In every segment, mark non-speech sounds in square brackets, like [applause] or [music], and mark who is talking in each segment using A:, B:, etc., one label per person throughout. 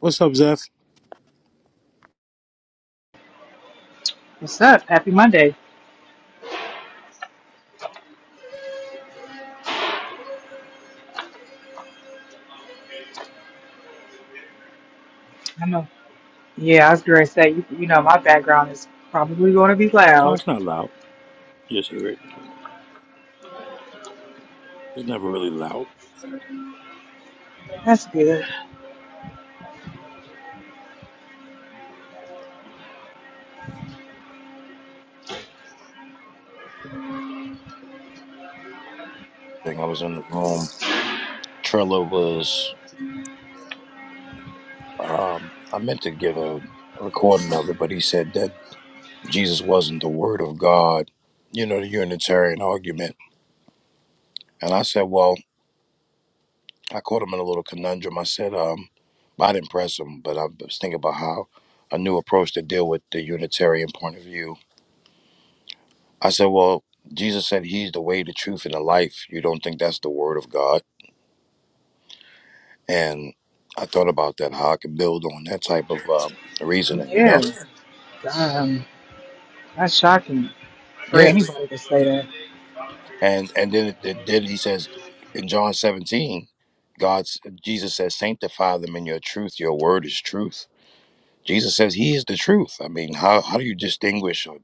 A: What's up, Zeph?
B: What's up? Happy Monday. I know. Yeah, I was going to say, you, you know, my background is probably going to be
A: Oh,
B: loud.
A: it's not loud. You just hear it. It's never really loud.
B: That's good.
A: I think I was in the room. Trello was. Um, I meant to give a recording of it, but he said that Jesus wasn't the Word of God. You know, the Unitarian argument. And I said, well, I caught him in a little conundrum. I said, um, I didn't press him, but I was thinking about how a new approach to deal with the Unitarian point of view. I said, well, Jesus said he's the way, the truth, and the life. You don't think that's the Word of God? And I thought about that, how I could build on that type of uh, reasoning, you know?
B: Yeah. Um, that's shocking for
A: Yeah.
B: anybody to say that.
A: And and then, it, it- then he says in John 17, God's Jesus says, sanctify them in your truth. Your word is truth. Jesus says he is the truth. I mean, how, how do you distinguish or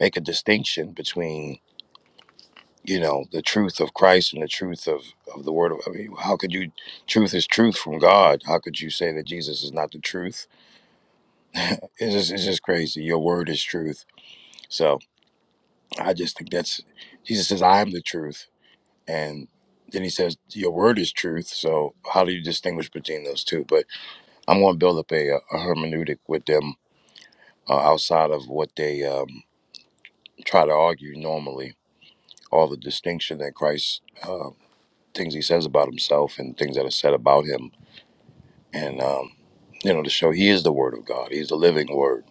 A: make a distinction between, you know, the truth of Christ and the truth of, of the word? Of, I mean, how could you, truth is truth from God. How could you say that Jesus is not the truth? [laughs] it's, just, it's just crazy. Your word is truth. So, I just think that's Jesus says, I am the truth. And then he says, Your word is truth. So how do you distinguish between those two? But I'm going to build up a, uh, a hermeneutic with them uh, outside of what they um, try to argue normally, all the distinction that Christ, uh, things he says about himself and things that are said about him. And, um, you know, to show he is the word of God, he's the living word.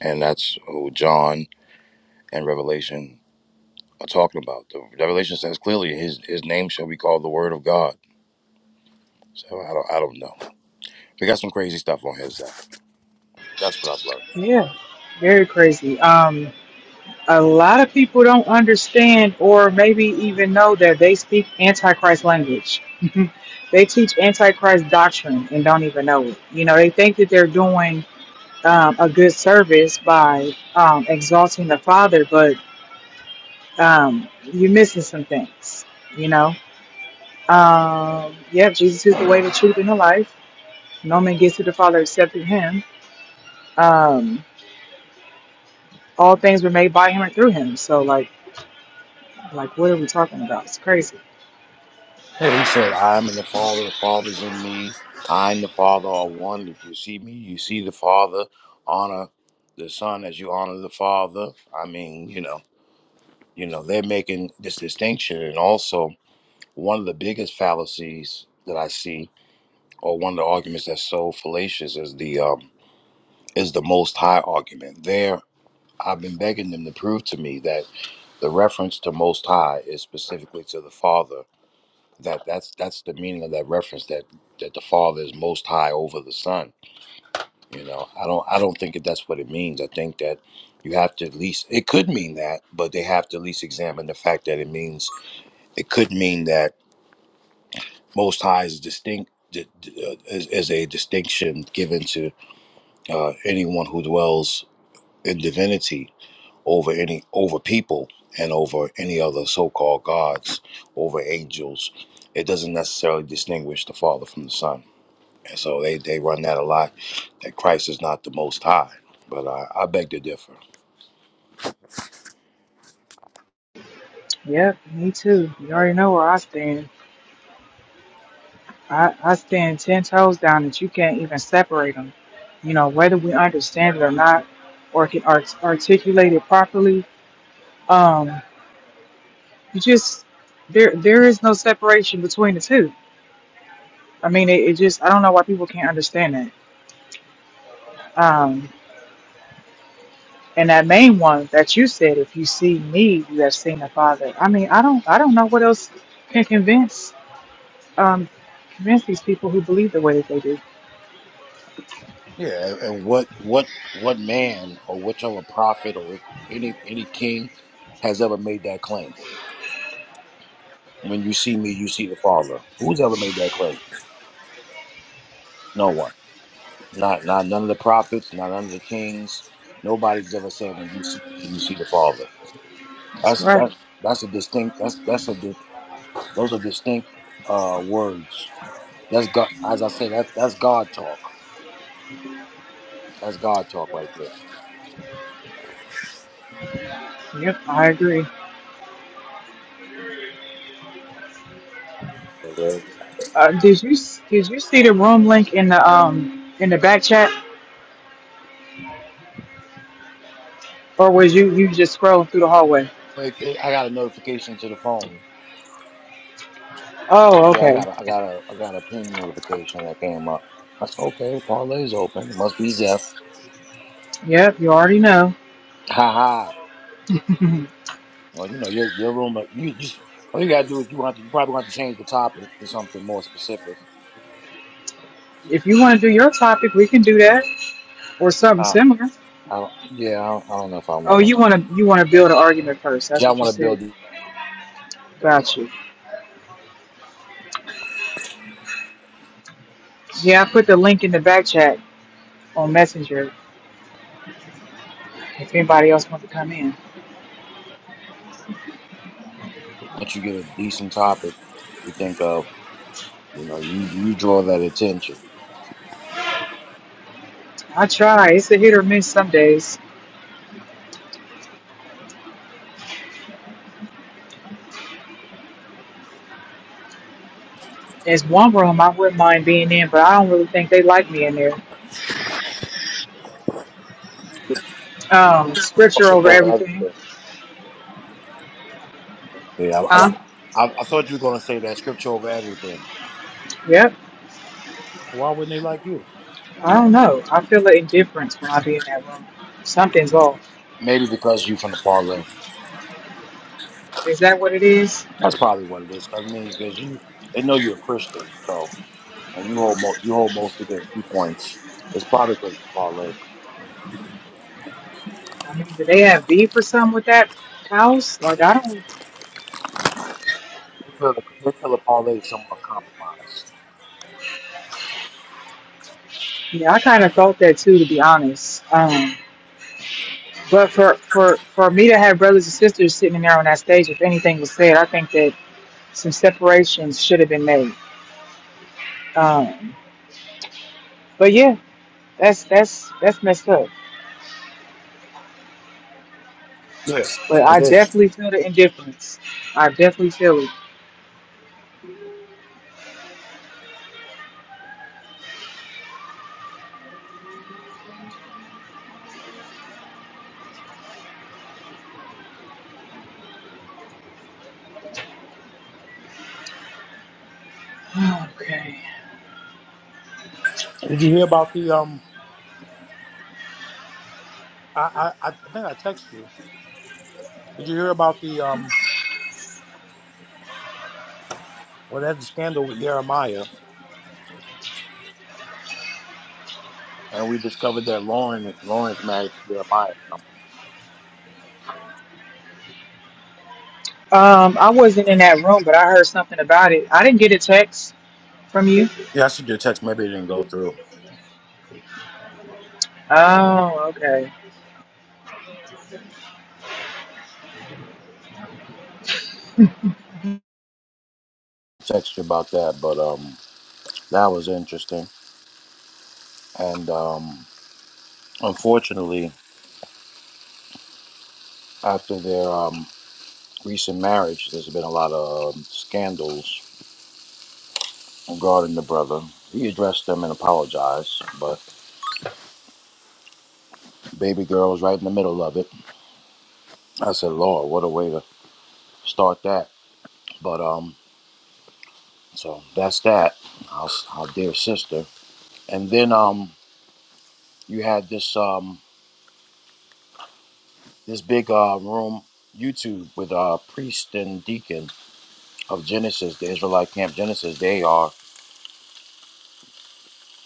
A: And that's who John and Revelation are talking about. The Revelation says clearly his, his name shall be called the word of God So I don't, I don't know. We got some crazy stuff on his side. That's what I've learned.
B: Yeah. Very crazy. Um, a lot of people don't understand or maybe even know that they speak Antichrist language. [laughs] they teach Antichrist doctrine and don't even know it. You know, they think that they're doing um, a good service by um, exalting the Father, but Um, you're missing some things, you know. Um, yep, Jesus is the way, the truth, and the life. No man gets to the Father except through Him. Um, all things were made by Him and through Him. So, like, like, what are we talking about? It's crazy.
A: Yeah, he said, I'm in the Father, the Father's in me. I'm the Father, all one. If you see me, you see the Father. Honor the Son as you honor the Father. I mean, you know, you know, they're making this distinction. And also, one of the biggest fallacies that I see, or one of the arguments that's so fallacious, is the um, is the Most High argument. There I've been begging them to prove to me that the reference to Most High is specifically to the Father. That that's that's the meaning of that reference. That that the Father is Most High over the Son. You know, I don't I don't think that that's what it means. I think that you have to at least it could mean that, but they have to at least examine the fact that it means it could mean that Most High is distinct. d- d- uh, Is, is a distinction given to uh, anyone who dwells in divinity, over any over people and over any other so-called gods over angels it doesn't necessarily distinguish the father from the son and so they, they run that a lot that christ is not the most high but i, I beg to differ
B: Yep, me too. You already know where I stand. I, I stand ten toes down that you can't even separate them. You know, whether we understand it or not, or can art- articulate it properly. Um, you just there there is no separation between the two I mean, it, it just, I don't know why people can't understand that. Um, and that main one that you said, if you see me, you have seen the Father. I mean, I don't, I don't know what else can convince, um, convince these people who believe the way that they do.
A: Yeah, and what what what man or whichever prophet or any any king has ever made that claim? When you see me, you see the Father. Who's ever made that claim? No one. Not not none of the prophets, not none of the kings. Nobody's ever said when you see me, you see the Father.
B: That's
A: That's
B: right.
A: that's that's a distinct. That's that's a di- those are distinct uh, words. That's God. As I say, that that's God talk. That's God talk right there.
B: Yep, I agree.
A: So there we have it.
B: Uh, did you, did you see the room link in the, um, in the back chat, or was you, you just scrolling through the hallway?
A: Wait, eh, I got a notification to the phone.
B: Oh,
A: Yeah, I
B: okay.
A: got a, I got a, I got a ping notification that came up. I said, okay, parlay's open. It must be Zeph.
B: Yep, you already know.
A: Haha. Well, you know, your your room, uh, you just all you gotta do is you want to you probably want to change the topic to something more specific.
B: If you want to do your topic, we can do that or something
A: Uh,
B: similar.
A: I don't, yeah, I don't, I don't know if I
B: Oh,
A: want
B: you
A: to.
B: want to you want to build an argument first. That's
A: Y'all
B: what you
A: want to
B: said.
A: build it
B: Got you. Yeah, I put the link in the back chat on Messenger. If anybody else wants to come in,
A: once you get a decent topic to think of. You know, you you draw that attention.
B: I try. It's a hit or miss some days. There's one room I wouldn't mind being in, but I don't really think they like me in there. Um, scripture
A: Scripture
B: over
A: over
B: everything,
A: everything. Yeah, I,
B: huh?
A: I, I, I thought you were gonna say that scripture over everything.
B: Yep.
A: Why wouldn't they like you?
B: I don't know. I feel an indifference when I be in that room. Something's off.
A: Maybe because you from the parlay.
B: Is that what it is?
A: That's probably what it is. 'cause I mean, because you they know you're a Christian, so and you hold mo- you hold most of their viewpoints. It's probably because you parlay.
B: I mean, do they have beef or something with that house? Like I don't.
A: They feel they feel a parlay is somewhat compromised.
B: Yeah, I kind of thought that too, to be honest. Um, But for, for, for me to have brothers and sisters sitting in there on that stage, if anything was said, I think that some separations should have been made. Um, but yeah, that's that's that's messed up.
A: Yes.
B: But
A: It
B: I
A: is.
B: definitely feel the indifference. I definitely feel it. Okay.
A: Did you hear about the um? I I, I think I texted you. Did you hear about the um? Well, that's the scandal with Jeremiah. And we discovered that Lauren Lauren's married to Jeremiah now.
B: Um, I wasn't in that room, but I heard something about it. I didn't get a text from you.
A: Yeah, I should do a text. Maybe it didn't go through.
B: Oh, okay.
A: Text you about that, but um that was interesting. And um unfortunately after their um recent marriage there's been a lot of um, scandals regarding the brother. He addressed them and apologized, but. Baby girl was right in the middle of it. I said, Lord, what a way to start that. But um, so that's that. Our, our dear sister. And then um, you had this um, this big uh, room YouTube with uh, priest and deacon of Genesis, the Israelite camp Genesis. They are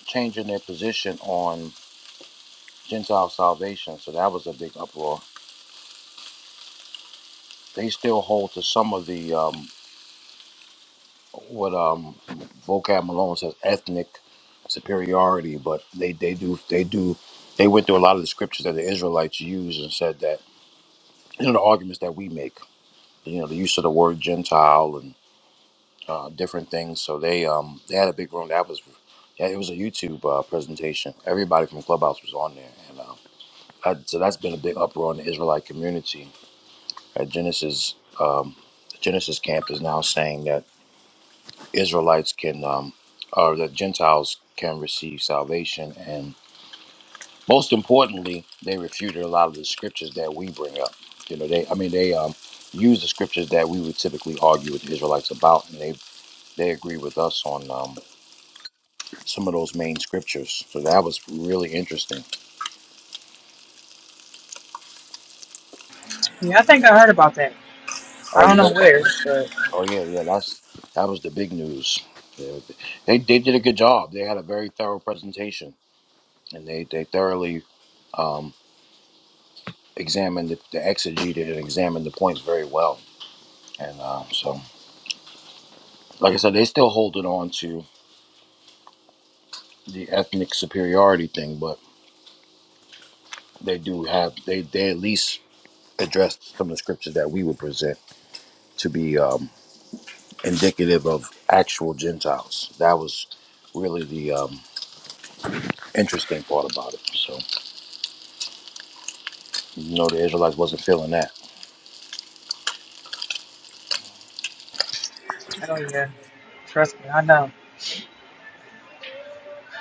A: changing their position on Gentile salvation. So that was a big uproar. They still hold to some of the um, what um vocab Malone says ethnic superiority, but they they do they do they went through a lot of the scriptures that the Israelites used and said that you know the arguments that we make, you know the use of the word Gentile and uh, different things. So they um they had a big room that was yeah it was a YouTube uh, presentation. Everybody from Clubhouse was on there, and uh, that, so that's been a big uproar in the Israelite community. At Genesis um, Genesis camp is now saying that Israelites can, um, or the Gentiles can receive salvation. And most importantly, they refuted a lot of the scriptures that we bring up. You know, they, I mean, they um, use the scriptures that we would typically argue with the Israelites about, and they they agree with us on um, some of those main scriptures. So that was really interesting.
B: Yeah, I think I heard about that. I
A: Oh,
B: don't
A: you
B: know
A: heard about
B: where,
A: that?
B: but
A: Oh yeah, yeah. That's that was the big news. They they, they did a good job. They had a very thorough presentation, and they they thoroughly. um, examined the, the exegeted and examined the points very well. And uh, so, like I said, they still hold it on to the ethnic superiority thing, but they do have they they at least addressed some of the scriptures that we would present to be um, indicative of actual Gentiles. That was really the um, interesting part about it. So, you know, the Israelites wasn't feeling that.
B: oh yeah, trust me, I know.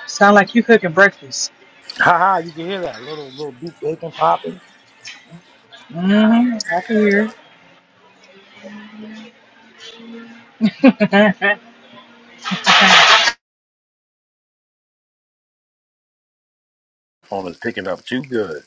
B: Sound like you cooking breakfast.
A: Ha ha! You can hear that little little deep bacon popping.
B: Mm-hmm. I can hear. [laughs] I
A: Almost picking up too good.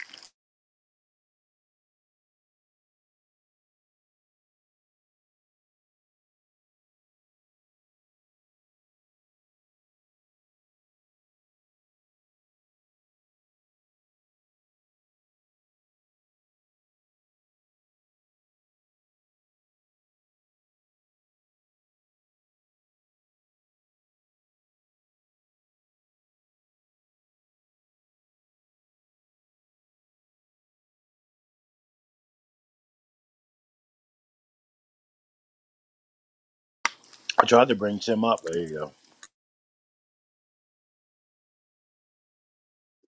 A: I tried to bring Tim up.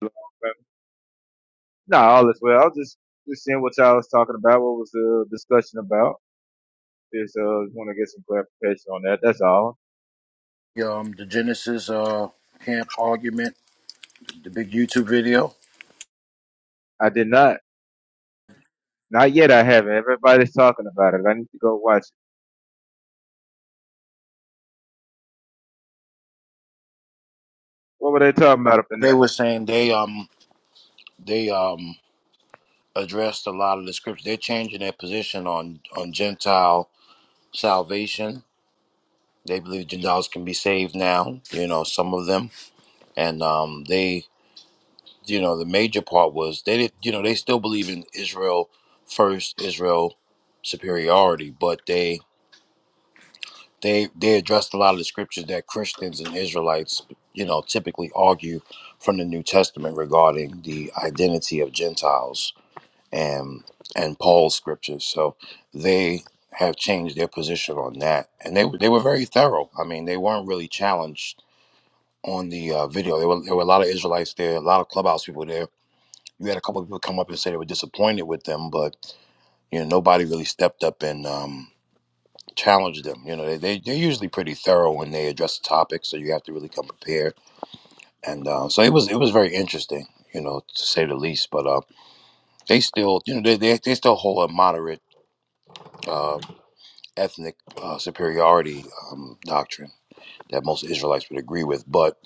C: Nah, all is well. I was just just seeing what y'all was talking about. What was the discussion about? Just uh, want to get some clarification on that. That's all.
A: um the Genesis uh camp argument, the big YouTube video.
C: I did not. Not yet. I haven't. Everybody's talking about it. I need to go watch it. What were they talking about up in
A: They were saying they um they um addressed a lot of the scriptures. They're changing their position on on Gentile salvation. They believe Gentiles can be saved now. You know some of them, and um they you know the major part was they did you know they still believe in Israel first Israel superiority, but they They they addressed a lot of the scriptures that Christians and Israelites, you know, typically argue from the New Testament regarding the identity of Gentiles and and Paul's scriptures. So they have changed their position on that, and they were- they were very thorough. I mean, they weren't really challenged on the uh, video. There were there were a lot of Israelites there, a lot of clubhouse people there. You had a couple of people come up and say they were disappointed with them, but you know nobody really stepped up and um, challenge them. You know, they, they they're usually pretty thorough when they address the topic, so you have to really come prepared. And uh, so it was it was very interesting, you know, to say the least. But uh, they still, you know, they they, they still hold a moderate uh, ethnic uh, superiority um, doctrine that most Israelites would agree with. But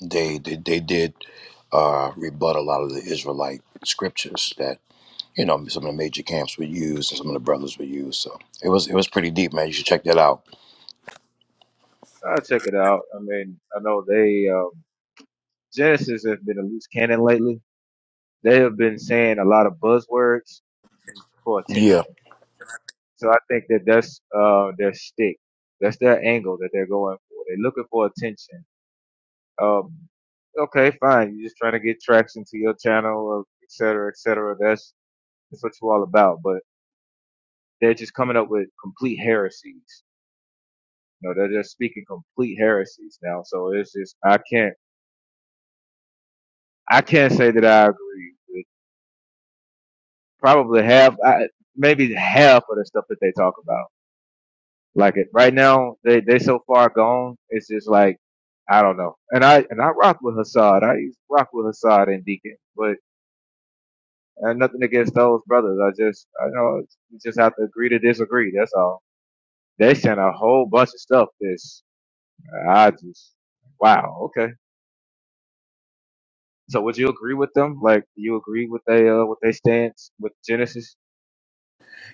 A: they they, they did uh, rebut a lot of the Israelite scriptures that you know some of the major camps would use and some of the brothers would use. So it was it was pretty deep, man. You should check that out.
C: there? I'll check it out. I mean, I know they um, Genesis has been a loose cannon lately. They have been saying a lot of buzzwords for
A: Yeah,
C: attention. So I think that that's uh, their stick. That's their angle that they're going for. They're looking for attention Um, okay, fine. You're just trying to get traction to your channel, of et cetera, et cetera. That's that's what you're all about. But they're just coming up with complete heresies. You know, they're just speaking complete heresies now. So it's just I can't I can't say that I agree with probably half, I, maybe half of the stuff that they talk about. Like it right now, they they so far gone. It's just like I don't know. And I and I rock with Hassad. I used to rock with Hassad and Deacon, but. And nothing against those brothers. I just, I know you just have to agree to disagree. That's all. They sent a whole bunch of stuff. This, uh, I just, wow. Okay. So would you agree with them? Like, do you agree with they, uh, with their stance with Genesis?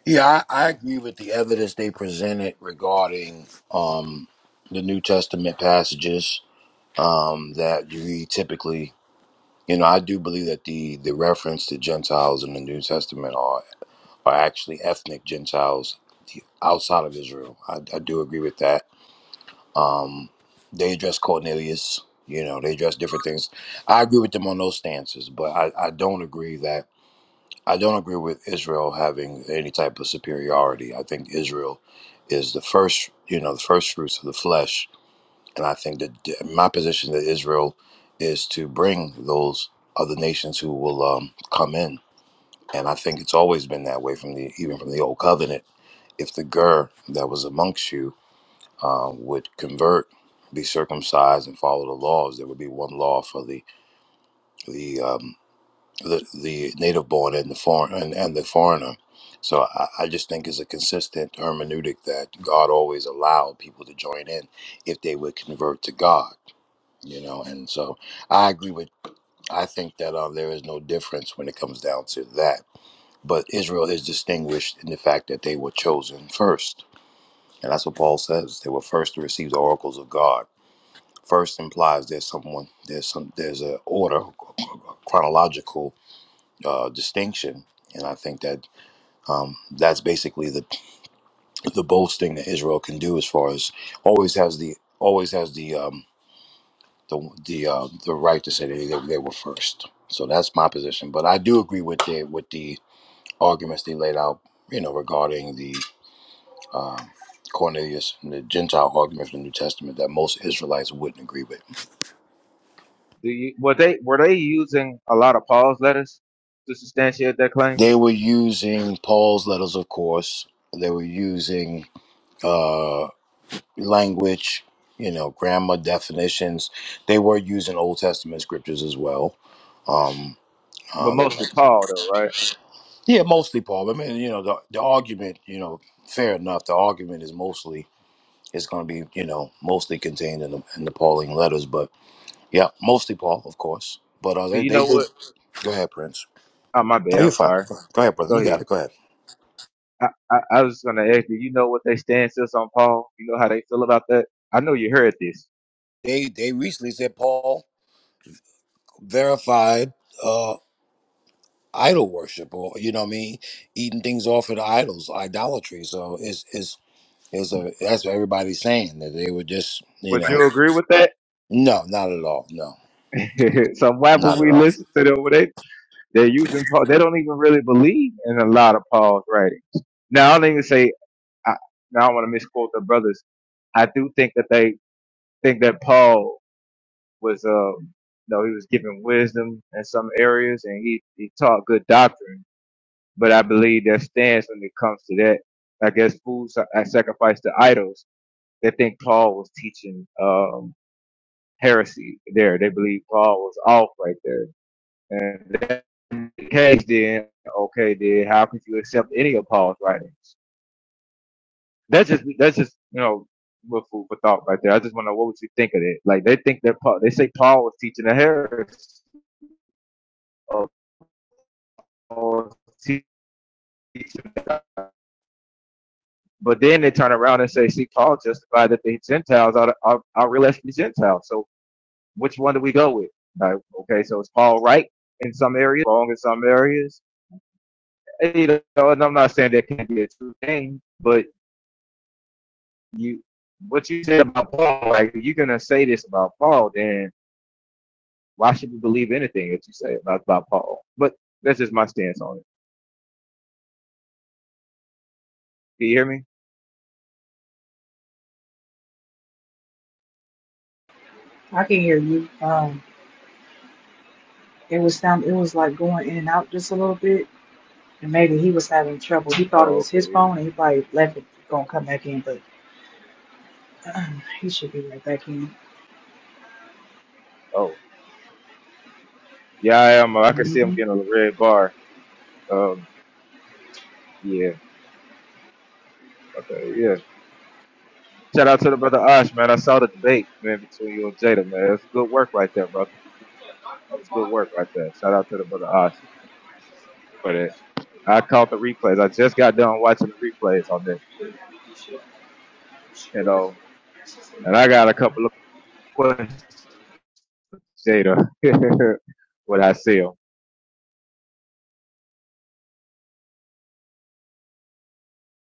A: Yeah, I, I agree with the evidence they presented regarding um, the New Testament passages um, that you read typically. You know, I do believe that the, the reference to Gentiles in the New Testament are, are actually ethnic Gentiles outside of Israel. I, I do agree with that. Um, they address Cornelius, you know, they address different things. I agree with them on those stances, but I, I don't agree that. I don't agree with Israel having any type of superiority. I think Israel is the first, you know, the first fruits of the flesh, and I think that my position that Israel is to bring those other nations who will um, come in, and I think it's always been that way from the even from the old covenant. If the ger that was amongst you uh, would convert, be circumcised, and follow the laws, there would be one law for the the um, the, the native born and the foreign and, and the foreigner. So I, I just think it's a consistent hermeneutic that God always allowed people to join in if they would convert to God, you know. And so I agree with. I think that uh, there is no difference when it comes down to that. But Israel is distinguished in the fact that they were chosen first, and that's what Paul says. They were first to receive the oracles of God. First implies there's someone there's some there's a order chronological uh, distinction and I think that Um, that's basically the the boldest thing that Israel can do as far as always has the always has the um, the the uh, the right to say that they, they were first. So that's my position. But I do agree with the with the arguments they laid out, you know, regarding the Cornelius and the Gentile argument from the New Testament that most Israelites wouldn't agree with.
C: Do you, were they, were they using a lot of Paul's letters to substantiate their
A: They
C: claims?
A: were using Paul's letters, of course. They were using uh, language, you know, grammar definitions. They were using Old Testament scriptures as well. Um,
C: But
A: uh, they were,
C: mostly Paul though, right?
A: yeah, mostly Paul. I mean, you know, the the argument, you know, fair enough. The argument is mostly is going to be, you know, mostly contained in the in the Pauline letters, but yeah, mostly Paul, of course. But uh,
C: Do
A: they
C: you
A: they
C: know
A: did.
C: what?
A: Go ahead, Prince.
C: Oh, my
A: No,
C: bad.
A: you're
C: I'm
A: fine.
C: sorry.
A: Go ahead, brother.
C: Go
A: You
C: ahead.
A: got it. Go ahead.
C: I, I, I was gonna ask, do you know what their stance is on Paul? You know how they feel about that? I know you heard this.
A: They they recently said Paul verified. idol worship or you know what I mean eating things off of the idols idolatry so it's it's it's a that's what everybody's saying that they were just you
C: Would
A: know
C: you agree with that?
A: no not at all no
C: [laughs] so I'm
A: not at
C: we
A: all
C: listen to them, they they're using Paul. They don't even really believe in a lot of Paul's writing. Now I don't even say. I, now I don't want to misquote the brothers. I do think that they think that Paul was, uh, you know, he was given wisdom in some areas and he, he taught good doctrine. But I believe their stance when it comes to that, I guess, food sa- uh, sacrifice to idols. They think Paul was teaching um, heresy there. They believe Paul was off right there. And if that's the case, then okay, then how could you accept any of Paul's writings? That's just that's just you know with food for thought right there. I just want to know what would you think of it? Like they think that Paul, they say Paul was teaching a heresy, or Paul was teaching, but then they turn around and say, see, Paul justified that the Gentiles are are, are real the Gentiles. So which one do we go with? Like okay, so is Paul right in some areas, wrong in some areas? You know, and I'm not saying that can't be a true thing, but you what you said about Paul, like if you're gonna say this about Paul, then why should we believe anything that you say about, about Paul? But that's just my stance on it. Can you hear me?
B: can hear you. Um, it was sound. It was like going in and out just a little bit, and maybe he was having trouble. He thought it
C: Oh,
B: was his
C: okay.
B: phone, and he probably left it gonna come back in, but um, he should be right back in.
C: Oh, yeah, I am. uh, I can see I'm
B: hmm
C: getting a red bar. Um, yeah, okay, yeah. Shout out to the brother Osh, man. I saw the debate, man, between you and Jada, man. It's good work right there, brother. It's good work right there. Shout out to the brother Osh for that. I caught the replays. I just got done watching the replays on that, you know, and I got a couple of questions Jada [laughs] what I sell.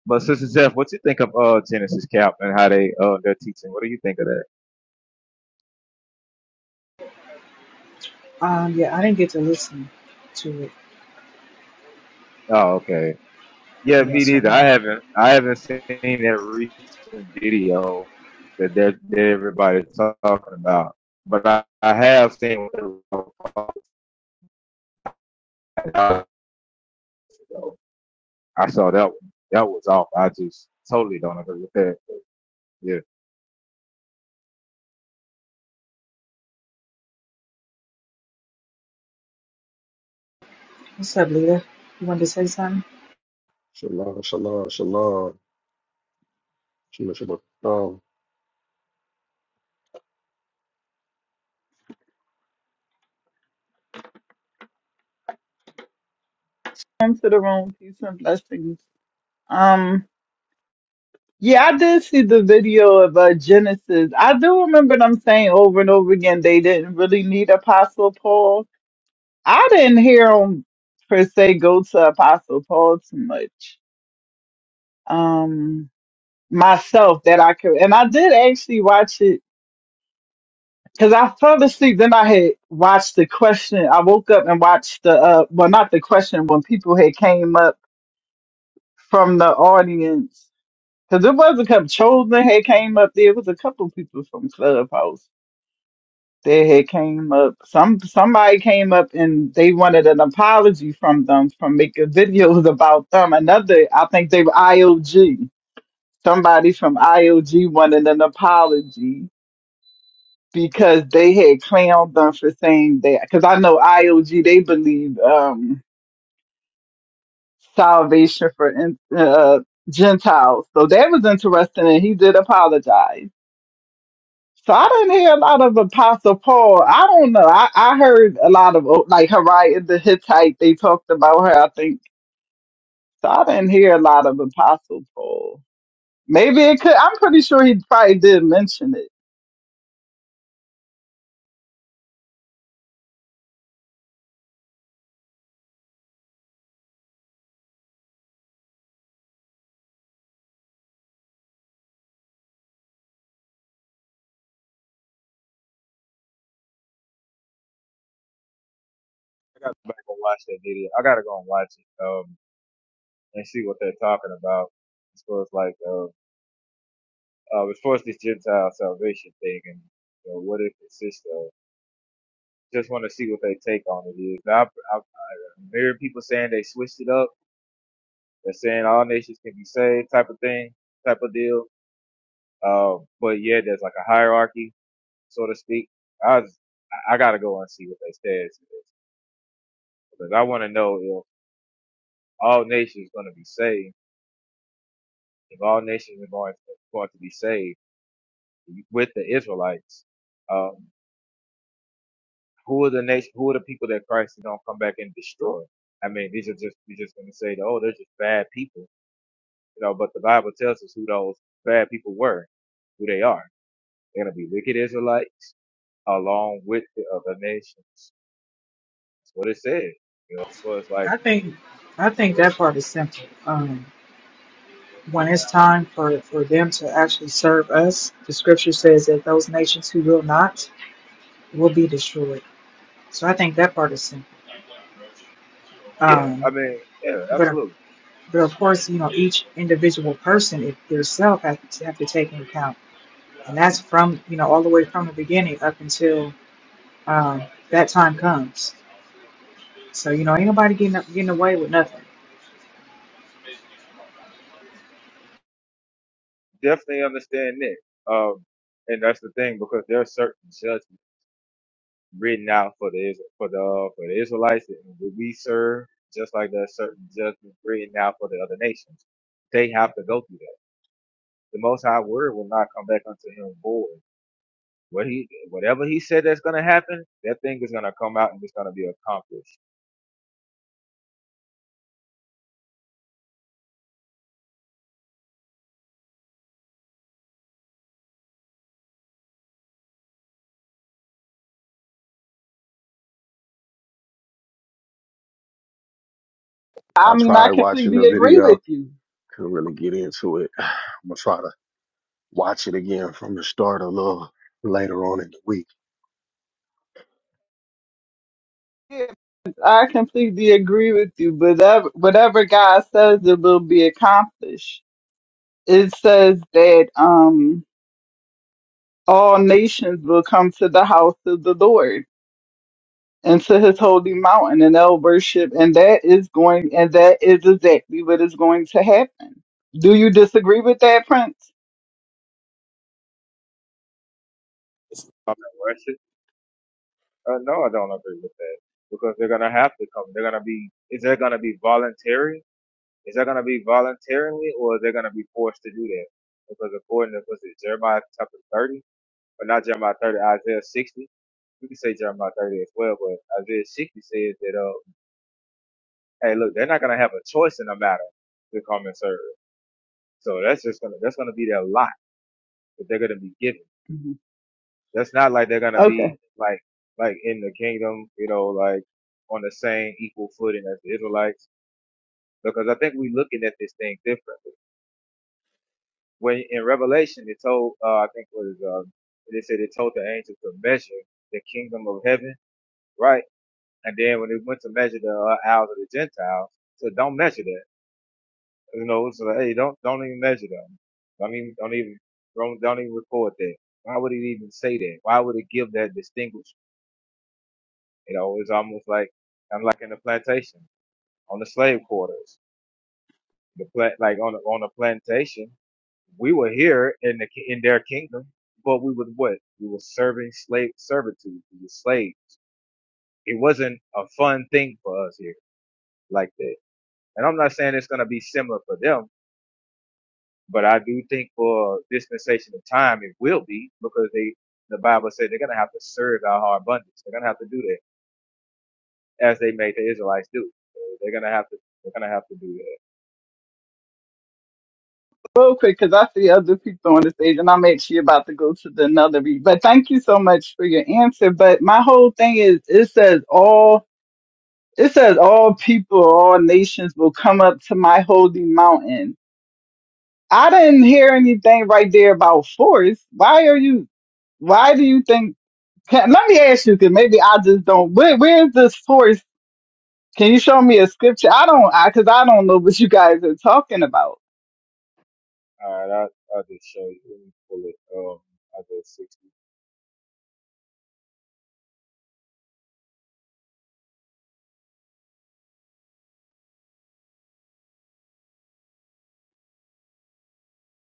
C: But Sister Jeff, what you think of uh Genesis Cap and how they uh they're teaching? What do you think of that?
B: Um, yeah, I didn't get to listen to it.
C: Oh, okay. Yeah,
B: Yeah,
C: me
B: so
C: neither.
B: I'm
C: I
B: not.
C: haven't I haven't seen that recent video that they're that everybody's talking about. But I, I have seen what they were talking about. I saw that one. That was off. I just totally don't agree with that. But Yeah.
B: What's up, Lita? You wanted to say something?
D: Shalom, shalom, shalom, shalom, shalom. Um,
E: Into the room, peace and blessings. Um, yeah, I did see the video of uh, Genesis. I do remember them saying over and over again they didn't really need Apostle Paul. I didn't hear them per se go to Apostle Paul too much. Um, myself that I could, and I did actually watch it because I fell asleep. Then I had watched the question. I woke up and watched the uh, well, not the question when people had came up from the audience Because it was a couple, Chosen had came up there. It was a couple people from Clubhouse that had came up. Some Somebody came up and they wanted an apology from them from making videos about them. Another, I think they were IOG. Somebody from IOG wanted an apology because they had clowned them for saying that. Because I know IOG, they believe um, salvation for in- uh, Gentiles. So that was interesting, and he did apologize So I didn't hear a lot of Apostle Paul. I don't know. I, I heard a lot of uh, like Harriet the Hittite. They talked about her. I think so. I didn't hear a lot of Apostle Paul. Maybe it could. I'm pretty sure he probably did mention it.
C: I gotta go back and watch that video. I gotta go and watch it um and see what they're talking about as far as like uh Uh, as far as this Gentile salvation thing, and you know, what it consists of, just want to see what they take on it is. Now, I, I, I'm hearing people saying they switched it up. They're saying all nations can be saved, type of thing, type of deal. Um, but yeah, there's like a hierarchy, so to speak. I was, I I gotta go and see what they said is because I want to know if all nations going to be saved. If all nations are going to, going to be saved with the Israelites, um. who are the nation, who are the people that Christ is going to come back and destroy? I mean, these are just, we are just going to say, oh, they're just bad people, you know, but the Bible tells us who those bad people were, who they are. They're going to be wicked Israelites along with the other nations. That's what it says. You know, so it's like,
B: I think, I think that part is simple. Um, when it's time for for them to actually serve us, the scripture says that those nations who will not will be destroyed. So I think that part is simple.
C: yeah, I
B: Um,
C: mean, yeah,
B: but of-
C: absolutely.
B: but of course, you know, each individual person, if their self, has to have to take into account, and that's from you know all the way from the beginning up until um, that time comes. So you know, ain't nobody getting up, getting away with nothing.
C: Definitely understand that. Um, and that's the thing because there are certain judgments. written out for the Is- for the uh, for the Israelites, and what we serve just like the certain judgment written out for the other nations. They have to go through that. The Most High Word will not come back unto him void. What he whatever he said that's going to happen, that thing is going to come out and it's going to be accomplished.
E: I
D: I
E: mean, I
D: tried watching
E: completely
D: the
E: agree
D: video,
E: with you.
D: couldn't really get into it. [sighs] I'm gonna try to watch it again from the start a little later on in the week.
E: Yeah, I completely agree with you. Whatever whatever God says, it will be accomplished. It says that um all nations will come to the house of the Lord into his holy mountain and they'll worship and that is going and that is exactly what is going to happen do you disagree with that prince
C: I'm not worship. Uh, no, I don't agree with that because they're going to have to come. They're going to be. Is that going to be voluntary? Is that going to be voluntarily, or is they going to be forced to do that? Because according to was it Jeremiah chapter thirty? But not Jeremiah 30, Isaiah 60. We can say Jeremiah 30 as well, but Isaiah 60 says that, uh, hey, look, they're not going to have a choice in the matter to come and serve. So that's just going to, that's going to be their lot that they're going to be given.
E: Mhm.
C: That's not like they're going to be
E: okay
C: like, like in the kingdom, you know, like on the same equal footing as the Israelites, because I think we're looking at this thing differently. When in Revelation, it told, uh, I think it was, um, they said it told the angel to measure the kingdom of heaven, right? And then when it went to measure the uh, hours of the Gentiles, so don't measure that. You know, so hey, don't don't even measure them. Don't even don't even don't, don't even record that. Why would it even say that? Why would it give that distinguish? You know, it's almost like I'm like in the plantation on the slave quarters. The plant like on the, on the plantation, we were here in the in their kingdom, but we was what? We were serving slave servitude. We were slaves. It wasn't a fun thing for us here like that. And I'm not saying it's going to be similar for them, but I do think for dispensation of time, it will be because they, the Bible said they're going to have to serve our hard abundance. They're going to have to do that as they made the Israelites do. So they're going to have to, they're going to have to do that.
E: real quick because i see other people on the stage and i'm actually about to go to the another read but thank you so much for your answer but my whole thing is it says all it says all people all nations will come up to my holy mountain i didn't hear anything right there about force why are you why do you think Can, let me ask you, because maybe I just don't. Where, where's the source? Can you show me a scripture? I don't, I because I don't know what you guys are talking about.
C: All right. I'll, I'll just show you. Let me pull it. Um, I go 60.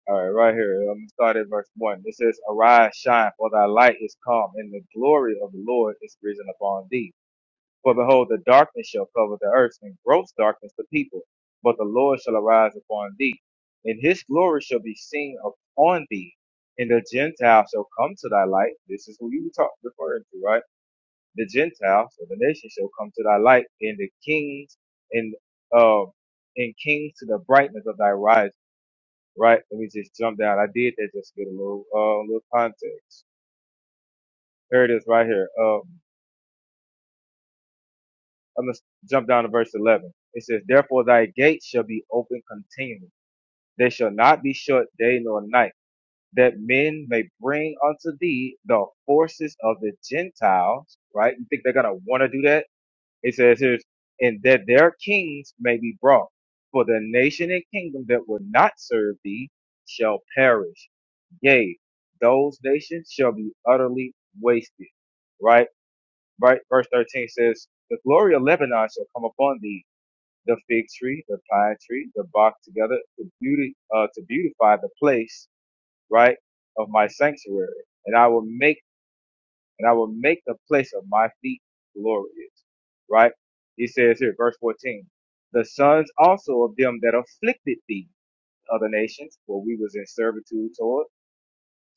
C: All right. Right here. I'm going to start at verse one. It says, arise, shine for thy light is come and the glory of the Lord is risen upon thee. For behold, the darkness shall cover the earth, and gross darkness the people. But the Lord shall arise upon thee, and his glory shall be seen upon thee, and the Gentiles shall come to thy light. This is who you were talk, referring to, right? The Gentiles or the nations shall come to thy light, and the kings and um and kings to the brightness of thy rise. Right? Let me just jump down. I did that just to get a little uh little context. Here it is, right here. Um. I'm going to jump down to verse 11. It says, Therefore thy gates shall be open continually. They shall not be shut day nor night, that men may bring unto thee the forces of the Gentiles, right? You think they're going to want to do that? It says here, and that their kings may be brought. For the nation and kingdom that will not serve thee shall perish. Yea, those nations shall be utterly wasted, right? Right. Verse 13 says, the glory of Lebanon shall come upon thee, the fig tree, the pine tree, the bark together to beauty uh, to beautify the place, right, of my sanctuary. And I will make and I will make the place of my feet glorious. Right? He says here, verse 14, the sons also of them that afflicted thee, other nations, for we was in servitude toward,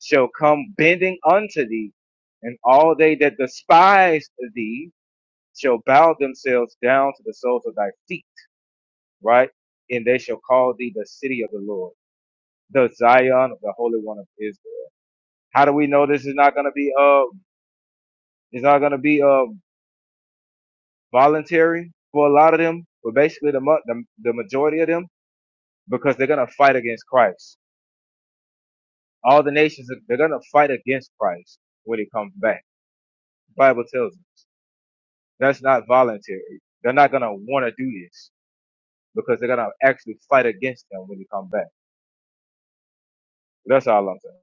C: shall come bending unto thee, and all they that despise thee shall bow themselves down to the soles of thy feet right? And they shall call thee the city of the Lord, the Zion of the Holy One of Israel. How do we know this is not going to be uh it's not going to be uh voluntary for a lot of them, but basically the the, the majority of them because they're going to fight against Christ. All the nations they're going to fight against Christ when he comes back. The Bible tells us that's not voluntary. They're not going to want to do this because they're going to actually fight against him when he comes back. That's all I'm saying.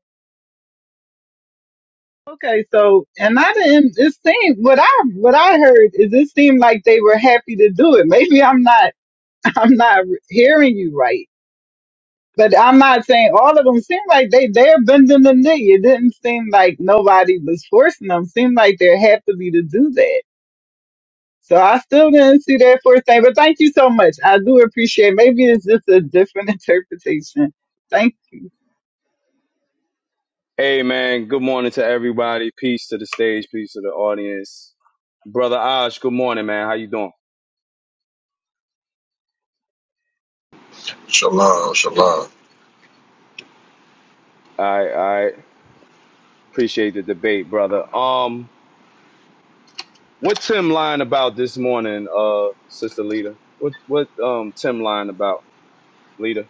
E: Okay, so and I didn't. It seemed what I what I heard is it seemed like they were happy to do it. Maybe I'm not [laughs] I'm not hearing you right, but I'm not saying all of them seem like they they're bending the knee. It didn't seem like nobody was forcing them. Seemed like they're happy to do that. So I still didn't see that first thing, but thank you so much. I do appreciate. Maybe it's just a different [laughs] interpretation. Thank
F: Hey man, good morning to everybody. Peace to the stage, peace to the audience. Brother Osh, good morning, man. How you doing?
D: Shalom, shalom.
F: I I Appreciate the debate, brother. Um, what Tim lying about this morning, uh, sister Lita? What what um Tim lying about, Lita?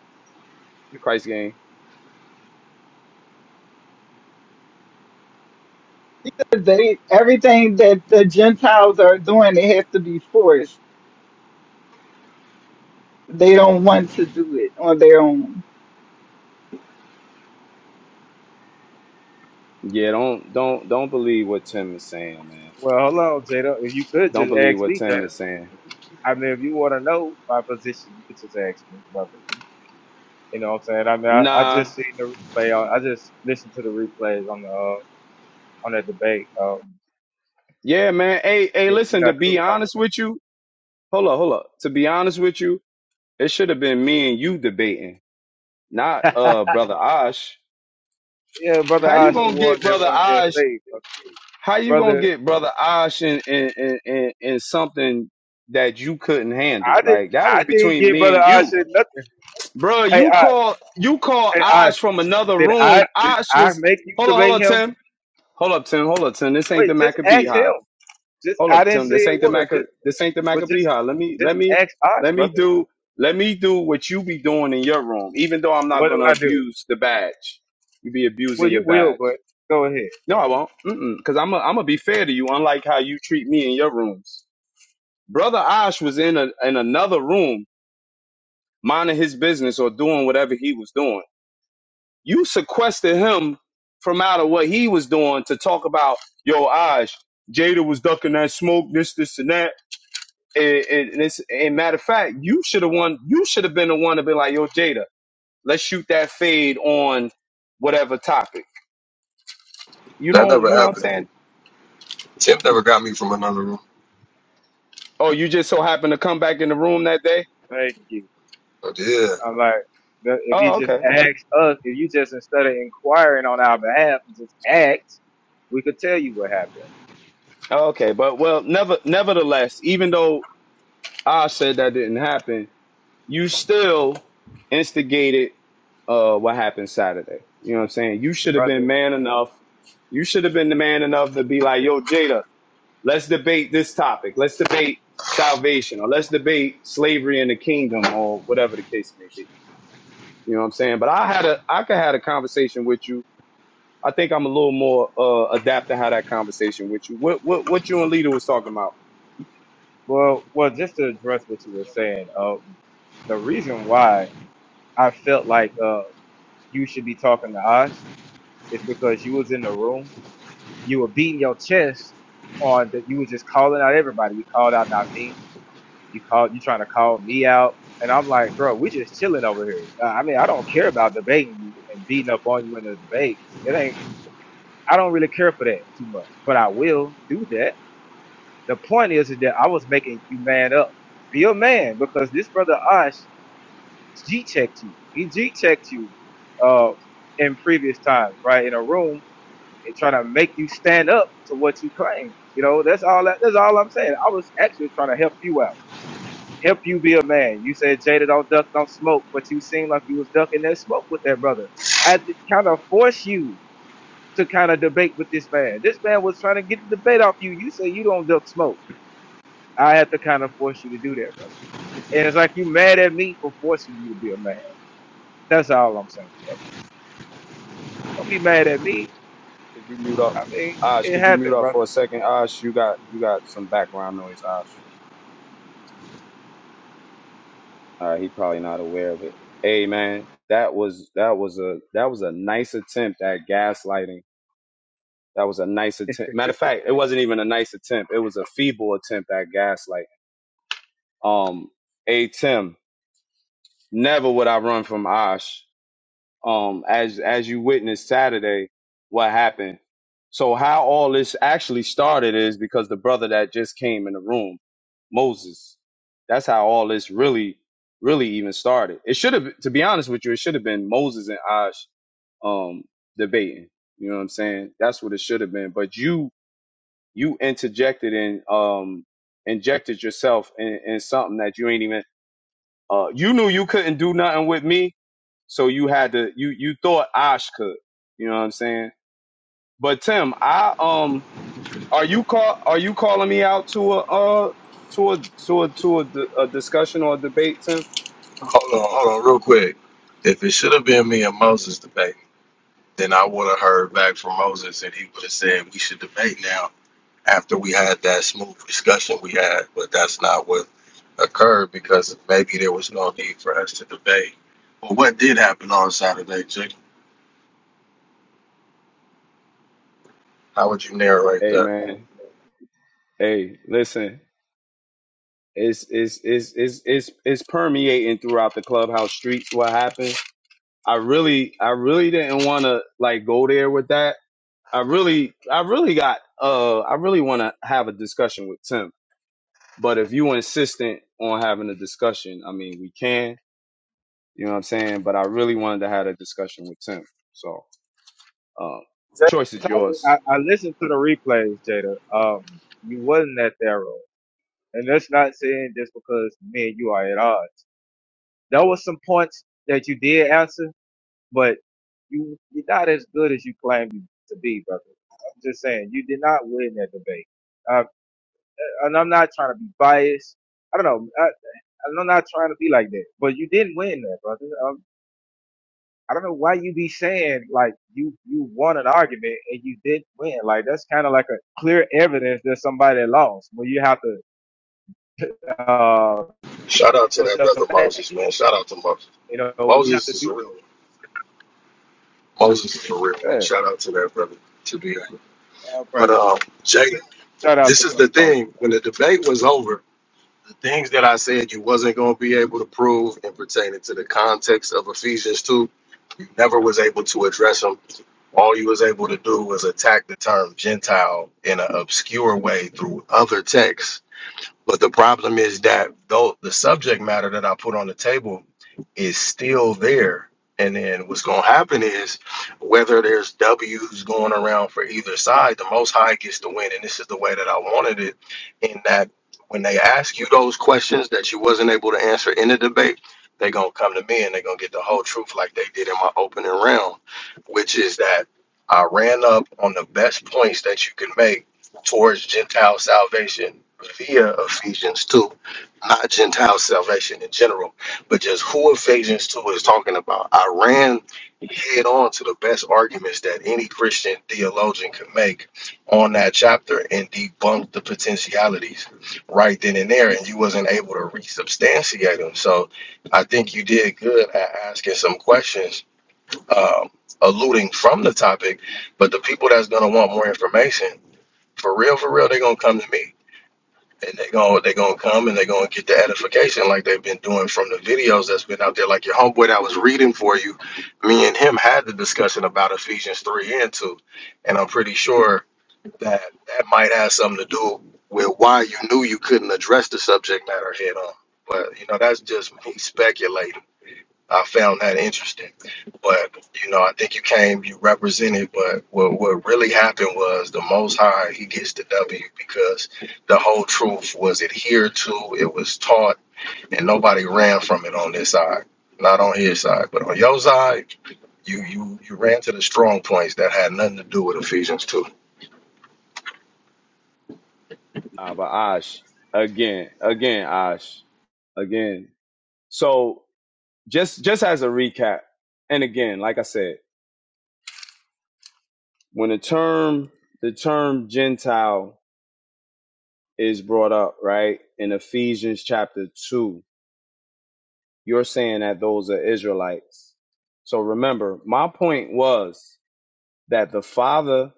F: Christ game.
E: God they everything that the Gentiles are doing, they have to be forced. They don't want to do it on their own.
F: Yeah, don't don't don't believe what Tim is saying, man.
C: Well, hold on, Jada. If you could
F: Don't
C: just
F: believe
C: ask
F: what
C: me,
F: Tim
C: Jada.
F: is saying.
C: I mean, if you want to know my position, you can just ask me, brother. You know what I'm saying? I mean, I, I
F: Nah.
C: just seen the replay. I, I just listened to the replays on the uh, on that debate. Um,
F: Yeah, man. Hey, hey,
C: yeah, you
F: listen, to
C: got
F: be
C: cooked off.
F: honest with you, hold up, hold up. To be honest with you, it should have been me and you debating not
C: it.
F: uh brother Osh.
C: [laughs] yeah, brother
F: How you
C: Osh, the
F: gonna get
C: one that
F: brother
C: wanted their
F: Osh?
C: faith. Brother,
F: How you gonna
C: brother
F: get brother Osh in in, in, in in something that you couldn't handle?
C: I didn't,
F: Like that was
C: I didn't
F: between
C: give
F: me
C: brother
F: and you,
C: Osh nothing.
F: bro.
C: Hey
F: You
C: Osh,
F: call you call
C: hey Osh,
F: Osh from another
C: did I,
F: room.
C: did
F: Osh
C: I
F: was
C: make you
F: hold on, hold
C: debate
F: on,
C: him?
F: Tim. Hold up, Tim. Hold up, Tim. This ain't
C: Wait,
F: the
C: just
F: Maccabee
C: ask
F: High.
C: him. Just,
F: Hold
C: I
F: up,
C: didn't
F: Tim.
C: say
F: This
C: it
F: ain't the
C: was.
F: Macca.
C: Just,
F: This ain't the
C: but
F: Maccabee
C: just,
F: High. Let me
C: just
F: let me
C: ask Osh,
F: let me
C: brother.
F: do let me do what you be doing in your room. Even though I'm not
C: What do
F: gonna
C: I do?
F: abuse the badge, you be
C: Well,
F: abusing your
C: you will,
F: badge.
C: but go ahead.
F: No, I won't. Mm-mm. Cause I'm a, I'm gonna be fair to you. Unlike how you treat me in your rooms, brother Ash was in a, in another room minding his business or doing whatever he was doing. You sequestered him from out of what he was doing to talk about yo Ash. Jada was ducking that smoke, this, this, and that. And, and, and it's, and matter of fact, you should have won. You should have been the one to be like, yo, Jada, let's shoot that fade on whatever topic. You
D: That
F: don't.
D: never
F: You know what I'm
D: happened.
F: saying?
D: Tim never got me from another room.
F: Oh, you just so happened to come back in the room that day.
C: Thank you.
D: But yeah,
C: I'm like, the- if he
F: Oh,
C: just
F: okay.
C: asks us, if you just instead of inquiring on our behalf, just ask, we could tell you what happened,
F: Oh, Okay, but well, never nevertheless, even though I said that didn't happen, you still instigated uh what happened Saturday. You know what I'm saying? You should have been
C: brother.
F: man enough. You should have been the man enough to be like, "Yo, Jada, let's debate this topic. Let's debate salvation or let's debate slavery in the kingdom or whatever the case may be." You know what I'm saying? But I had a I could had a conversation with you. I think I'm a little more uh adapt to have that conversation with you. What what what you and Lita was talking about?
C: Well, well, just to address what you were saying, um, the reason why I felt like uh you should be talking to us is because you was in the room, you were beating your chest on that, you was just calling out everybody. You called out Naveen, You call you trying to call me out, and I'm like, bro, we just chilling over here. Uh, I mean, I don't care about debating you and beating up on you in a debate. It ain't. I don't really care for that too much, but I will do that. The point is, is that I was making you man up. Be a man because this brother Ash G checked you. He G checked you uh, in previous times, right? In a room and trying to make you stand up to what you claim. You know, that's all. That, that's all I'm saying. I was actually trying to help you out. help you be a man. You said Jada don't duck, don't smoke, but you seem like you was ducking that smoke with that brother. I had to kind of force you to kind of debate with this man. This man was trying to get the debate off you. You say you don't duck smoke. I have to kind of force you to do that, brother. And it's like you mad at me for forcing you to be a man. That's all I'm saying, brother. Don't be mad at me.
F: Could you mute up?
C: I mean,
F: Ash,
C: it
F: could you mute
C: happened,
F: up for
C: brother.
F: a second? Ash, you got you got some background noise, Ash. Uh he probably not aware of it. Hey man, that was that was a that was a nice attempt at gaslighting. That was a nice attempt. Matter of fact, it wasn't even a nice attempt. It was a feeble attempt at gaslighting. Um, hey Tim, never would I run from Ash. um, as as you witnessed Saturday, what happened. So how all this actually started is because the brother that just came in the room, Moses. That's how all this really, really even started. It should have, to be honest with you, it should have been Moses and Ash um, debating. You know what I'm saying? That's what it should have been. But you, you interjected and um, injected yourself in, in something that you ain't even uh, you knew you couldn't do nothing with me, so you had to. You you thought Osh could. You know what I'm saying? But Tim, I um, are you call are you calling me out to a uh to a to a to a, d- a discussion or a debate, Tim?
D: hold on, hold on, real quick. If it should have been me and Moses debating, then I would have heard back from Moses and he would have said we should debate now. after we had that smooth discussion we had, but that's not what occurred because maybe there was no need for us to debate. But what did happen on Saturday, Jake? How would you narrate
F: Hey
D: that?
F: man, Hey, listen, it's it's it's it's it's it's permeating throughout the clubhouse streets. What happened? I really I really didn't want to like go there with that. I really I really got uh I really want to have a discussion with Tim. But if you insistent on having a discussion, I mean we can. You know what I'm saying? But I really wanted to have a discussion with Tim. So um,
C: Jada,
F: choice is yours.
C: I, I listened to the replays, Jada. Um, you wasn't that thorough, and that's not saying just because me and you are at odds. There were some points that you did answer, but you you're not as good as you claim you to be, brother. I'm just saying you did not win that debate, uh, and I'm not trying to be biased. I don't know. I, I'm not trying to be like that, but you didn't win that, brother. Um, I don't know why you be saying like you you won an argument and you didn't win. Like that's kind of like a clear evidence that somebody lost when you have to uh
D: Shout out to that
C: yourself
D: brother
C: back.
D: Moses, man. Shout out to Moses.
C: You know when you have
D: Moses
C: to
D: is
C: do
D: a real
C: that.
D: one. Moses is a real one.
C: Yeah,
D: Shout out to that brother to be.
C: all
D: But
C: right.
D: um, Jada,
C: Shout out
D: this
C: to
D: is
C: Brother
D: the
C: Moses.
D: thing. When the debate was over, The things that I said you wasn't going to be able to prove and pertaining to the context of Ephesians 2, you never was able to address them. All you was able to do was attack the term Gentile in an obscure way through other texts but the problem is that though the subject matter that I put on the table is still there. And then what's going to happen is whether there's W's going around for either side, the most high gets the win. And this is the way that I wanted it in that when they ask you those questions that you wasn't able to answer in the debate, they're going to come to me and they're going to get the whole truth like they did in my opening round, which is that I ran up on the best points that you can make towards Gentile salvation via Ephesians 2, not Gentile salvation in general, but just who Ephesians 2 is talking about. I ran head on to the best arguments that any Christian theologian could make on that chapter and debunked the potentialities right then and there, and you wasn't able to resubstantiate them. So I think you did good at asking some questions. Um, alluding from the topic but the people that's going to want more information for real, for real, they're gonna come to me. And they're gonna they gonna come and they're gonna get the edification like they've been doing from the videos that's been out there. Like your homeboy that I was reading for you, me and him had the discussion about Ephesians three and two. And I'm pretty sure that that might have something to do with why you knew you couldn't address the subject matter head on. But you know, that's just me speculating. I found that interesting. But you know, I think you came, you represented. But what what really happened was the Most High he gets the W because the whole truth was adhered to, it was taught, and nobody ran from it on this side, not on his side, but on your side. You, you you ran to the strong points that had nothing to do with Ephesians 2.
F: Nah, but Ash again, again Ash, again. So just just as a recap and again like i said when the term the term gentile is brought up right in ephesians chapter 2 you're saying that those are israelites so remember my point was that the father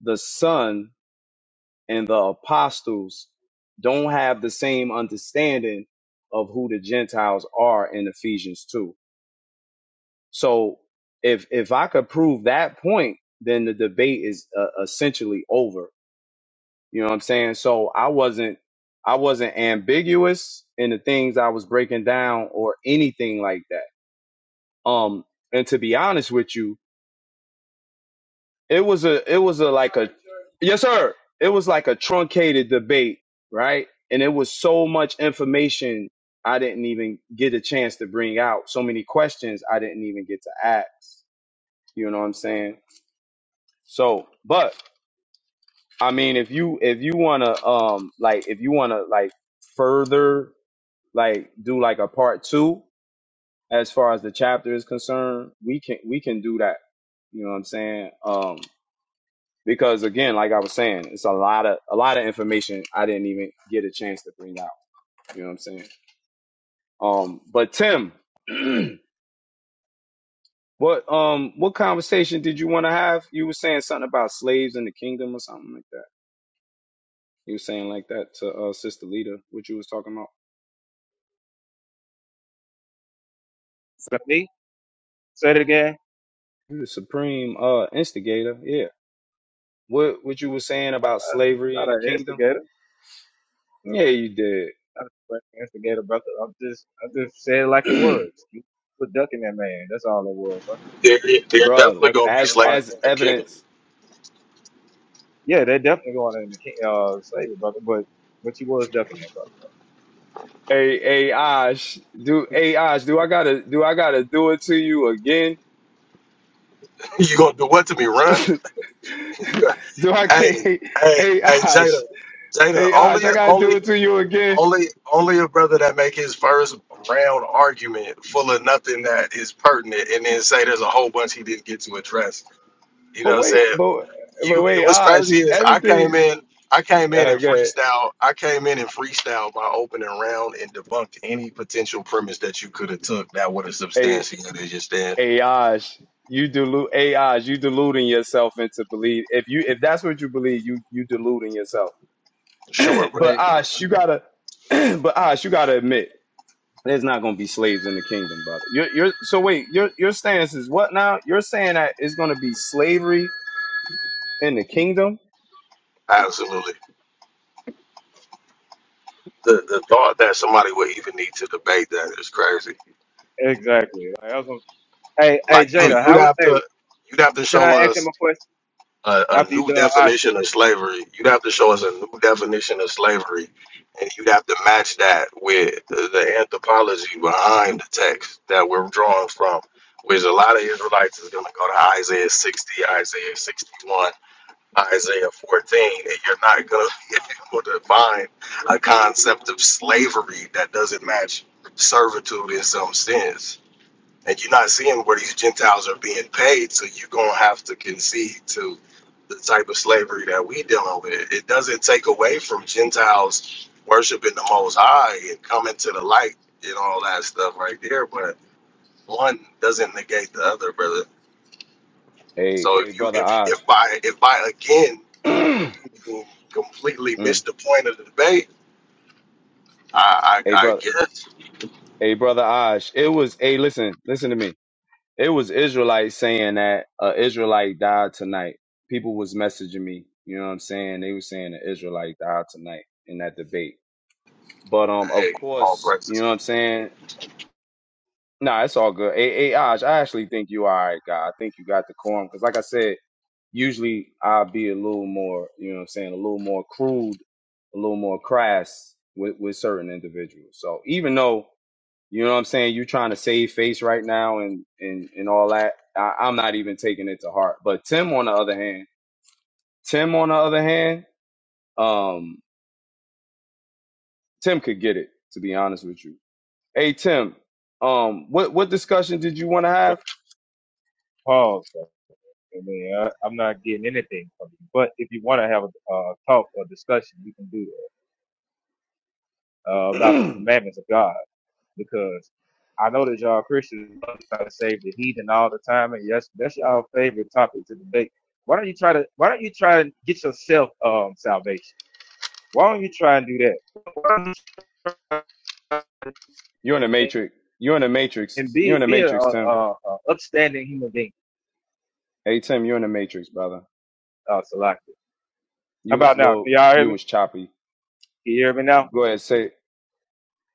F: the son and the apostles don't have the same understanding of who the gentiles are in ephesians 2 So if if I could prove that point, then the debate is uh, essentially over. You know what I'm saying? So I wasn't I wasn't ambiguous in the things I was breaking down or anything like that. Um, and to be honest with you, it was a it was a like a yes sir. It was like a truncated debate, right? And it was so much information I didn't even get a chance to bring out. So many questions I didn't even get to ask. You know what I'm saying? So, but I mean, if you if you wanna um like if you wanna like further like do like a part two as far as the chapter is concerned, we can we can do that. You know what I'm saying? Um, because again, like I was saying, it's a lot of a lot of information I didn't even get a chance to bring out. You know what I'm saying? Um, but Tim, [clears throat] what um what conversation did you want to have? You were saying something about slaves in the kingdom or something like that. You was saying like that to uh Sister Lita, what you was talking about.
C: Is me? Say it again.
F: You the supreme uh instigator, yeah. What what you was saying about
C: I'm
F: slavery
C: not,
F: in
C: not
F: the
C: an
F: kingdom?
C: instigator.
F: Yeah, you
C: Not an instigator, brother. I'm just, I just said it like it
F: did.
C: was. You put duck in that man. That's all it was, bro.
D: There,
F: [clears throat]
D: there
F: bro.
D: definitely
C: Ducking
D: gonna
C: in the
D: be
F: as
C: heaven.
D: slavery
F: as
D: in the kingdom.
F: evidence,
C: yeah, they're definitely going in the king, uh, slavery, brother. But, but you was ducking that,
F: a a Ash, do a Ash, do I gotta do I gotta do it to you again?
D: [laughs] you gonna do what to me, run? [laughs] You got-
F: Do I can't
D: hey,
F: [laughs]
D: hey,
F: a
D: hey,
F: Ash,
D: Jada, Jada,
F: a
D: only
F: Ash, I gotta do
D: only
F: it to you again.
D: Only only a brother that make his first round argument full of nothing that is pertinent and then say there's a whole bunch he didn't get to address. You know
F: But
D: what I'm
F: wait,
D: saying?
F: but but
D: You
F: wait,
D: what's
F: Ash,
D: crazy is I came
F: everything
D: in I came in
F: uh
D: and
F: good.
D: freestyle I came in and freestyle my opening round and debunked any potential premise that you could have took that would have substantiated your stand.
F: AIs. You delude AIs. You deluding yourself into believe. If you if that's what you believe, you you deluding yourself. [clears throat]
D: Sure, bro.
F: but
G: Hey,
F: Ash, you gotta. [clears throat] but Ash, you gotta admit, there's not gonna be slaves in the kingdom, brother. You're you're so wait. Your your stance is what now? You're saying that it's gonna be slavery in the kingdom.
D: Absolutely. The the thought that somebody would even need to debate that is crazy.
C: brother. Exactly. Like, I was gonna- hey, hey,
D: Like you
C: Jada,
D: you'd
C: how,
D: have to
C: hey,
D: you'd have to
C: can I
D: show
C: ask
D: us
C: him a question
D: a, a
C: after you
D: new
C: done Osh,
D: definition of slavery. You'd have to show us a new definition of slavery, and you'd have to match that with the, the anthropology behind the text that we're drawing from, which a lot of Israelites is going to go to Isaiah 60, Isaiah 61, Isaiah 14, and you're not going to [laughs] be able to find a concept of slavery that doesn't match servitude in some sense and you're not seeing where these Gentiles are being paid, so you're gonna have to concede to the type of slavery that we dealing with. It doesn't take away from Gentiles worshiping the Most High and coming to the light and all that stuff right there, but one doesn't negate the other, brother.
F: Hey
D: So
F: hey,
D: if you
F: brother
D: if
F: Ash.
D: if by if by again
F: [clears throat]
D: you completely
F: Mm.
D: missed the point of the debate, I I,
F: Hey
D: I
F: brother.
D: guess
F: Hey brother Ash. It was. Hey listen listen to me. It was Israelites saying that a Israelite died tonight. People was messaging me. You know what I'm saying? They were saying an Israelite died tonight in that debate. But um, of
D: hey all
F: course, you
D: praises.
F: know what I'm saying. Nah, it's all good. Hey, hey, Aj, I actually think you all right, guy. I think you got the quorum because, like I said, usually I'll be a little more, you know what I'm saying, a little more crude, a little more crass with, with certain individuals. So even though you know what I'm saying? You're trying to save face right now and and and all that. I, I'm not even taking it to heart. But Tim, on the other hand, Tim, on the other hand, um, Tim could get it. To be honest with you, hey Tim, um, what what discussion did you want to have?
C: brother? Pause, brother. I mean, I, I'm not getting anything from you. But if you want to have a uh, talk or discussion, we can do that uh,
F: [clears throat]
C: about the
F: you're
C: commandments of God. because I know that y'all Christians love to try to save the heathen all the time, and yes, that's y'all favorite topic to debate. Why don't you try to? Why don't you try and get yourself um salvation? Why don't you try and do that? Why don't you try
F: in the
C: and
F: matrix. You're in the
C: and
F: matrix. You're in
C: be
F: the
C: be a,
F: matrix,
C: a,
F: Tim.
C: a upstanding human being,
F: Hey Tim, you're in the matrix, brother.
C: uh, Salaki. How
F: You was
C: about now?
F: low.
C: Can y'all hear
F: You
C: me?
F: was choppy.
C: Can you hear me now?
F: Go ahead, say.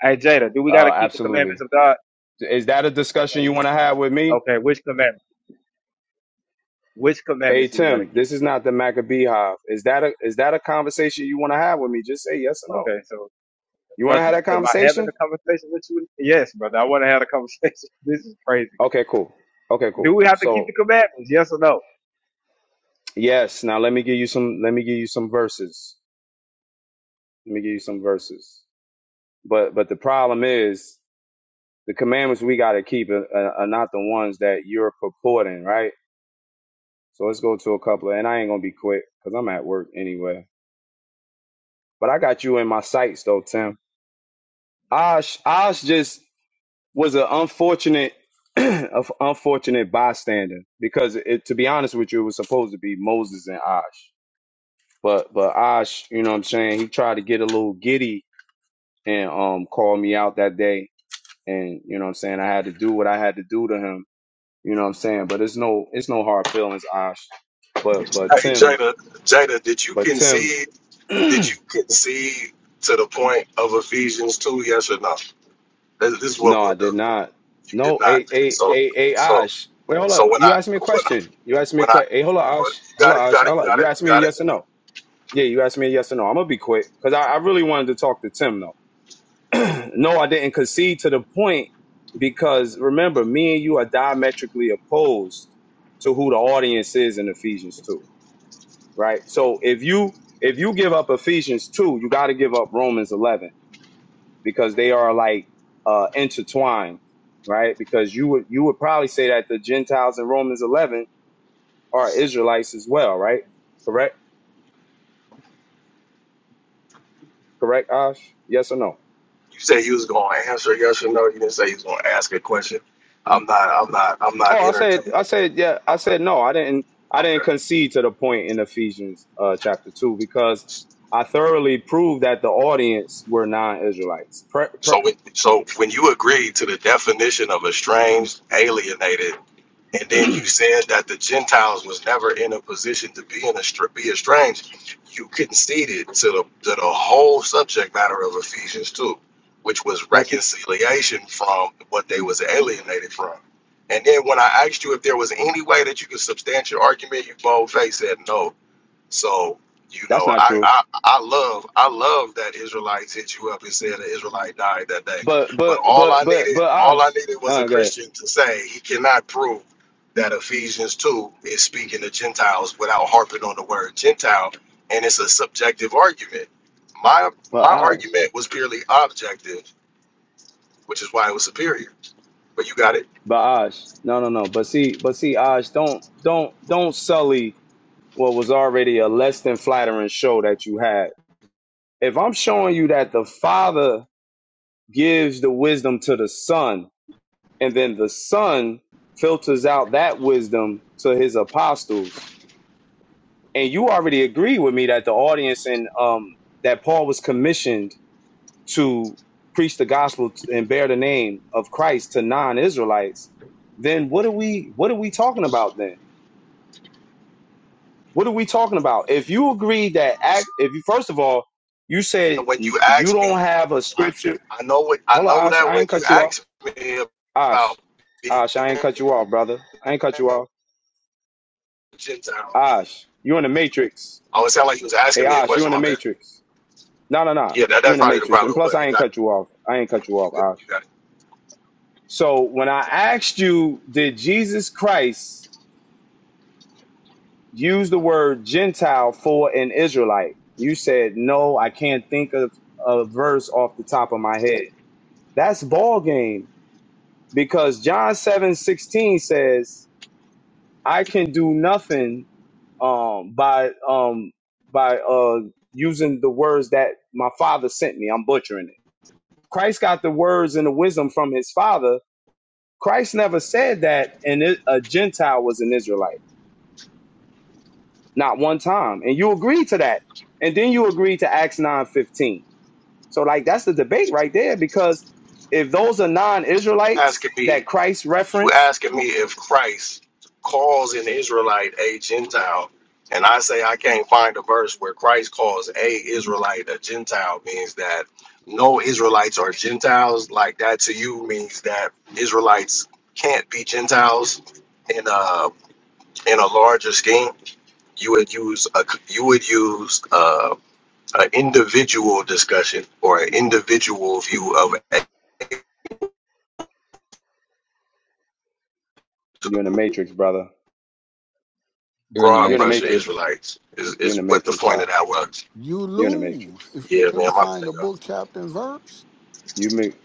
C: Hey Jada, do we
F: Uh,
C: gotta keep the commandments
F: absolutely.
C: of God?
F: Is that a discussion you want to have with me?
C: Okay, which commandment? Which
F: Hey
C: commandments do we gotta
F: Tim,
C: keep?
F: this is not the Maccabee Hive. Is that a is that a conversation you want to have with me? Just say yes or no.
C: Okay, so
F: You want to
C: brother,
F: have that
C: am I having
F: conversation?
C: a conversation with you? Yes, brother, I want to have a conversation. [laughs] This is crazy.
F: Okay, cool. Okay,
C: Do
F: cool.
C: we have to keep
F: So
C: the commandments? Yes or no?
F: yes. Now let me give you some. Let me give you some verses. Let me give you some verses. But but the problem is the commandments we got to keep are, are are not the ones that you're purporting, right? So let's go to a couple. and I ain't gonna be quick because I'm at work anyway. But I got you in my sights though, Tim. Osh, Osh just was an unfortunate, [clears throat] an unfortunate bystander because it, to be honest with you, it was supposed to be Moses and Osh, but but Osh, you know what I'm saying, he tried to get a little giddy and um called me out that day, and you know what I'm saying, I had to do what I had to do to him, you know what I'm saying, but it's no it's no hard feelings, Osh, but but
D: Hey
F: Tim,
D: Jada Jada, did you
F: but Tim.
D: concede?
F: [clears throat]
D: Did you concede to the point of Ephesians two? Yes or no? This this is what
F: No, I
D: we'll
F: did
D: do.
F: not.
D: You did
F: No,
D: not.
F: a a
D: So
F: a a
D: so
F: Ash. Wait, hold up.
D: so when
F: You
D: I
F: asked me a
D: when I,
F: question. You asked me a
D: when I
F: question. Hey, hold up,
D: well,
F: Ash.
D: you
F: Hold
D: got
F: up,
D: it, you
F: Ash.
D: got it,
F: Hold
D: you
F: up.
D: got
F: You
D: it,
F: asked
D: you
F: me a
D: got it.
F: yes or no. Yeah, you asked me a yes or no. I'm gonna be quick because I, I really wanted to talk to Tim though. [clears throat] no, I didn't concede to the point because remember, me and you are diametrically opposed to who the audience is in Ephesians two, right? So if you if you give up Ephesians two, you got to give up Romans 11 because they are like uh, intertwined, right? Because you would you would probably say that the Gentiles in Romans 11 are Israelites as well, right? Correct, correct, Ash? Yes or no?
D: You said you was gonna answer yes or no. You didn't say you was gonna ask a question. I'm not. I'm not. I'm
F: Oh,
D: not
F: I said, I
D: entertaining.
F: said, yeah, I
D: I'm not.
F: said no. I didn't, I didn't
D: Okay.
F: concede to the point in Ephesians uh, chapter two because I thoroughly proved that the audience were non-Israelites. Per, per,
D: So when so when you agreed to the definition of estranged, alienated and then you
F: [clears throat]
D: said that the Gentiles was never in a position to be in a str- be estranged, you conceded to the to the whole subject matter of Ephesians two, which was
F: that's
D: reconciliation from what they was alienated from. And then when I asked you if there was any way that you could substantiate your argument, you bold faced said no. So you
F: that's
D: know,
F: not
D: I,
F: true.
D: I I love I love that Israelites hit you up and said an Israelite died that day.
F: But
D: But
F: but
D: all
F: but
D: I
F: but
D: needed
F: but
D: all
F: Ash,
D: I needed was a
F: oh, good.
D: Christian to say he cannot prove that Ephesians two is speaking to Gentiles without harping on the word Gentile, and it's a subjective argument. My
F: But
D: my
F: Ash.
D: argument was purely objective, which is why it was superior. But you got it.
F: But Osh, no, no, no. But see, but see, Osh, don't, don't, don't sully what was already a less than flattering show that you had. If I'm showing you that the Father gives the wisdom to the Son, and then the Son filters out that wisdom to His apostles, and you already agree with me that the audience and um that Paul was commissioned to preach the gospel and bear the name of Christ to non-Israelites, then what are we, what are we talking about then? What are we talking about? If you agree that act,
D: So
F: if you first of all, you said
D: When you
F: you
D: ask
F: don't
D: me,
F: have a
D: I,
F: scripture.
D: I know what I
F: Hold on,
D: know
F: Ash.
D: that
F: I
D: when
F: ain't
D: you
F: cut you off.
D: ask me
F: Ash,
D: about
F: Ash, I ain't cut you off, brother. I ain't cut you off.
D: Gentile.
F: Ash, you in the matrix.
D: Oh, it sounded like he was
F: Hey,
D: asking me a
F: Ash, you
D: question.
F: in the
D: My bad.
F: matrix. No, no, no.
D: Yeah, that,
F: You
D: that's
F: in the
D: probably the
F: matrix. And
D: problem.
F: plus,
D: But
F: I
D: you
F: ain't
D: got,
F: cut you off. I ain't
D: you,
F: cut you off,
D: got,
F: Ash.
D: you got it.
F: So when I asked you, did Jesus Christ use the word Gentile for an Israelite? You said no. I can't think of a verse off the top of my head. That's ball game because John seven sixteen says, "I can do nothing um, by um, by uh, using the words that my father sent me." I'm butchering it. Christ got the words and the wisdom from his father. Christ never said that and it, a Gentile was an Israelite, not one time. And you agreed to that, and then you agreed to Acts nine fifteen. So like that's the debate right there because if those are non-Israelites
D: Asking me,
F: that Christ
D: you
F: referenced
D: asking me if Christ calls an Israelite a Gentile, and I say I can't find a verse where Christ calls a Israelite a Gentile means that no Israelites are Gentiles. Like that to you means that Israelites can't be Gentiles in a in a larger scheme. You would use a you would use. uh, an individual discussion or an individual view of a
F: You're in the matrix, brother.
G: you're in the
F: You're
D: broad
F: in the
D: brush
G: Matrix.
D: of
F: matrix.
D: Israelites is,
F: You're in
D: is
F: the
D: what the
F: matrix,
D: point of
F: Ash.
D: that was.
H: You
F: You're in the
H: lose
F: matrix.
H: if you
D: Yeah, man,
H: can't
D: my
H: find
D: bad,
H: a book, chapter, and verse.
F: You make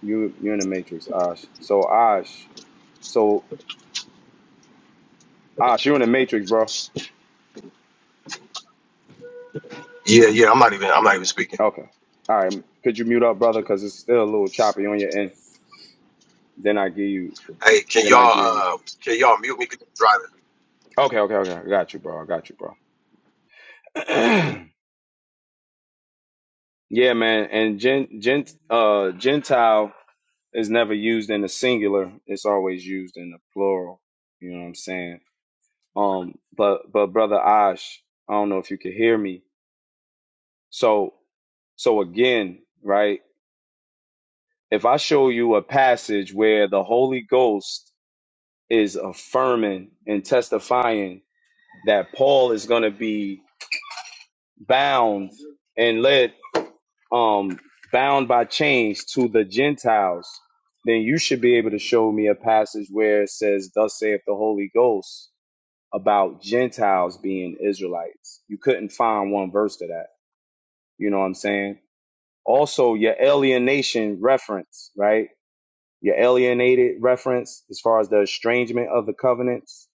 F: you you're in the matrix, Ash. So Ash, so Ash, you're in the matrix, bro.
D: Yeah, yeah, I'm not even I'm not even speaking.
F: Okay. All right. Could you mute up, brother? Cause it's still a little choppy on your end. Then I give you.
D: Hey, can
F: Then I give you.
D: y'all uh can y'all mute me 'Cause I'm driving?
F: Okay. Okay. Okay. I got you, bro. I got you, bro. [clears throat] yeah, man. And gent gent uh gentile is never used in the singular. It's always used in the plural. You know what I'm saying? Um, but but brother Ash, I don't know if you can hear me. So so again, right? If I show you a passage where the Holy Ghost is affirming and testifying that Paul is going to be bound and led um bound by chains to the Gentiles, then you should be able to show me a passage where it says, "Thus saith the Holy Ghost." About Gentiles being Israelites, you couldn't find one verse to that. You know what I'm saying? Also, your alienation reference, right? Your alienated reference as far as the estrangement of the covenants.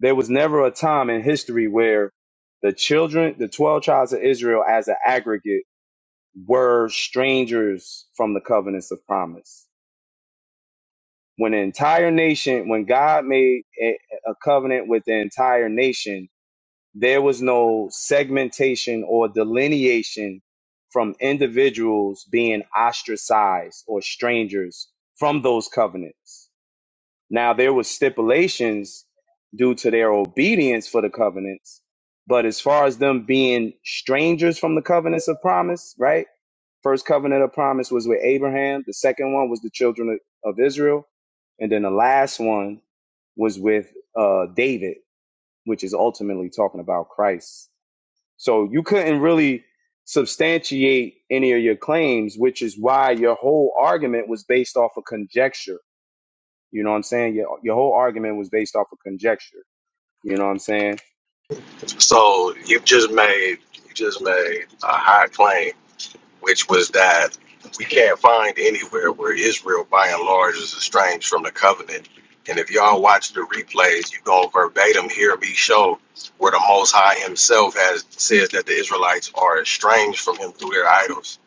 F: There was never a time in history where the children, the 12 tribes of Israel as an aggregate, were strangers from the covenants of promise. When the entire nation, when God made a a covenant with the entire nation, there was no segmentation or delineation from individuals being ostracized or strangers from those covenants. Now, there was stipulations due to their obedience for the covenants, but as far as them being strangers from the covenants of promise, right? First covenant of promise was with Abraham, the second one was the children of, of Israel, and then the last one was with uh, David, which is ultimately talking about Christ. So you couldn't really substantiate any of your claims, which is why your whole argument was based off of conjecture. You know what I'm saying? Your, your whole argument was based off of conjecture. You know what I'm saying?
D: So you just made you just made a high claim which was that we can't find anywhere where Israel, by and large, is estranged from the covenant. And if y'all watch the replays, you gonna verbatim hear me show where the Most High Himself has says that the Israelites are estranged from Him through their idols.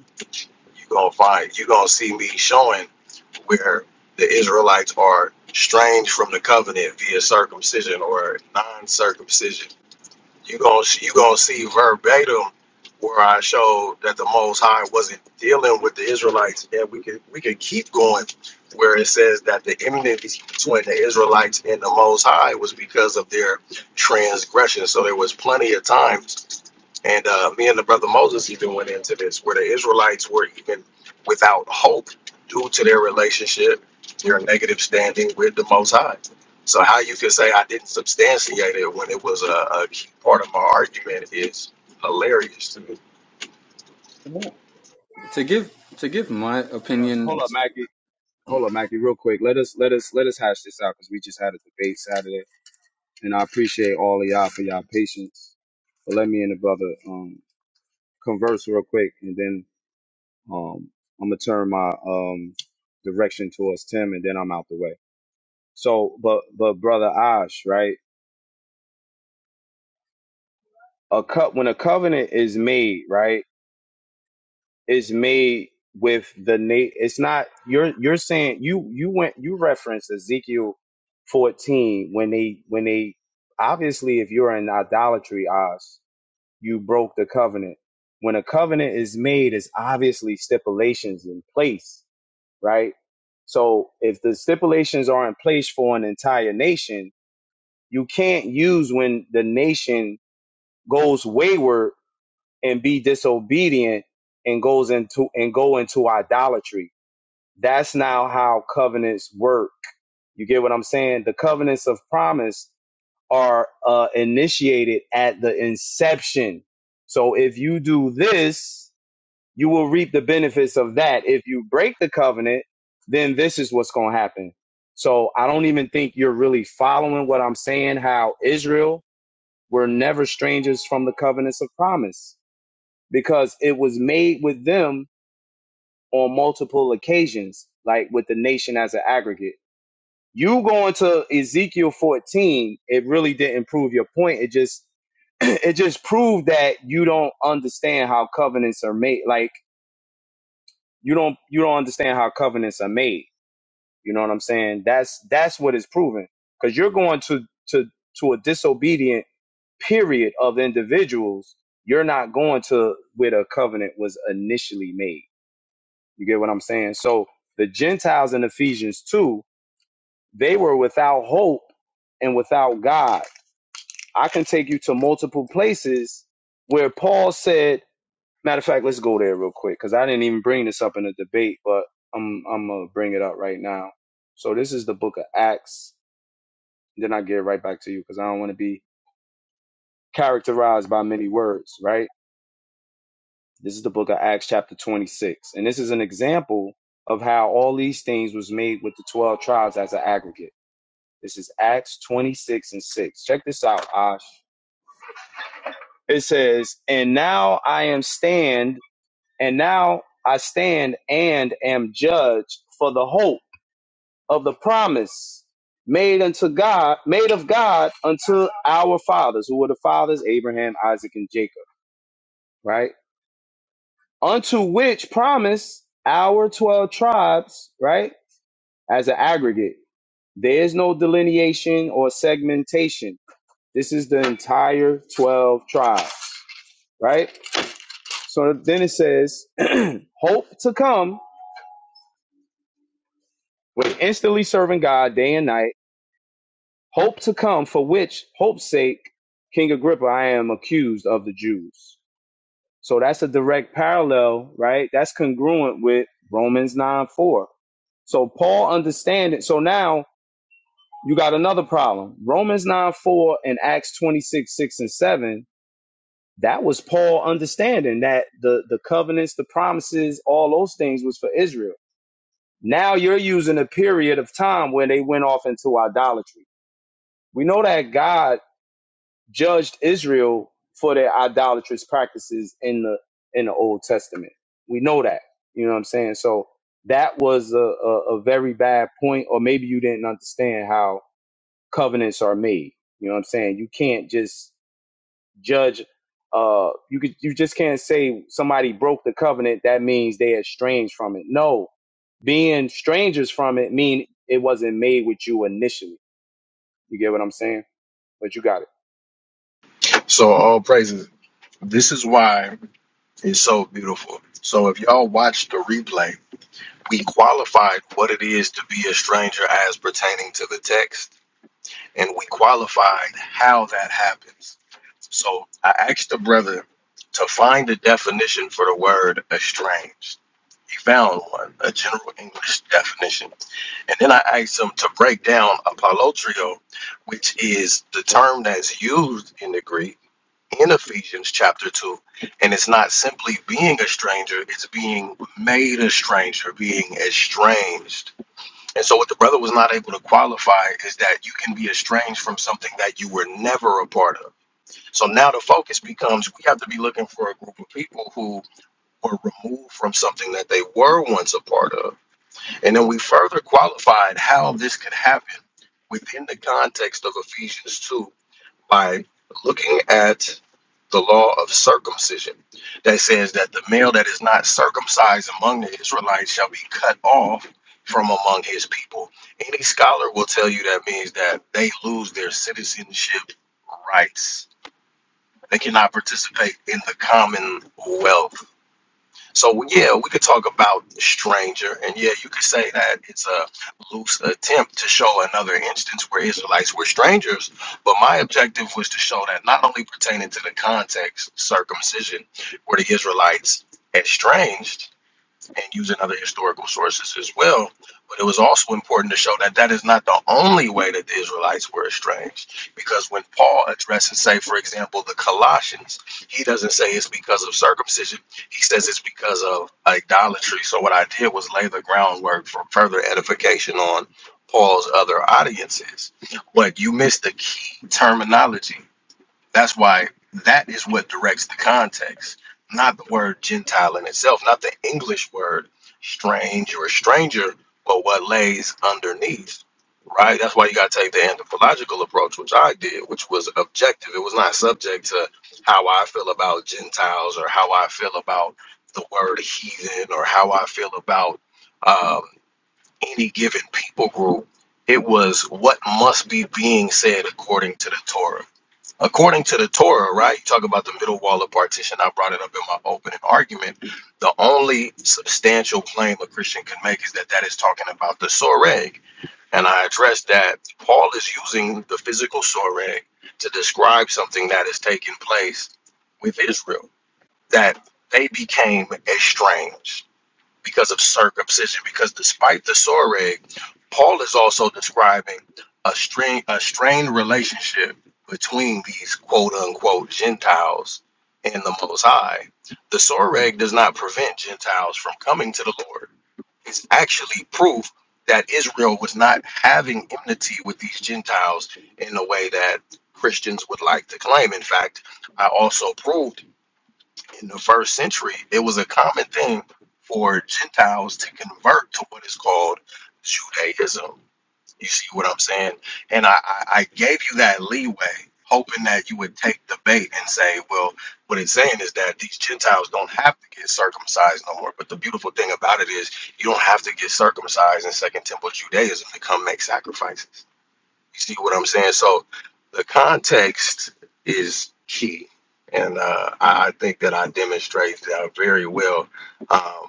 D: You gonna find, you gonna see me showing where the Israelites are estranged from the covenant via circumcision or non-circumcision you gonna you gonna see verbatim where I showed that the Most High wasn't dealing with the Israelites, and we could we could keep going where it says that the enmity between the Israelites and the Most High was because of their transgression. So there was plenty of time and uh, me and the brother Moses even went into this, where the Israelites were even without hope due to their relationship, their negative standing with the Most High. So how you can say I didn't substantiate it when it was a, a key part of my argument is hilarious to me.
G: To give to give my
F: But hold
G: opinion,
F: up, Mackie. Hold up, Mackie, real quick. Let us let us let us hash this out because we just had a debate Saturday, and I appreciate all of y'all for y'all patience. But let me and the brother um, converse real quick, and then um, I'm gonna turn my um, direction towards Tim, and then I'm out the way. So, but but brother Ash, right? A cut when a covenant is made, right? Is made with the na- It's not you're you're saying you you went you referenced Ezekiel fourteen when they when they obviously if you're in idolatry, Ash, you broke the covenant. When a covenant is made, is obviously stipulations in place, right? So if the stipulations are in place for an entire nation, you can't use when the nation goes wayward and be disobedient and goes into and go into idolatry. That's now how covenants work. You get what I'm saying? The covenants of promise are uh, initiated at the inception. So if you do this, you will reap the benefits of that. If you break the covenant, then this is what's going to happen. So I don't even think you're really following what I'm saying, how Israel were never strangers from the covenants of promise because it was made with them on multiple occasions, like with the nation as an aggregate. You going to Ezekiel 14, it really didn't prove your point. It just [clears throat] it just proved that you don't understand how covenants are made. Like you don't you don't understand how covenants are made. You know what I'm saying? That's that's what it's proven. Because you're going to to to a disobedient period of individuals. You're not going to where the covenant was initially made. You get what I'm saying? So the Gentiles in Ephesians 2, they were without hope and without God. I can take you to multiple places where Paul said, matter of fact, let's go there real quick because I didn't even bring this up in the debate, but I'm I'm gonna bring it up right now. So this is the book of Acts. Then I get right back to you because I don't want to be characterized by many words, right? This is the book of Acts chapter 26. And this is an example of how all these things was made with the 12 tribes as an aggregate. This is Acts 26 and 6. Check this out, Ash. It says, And now I am stand, and now I stand and am judged for the hope of the promise made unto God, made of God unto our fathers, who were the fathers, Abraham, Isaac, and Jacob, right? Unto which promise our 12 tribes, right? As an aggregate. There is no delineation or segmentation This is the entire 12 tribes, right? So then it says, [clears throat] hope to come with instantly serving God day and night, hope to come for which hope's sake, King Agrippa, I am accused of the Jews. So that's a direct parallel, right? That's congruent with Romans 9 4. So Paul understand it. So now you got another problem. Romans 9 4 and Acts 26 6 and 7 that was Paul understanding that the the covenants, the promises, all those things was for Israel. Now you're using a period of time where they went off into idolatry. We know that God judged Israel for their idolatrous practices in the in the Old Testament. We know that. You know what I'm saying? So that was a, a, a very bad point, or maybe you didn't understand how covenants are made. You know what I'm saying? You can't just judge uh you could you just can't say somebody broke the covenant that means they are estranged from it no being strangers from it mean it wasn't made with you initially you get what i'm saying but you got it
D: So all praises. This is why it's so beautiful. So if y'all watch the replay, we qualified what it is to be a stranger as pertaining to the text and we qualified how that happens. So I asked the brother to find the definition for the word estranged. He found one, a general English definition. And then I asked him to break down apolotrio, which is the term that's used in the Greek in Ephesians chapter 2. And it's not simply being a stranger, it's being made a stranger, being estranged and so, what the brother was not able to qualify is that you can be estranged from something that you were never a part of. So now the focus becomes we have to be looking for a group of people who were removed from something that they were once a part of. And then we further qualified how this could happen within the context of Ephesians 2 by looking at the law of circumcision that says that the male that is not circumcised among the Israelites shall be cut off from among his people. Any scholar will tell you that means that they lose their citizenship rights. They cannot participate in the commonwealth. So yeah, we could talk about stranger, and yeah, you could say that it's a loose attempt to show another instance where Israelites were strangers. But my objective was to show that not only pertaining to the context, circumcision, were the Israelites estranged, and using other historical sources as well. But it was also important to show that that is not the only way that the Israelites were estranged. Because when Paul addresses, say, for example, the Colossians, he doesn't say it's because of circumcision, he says it's because of idolatry. So what I did was lay the groundwork for further edification on Paul's other audiences. But you missed the key terminology that's why that is what directs the context, not the word Gentile in itself, not the English word strange or stranger, but what lays underneath. Right? That's why you got to take the anthropological approach, which I did, which was objective. It was not subject to how I feel about Gentiles or how I feel about the word heathen or how I feel about um, any given people group. It was what must be being said according to the Torah according to the Torah, right? You talk about the middle wall of partition. I brought it up in my opening argument. The only substantial claim a Christian can make is that that is talking about the soreg. And I addressed that Paul is using the physical soreg to describe something that is taking place with Israel, that they became estranged because of circumcision. Because despite the soreg, Paul is also describing a strain, a strained relationship between these quote unquote Gentiles and the Most High. The soreg does not prevent Gentiles from coming to the Lord. It's actually proof that Israel was not having enmity with these Gentiles in the way that Christians would like to claim. In fact, I also proved in the first century, it was a common thing for Gentiles to convert to what is called Judaism. You see what I'm saying? And I, I, I gave you that leeway, hoping that you would take the bait and say, well, what it's saying is that these Gentiles don't have to get circumcised no more. But the beautiful thing about it is you don't have to get circumcised in Second Temple Judaism to come make sacrifices. You see what I'm saying? So the context is key. And uh, I I think that I demonstrate that very well. Um,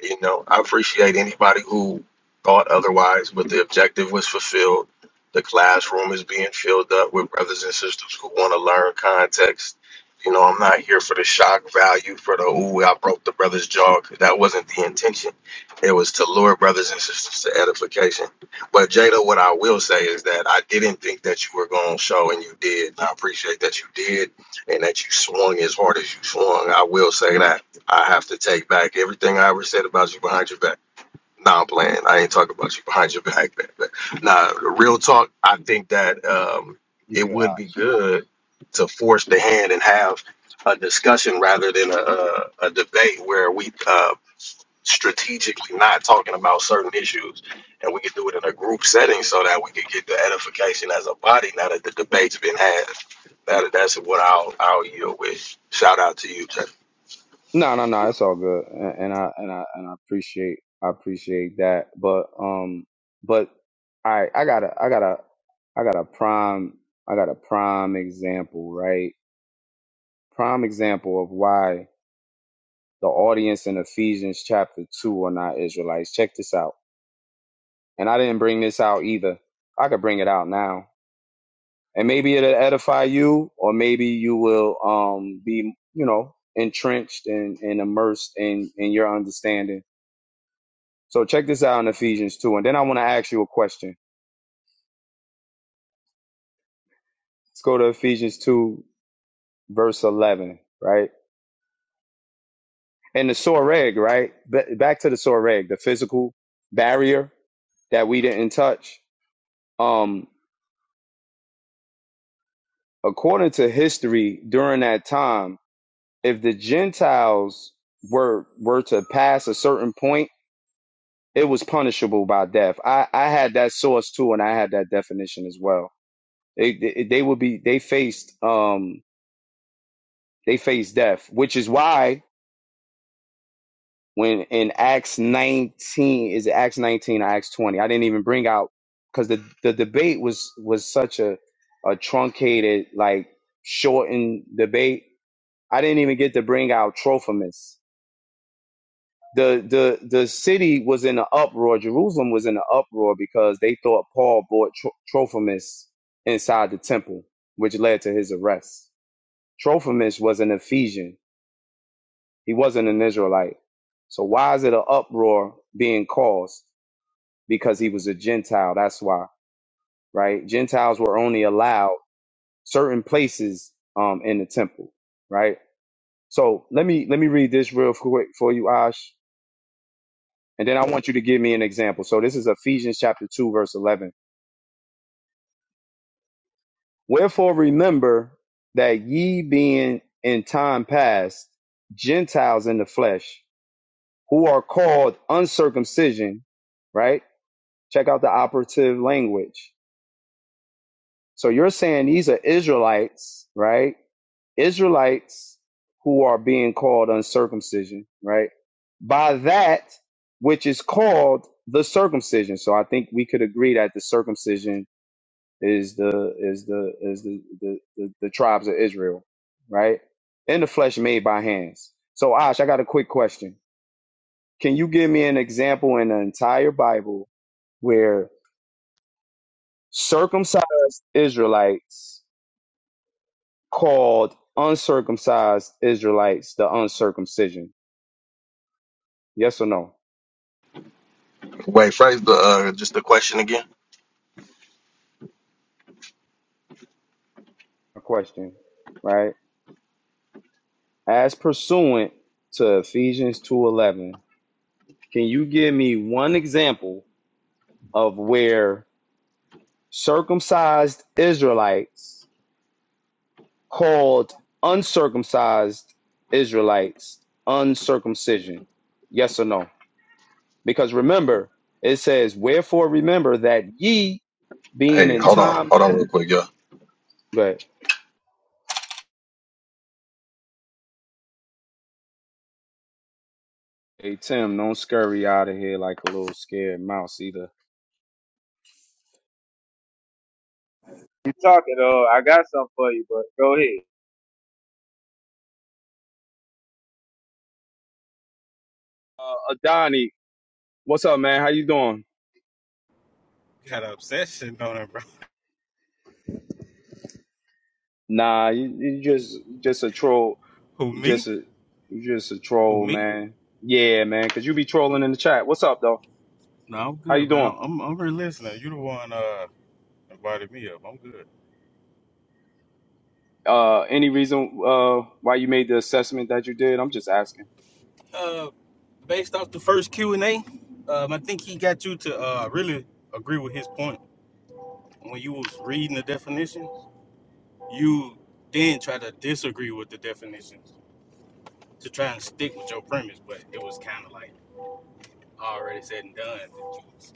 D: you know, I appreciate anybody who thought otherwise, but the objective was fulfilled. The classroom is being filled up with brothers and sisters who want to learn context. You know, I'm not here for the shock value, for the, ooh, I broke the brother's jaw. 'cause That wasn't the intention. It was to lure brothers and sisters to edification but Jada, what I will say is that I didn't think that you were going to show, and you did. I appreciate that you did, and that you swung as hard as you swung. I will say that I have to take back everything I ever said about you behind your back. Nah, I'm playing. I ain't talking about you behind your [laughs] back. But, but nah, real talk. I think
F: Good.
D: that um,
F: You
D: it
F: good,
D: would be
F: Ops.
D: good to force the hand and have a discussion rather than a, a, a debate where we uh, strategically not talking about certain issues and we can do it in a group setting so that we can get the edification as a body now that the debate's been had that that's what i'll i'll yield with shout out to you Jay.
F: no no no it's all good and, and i and i and i appreciate i appreciate that but um but all right i got to I got to I got a prime i got a prime example right prime example of why the audience in Ephesians chapter 2 are not Israelites. Check this out. And I didn't bring this out either. I could bring it out now. And maybe it'll edify you, or maybe you will um, be, you know, entrenched and, and immersed in, in your understanding. So check this out in Ephesians 2. And then I want to ask you a question. Let's go to Ephesians 2, verse 11, right? And the soreg, right? Ba- back to the soreg, the physical barrier that we didn't touch. Um, according to history during that time if the gentiles were were to pass a certain point it was punishable by death i i had that source too and i had that definition as well they they, they would be they faced um they faced death which is why when in acts 19 is it acts 19 or acts 20 i didn't even bring out because the the debate was was such a a truncated like shortened debate I didn't even get to bring out Trophimus. The the the city was in an uproar. Jerusalem was in an uproar because they thought Paul brought Tro- Trophimus inside the temple, which led to his arrest. Trophimus was an Ephesian. He wasn't an Israelite. So why is it an uproar being caused? Because he was a Gentile. That's why, right? Gentiles were only allowed certain places um, in the temple, right? So let me let me read this real quick for you, Ash And then I want you to give me an example. So this is Ephesians chapter 2, verse 11. Wherefore remember that ye being in time past Gentiles in the flesh, who are called uncircumcision, right? Check out the operative language. So you're saying these are Israelites, right? Israelites who are being called uncircumcision, right? By that which is called the circumcision. So I think we could agree that the circumcision is the is the is the the, the, the tribes of Israel, right? In the flesh made by hands. So Ash, I got a quick question. Can you give me an example in the entire Bible where circumcised Israelites called uncircumcised Israelites the uncircumcision? Yes or no?
D: wait phrase the uh just the question again
F: A question, right? As pursuant to Ephesians 2:11, can you give me one example of where circumcised Israelites called uncircumcised Israelites uncircumcision? Yes or no? Because remember, it says, Wherefore remember that ye being
D: hey
F: in
D: hold on
F: time.
D: hold on real quick y'all.
F: But hey, Tim, don't scurry out of here like a little scared mouse either.
C: You talking? Uh, I got something for you, but go ahead.
F: Uh, Adani, what's up, man? How you doing?
I: Got an obsession on it, bro.
F: Nah, you, you just just a troll.
I: Who
F: You just
I: me?
F: a you just a
I: Who
F: troll,
I: me?
F: man. Yeah, man, cause you be trolling in the chat. What's up, though?
I: No, I'm
F: How you
I: good, man.
F: doing?
I: I'm I'm, I'm really listening. You the one uh invited me up. I'm good.
F: Uh, any reason uh why you made the assessment that you did? I'm just asking.
I: Uh, based off the first Q and A, um, I think he got you to uh really agree with his point when you was reading the definition. You then try to disagree with the definitions to try and stick with your premise, but it was kind of like already said and done. that You was,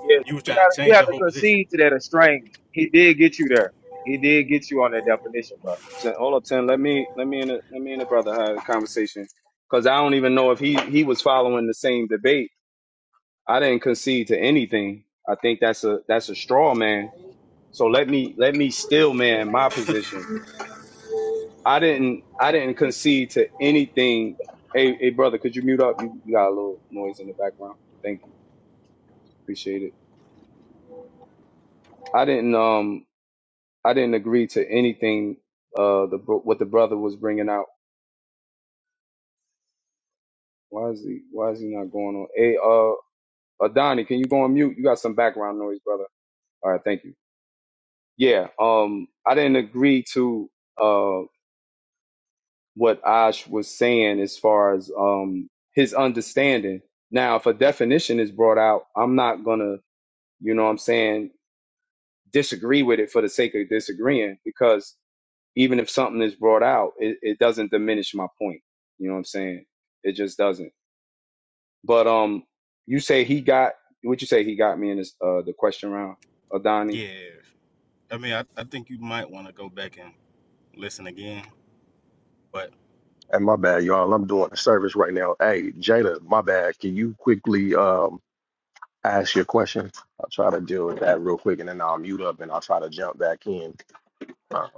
C: Yes,
I: you was
C: you
I: trying to
C: got. You
I: change
C: have
I: your
C: to
I: whole position.
C: concede to that estranged. He did get you there. He did get you on that definition, bro.
F: So hold up, ten. Let me let me and the, let me and the brother have a conversation because I don't even know if he he was following the same debate. I didn't concede to anything. I think that's a that's a straw man. So let me let me still man my position. I didn't I didn't concede to anything. Hey hey brother, could you mute up? You, you got a little noise in the background. Thank you. Appreciate it. I didn't um I didn't agree to anything uh the bro- what the brother was bringing out. Why is he Why is he not going on? Hey, uh, Adani, can you go on mute? You got some background noise, brother. All right, thank you. Yeah, um, I didn't agree to uh what Ash was saying as far as um his understanding. Now, if a definition is brought out, I'm not gonna, you know, what I'm saying disagree with it for the sake of disagreeing because even if something is brought out, it, it doesn't diminish my point. You know what I'm saying? It just doesn't. But um, you say he got what you say he got me in this uh the question round, Adani.
I: Yeah, I mean, I, I think you might want to go back and listen again, but.
D: And my bad, y'all. I'm doing a service right now. Hey, Jada, my bad. Can you quickly um ask your question? I'll try to deal with that real quick, and then I'll mute up and I'll try to jump back in um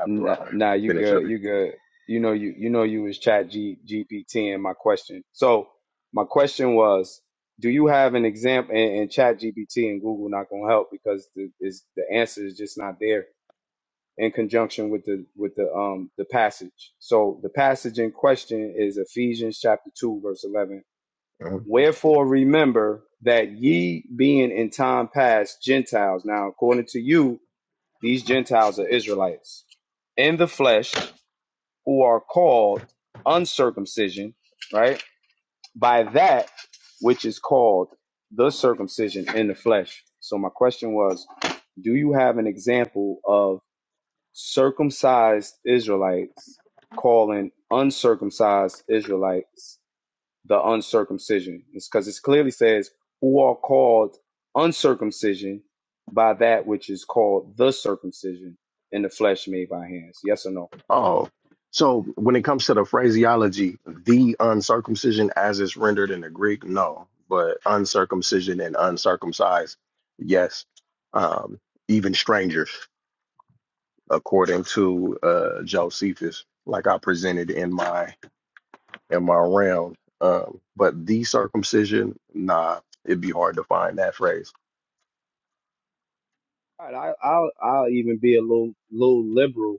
D: after
F: Nah,
D: I
F: nah, you
D: finish up.
F: good, you good. You know you you know you was Chat G, GPT in my question. So my question was, do you have an example? And, and Chat GPT and Google not gonna help because the is the answer is just not there in conjunction with the with the um the passage. So the passage in question is Ephesians chapter 2 verse 11.
D: here.
F: Wherefore remember that ye being in time past Gentiles now according to you these Gentiles are Israelites in the flesh who are called uncircumcision, right? By that which is called the circumcision in the flesh. So my question was, do you have an example of? circumcised Israelites calling uncircumcised Israelites the uncircumcision. It's because it clearly says, who are called uncircumcision by that which is called the circumcision in the flesh made by hands. Yes or no?
D: Oh, so when it comes to the phraseology, the uncircumcision as it's rendered in the Greek, no, but uncircumcision and uncircumcised, yes. Um, even strangers, according to uh, Josephus, like I presented in my in my round. Um, but the circumcision, nah, it'd be hard to find that phrase
F: All right, I, I'll, I'll even be a little, little liberal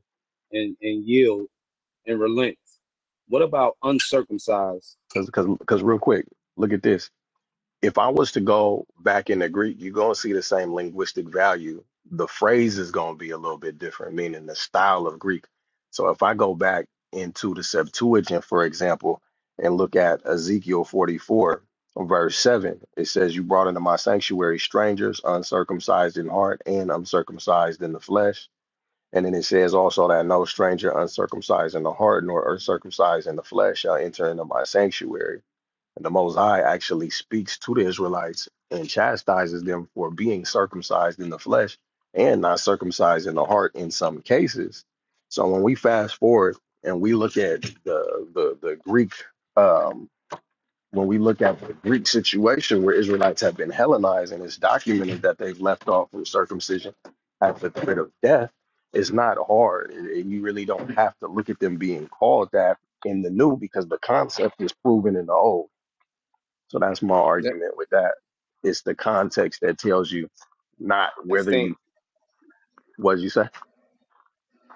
F: and, and yield and relent. What about uncircumcised?
D: because because because real quick, look at this. if I was to go back into Greek, you're going to see the same linguistic value. The phrase is going to be a little bit different, meaning the style of Greek. So if I go back into the Septuagint, for example, and look at Ezekiel 44, verse 7, it says, You brought into my sanctuary strangers, uncircumcised in heart and uncircumcised in the flesh. And then it says also that no stranger uncircumcised in the heart nor uncircumcised in the flesh shall enter into my sanctuary. And the Most High actually speaks to the Israelites and chastises them for being circumcised in the flesh and not circumcised in the heart in some cases. So when we fast forward and we look at the the, the Greek, um, when we look at the Greek situation where Israelites have been Hellenized and it's documented that they've left off from circumcision at the threat of death, it's not hard. And and you really don't have to look at them being called that in the new because the concept is proven in the old so that's my argument with that. It's the context that tells you, not whether
F: That's
D: you was you say.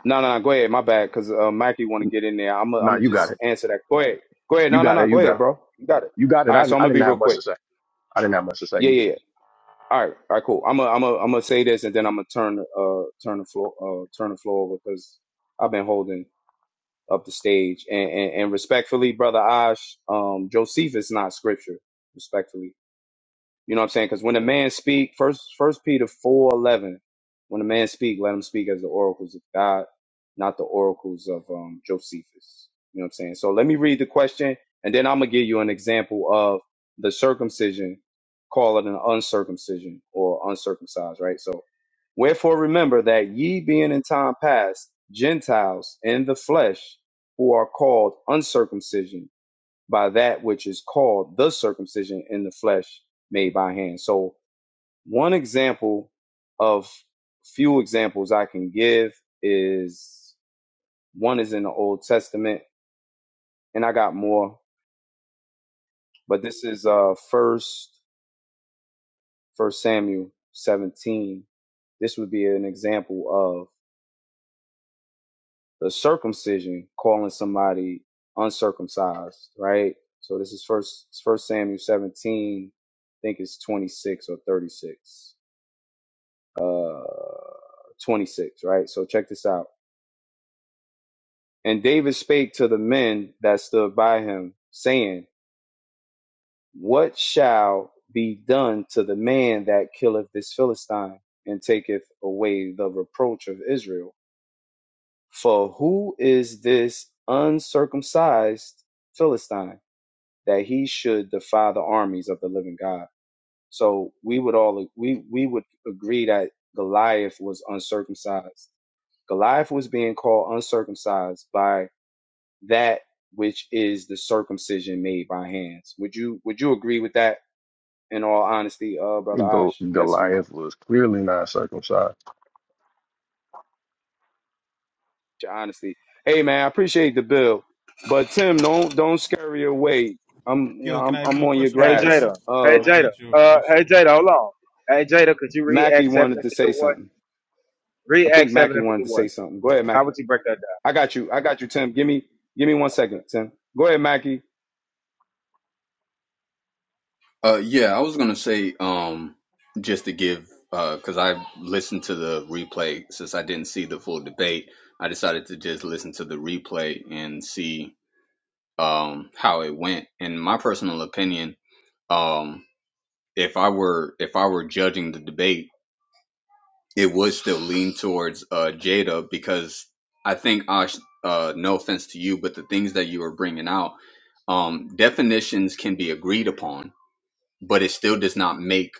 F: No, no, no. Go ahead. My bad, because uh, Mikey want to get in there. I'm, i am i
D: No,
F: gonna
D: you got
F: just
D: it.
F: answer that. Go ahead. Go ahead.
D: You
F: No, no,
D: got
F: no.
D: it.
F: Go
D: You got
F: ahead,
D: it.
F: bro. You got it.
D: You got it.
F: All right.
D: I,
F: So I'm
D: didn't- I
F: gonna be
D: didn't
F: real
D: have much
F: quick.
D: to say. I didn't have much to say.
F: Yeah,
D: You
F: yeah, yeah.
D: good.
F: All right. All right. Cool. I'm gonna, I'm gonna, I'm gonna say this, and then I'm gonna turn, uh, turn the floor, uh, turn the floor over because I've been holding up the stage, and, and, and respectfully, brother Ash, um, Josephus not scripture, respectfully. You know what I'm saying? Because when a man speak, first First Peter four eleven, when a man speak, let him speak as the oracles of God, not the oracles of um, Josephus. You know what I'm saying? So let me read the question, and then I'm gonna give you an example of the circumcision, call it an uncircumcision or uncircumcised, right? So, wherefore remember that ye being in time past Gentiles in the flesh, who are called uncircumcision by that which is called the circumcision in the flesh made by hand. So, one example of few examples I can give is one is in the Old Testament, and I got more, but this is uh first first Samuel 17. This would be an example of the circumcision calling somebody uncircumcised, right? So this is first first Samuel 17, I think it's 26 or 36 uh 26, right? So check this out. And David spake to the men that stood by him, saying, What shall be done to the man that killeth this Philistine and taketh away the reproach of Israel? For who is this uncircumcised Philistine that he should defy the armies of the living God? So we would all we we would agree that Goliath was uncircumcised Goliath was being called uncircumcised by that which is the circumcision made by hands. Would you would you agree with that in all honesty, uh brother
D: Go,
F: Ash? Yes or no?
D: Goliath was clearly not circumcised.
F: Your honesty. Hey man, I appreciate the bill. But Tim, don't don't scurry away. I'm you know,
I: Yo, can
F: I'm
I: I ask you
F: I'm
I: a
F: on your
I: question before
C: Hey
I: you go
F: grass.
I: to?
C: Jada. Hey
I: Can
F: Uh
I: I
C: Jada.
I: ask you a
C: Uh,
I: question,
C: hey
I: bro?
C: Jada,
I: I
C: hold on. Hey Jada, could you read
F: Mackie
C: Act seven
F: wanted
C: and
F: to
C: fifty
F: say
C: one?
F: something.
C: Read
F: I
C: Act
F: think
C: seven
F: Mackie
C: and fifty
F: wanted to
C: one.
F: say something. Go ahead,
C: How
F: Mackie.
C: would you break that
F: I got you. I got you, Tim. Give me give me one second, Tim. Go ahead, Mackie.
G: uh, yeah, I was gonna say, um, just to give, uh, because I listened to the replay since I didn't see the full debate, I decided to just listen to the replay and see, um, how it went. In my personal opinion, um, if I were if I were judging the debate. it would still lean towards uh, Jada because I think Ash. Uh, no offense to you, but the things that you were bringing out, um, definitions can be agreed upon, but it still does not make.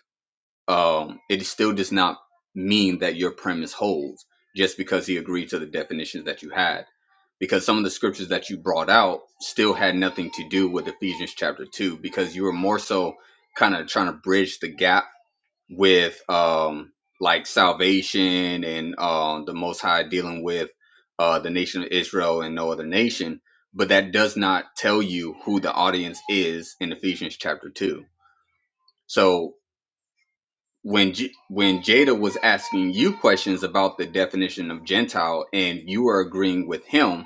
G: Um, it still does not mean that your premise holds just because he agreed to the definitions that you had, because some of the scriptures that you brought out still had nothing to do with Ephesians chapter two, because you were more so kind of trying to bridge the gap with um like salvation and um the most high dealing with uh the nation of Israel and no other nation, but that does not tell you who the audience is in Ephesians chapter 2. So when J- when Jada was asking you questions about the definition of gentile and you are agreeing with him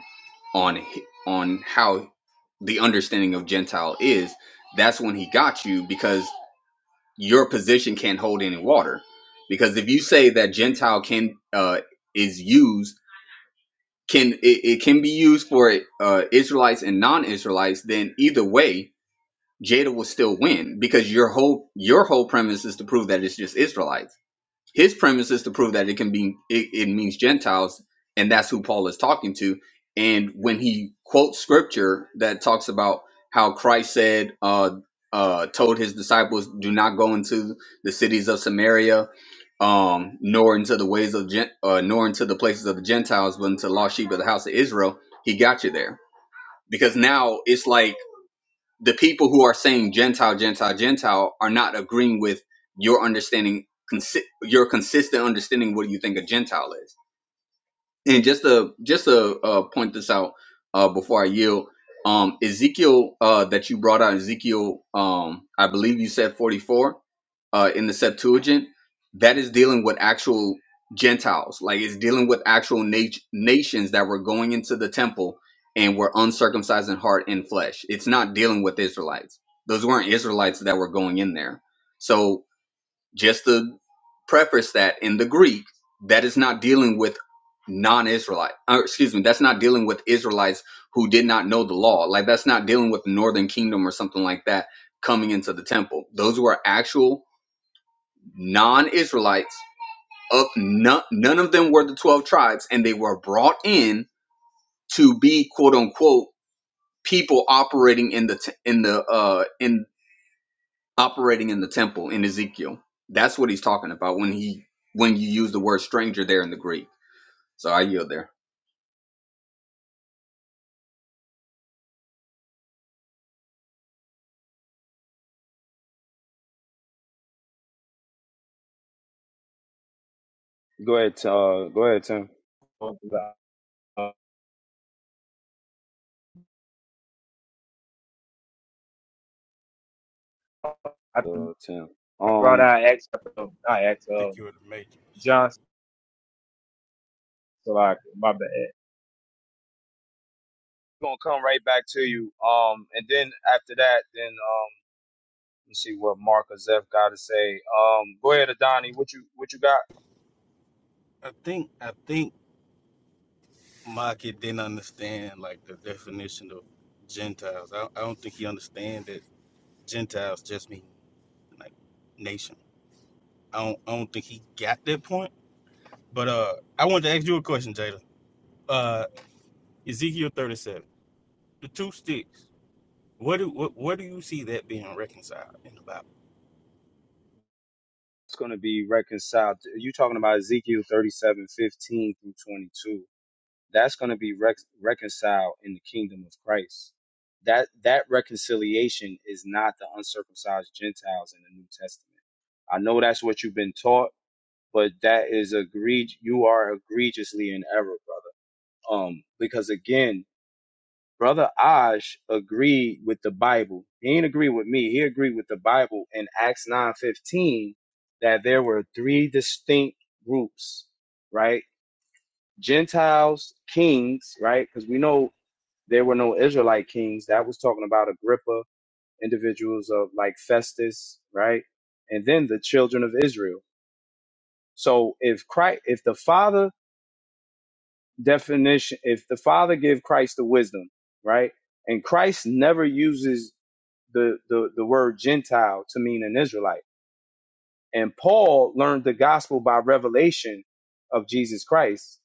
G: on h- on how the understanding of gentile is, that's when he got you because your position can't hold any water because if you say that gentile can uh is used can it, it can be used for uh israelites and non-israelites then either way jada will still win because your whole your whole premise is to prove that it's just israelites his premise is to prove that it can be it, it means gentiles and that's who paul is talking to and when he quotes scripture that talks about how christ said uh uh told his disciples do not go into the cities of samaria um nor into the ways of gent uh, nor into the places of the gentiles but into the lost sheep of the house of israel he got you there because now it's like the people who are saying Gentile, Gentile, Gentile are not agreeing with your understanding, consi- your consistent understanding. What do you think a Gentile is? And just to just to uh, point this out uh, before I yield, um, Ezekiel uh, that you brought out, Ezekiel, um, I believe you said forty four uh, in the Septuagint. That is dealing with actual Gentiles, like it's dealing with actual nat- nations that were going into the temple and were uncircumcised in heart and flesh. It's not dealing with Israelites. Those weren't Israelites that were going in there. So just to preface that in the Greek, that is not dealing with non-Israelite. Or excuse me, that's not dealing with Israelites who did not know the law. Like that's not dealing with the Northern Kingdom or something like that coming into the temple. Those were actual non-Israelites. Of none, none of them were the twelve tribes, and they were brought in to be quote unquote people operating in the t- in the uh in operating in the temple in Ezekiel. That's what he's talking about when he when you use the word stranger there in the Greek. So I yield there.
F: Go ahead, uh go ahead, Tim.
C: down? Uh,
F: Uh
C: I
F: Tim.
C: brought
F: Um
C: out Acts, uh, not Acts,
I: think
C: uh,
I: you're the matrix.
C: John So like, my bad.
F: gonna come right back to you. Um, and then after that, then um, let's see what Mark or Zeph got to say. Um, go ahead, Adani. What you what you got?
I: I think I think Maki didn't understand like the definition of Gentiles. I, I don't think he understand that Gentiles just mean like nation. I don't I don't think he got that point. But uh I wanted to ask you a question, Jada. Uh Ezekiel thirty seven. The two sticks. What do what, what do you see that being reconciled in the Bible?
F: It's gonna be reconciled. You talking about Ezekiel thirty-seven fifteen through twenty-two? That's gonna be rec- reconciled in the kingdom of Christ. That that reconciliation is not the uncircumcised Gentiles in the New Testament. I know that's what you've been taught, but that is egregious. You are egregiously in error, brother. Um, because again, Brother Aj agreed with the Bible. He ain't agree with me. He agreed with the Bible in Acts 9:15 that there were three distinct groups, right? Gentiles, kings, right? Because we know there were no Israelite kings. That was talking about Agrippa, individuals of like Festus, right? And then the children of Israel. So if Christ, if the Father definition, if the Father gave Christ the wisdom, right? And Christ never uses the, the, the word Gentile to mean an Israelite. And Paul learned the gospel by revelation of Jesus Christ.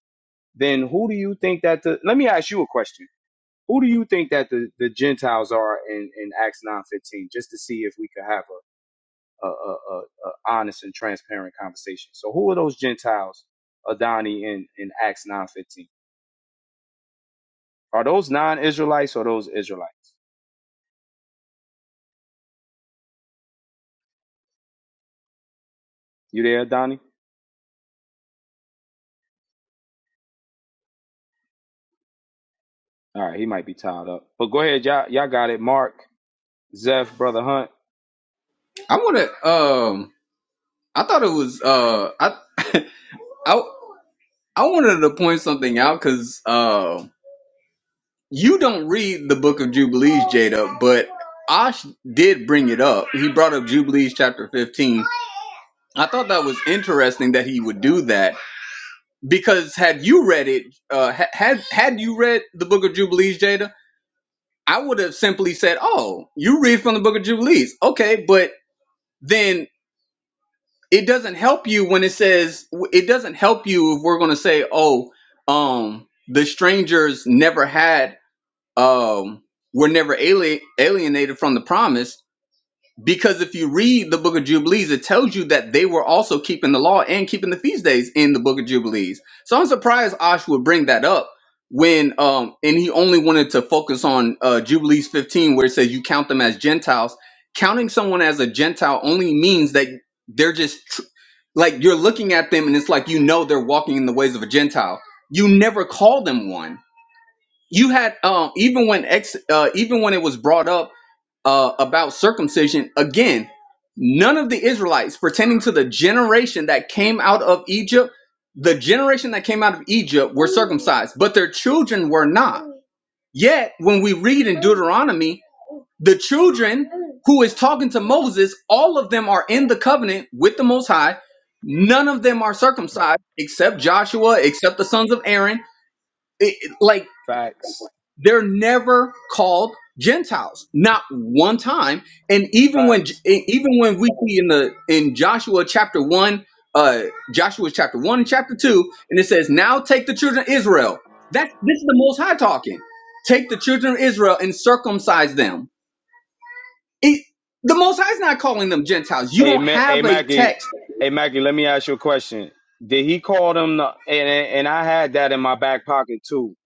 F: Then who do you think that the, let me ask you a question. Who do you think that the, the Gentiles are in, in Acts 9.15, just to see if we could have a, a, a, a, a honest and transparent conversation. So who are those Gentiles, Adani, in, in Acts 9.15? Are those non-Israelites or those Israelites? You there, Donnie? All right, he might be tied up. But go ahead, y'all. Y'all got it, Mark. Zeph, brother Hunt.
G: I want to. Um, I thought it was. Uh, I [laughs] I I wanted to point something out because uh, you don't read the Book of Jubilees, Jada, but Ash did bring it up. He brought up Jubilees chapter fifteen. I thought that was interesting that he would do that because had you read it, uh, ha- had had you read the Book of Jubilees, Jada, I would have simply said, "Oh, you read from the Book of Jubilees, okay?" But then it doesn't help you when it says it doesn't help you if we're going to say, "Oh, um, the strangers never had um, were never ali- alienated from the promise." Because if you read the book of Jubilees, it tells you that they were also keeping the law and keeping the feast days in the book of Jubilees. So I'm surprised Ash would bring that up when um and he only wanted to focus on uh Jubilees 15 where it says you count them as Gentiles. Counting someone as a Gentile only means that they're just tr- like you're looking at them and it's like you know they're walking in the ways of a Gentile. You never call them one. You had um even when ex uh even when it was brought up uh, about circumcision again none of the israelites pertaining to the generation that came out of egypt the generation that came out of egypt were circumcised but their children were not yet when we read in deuteronomy the children who is talking to moses all of them are in the covenant with the most high none of them are circumcised except joshua except the sons of aaron It- it- like
F: Facts.
G: they're never called Gentiles, not one time. And even when
F: Facts.
G: even when we see in the in Joshua chapter one, uh, Joshua chapter one and chapter two, and it says, "Now take the children of Israel." That's this is the Most High talking. Take the children of Israel and circumcise them. It, the Most High is not calling them Gentiles. You
F: Hey,
G: don't
F: Ma- hey,
G: have a
F: Mackie.
G: text.
F: Hey, Mackie. Let me ask you a question. Did he call them? The, and and and I had that in my back pocket too.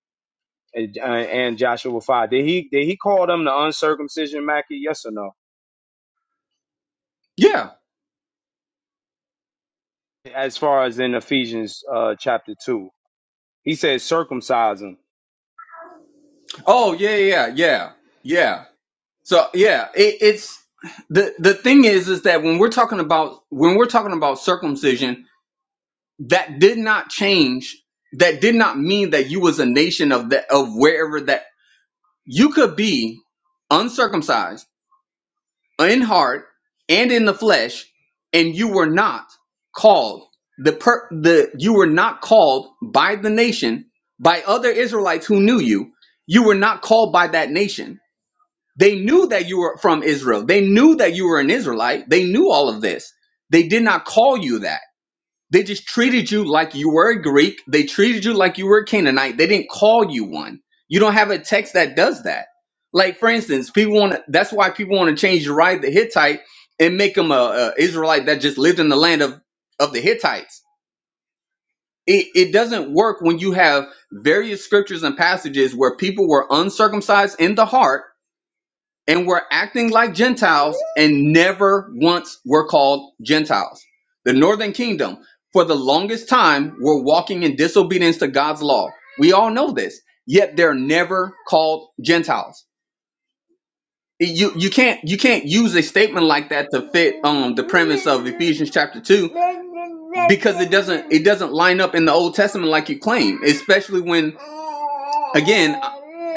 F: And, uh, and Joshua five. Did he did he call them the uncircumcision, Mackie? Yes or no?
G: Yeah.
F: As far as in Ephesians uh, chapter two, he says circumcise them.
G: Oh yeah yeah yeah yeah. So yeah, it, it's the the thing is is that when we're talking about when we're talking about circumcision, that did not change. That did not mean that you was a nation of that of wherever that you could be uncircumcised in heart and in the flesh, and you were not called the per the you were not called by the nation by other Israelites who knew you. You were not called by that nation they knew that you were from Israel. They knew that you were an Israelite. They knew all of this. They did not call you that. They just treated you like you were a Greek. They treated you like you were a Canaanite. They didn't call you one. You don't have a text that does that. Like for instance, people want to. That's why people want to change Uriah the Hittite and make him a, a Israelite that just lived in the land of of the Hittites. It, it doesn't work when you have various scriptures and passages where people were uncircumcised in the heart and were acting like Gentiles and never once were called Gentiles. The northern kingdom, for the longest time, were walking in disobedience to God's law. We all know this, yet they're never called Gentiles you you can't you can't use a statement like that to fit um the premise of Ephesians chapter 2 because it doesn't it doesn't line up in the Old Testament like you claim especially when again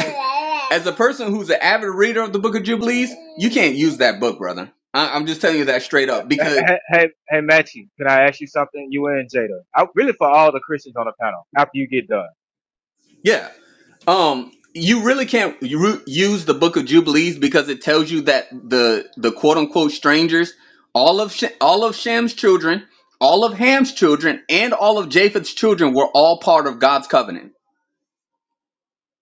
G: [laughs] as a person who's an avid reader of the book of Jubilees you can't use that book brother I, I'm just telling you that straight up because
C: Hey, hey, hey, Matchy, can I ask you something? You and Jada. I, really for all the Christians on the panel, after you get done.
G: yeah Um, you really can't ru- use the Book of Jubilees because it tells you that the the quote unquote strangers, all of Sh- all of Sham's children, all of Ham's children, and all of Japheth's children were all part of God's covenant.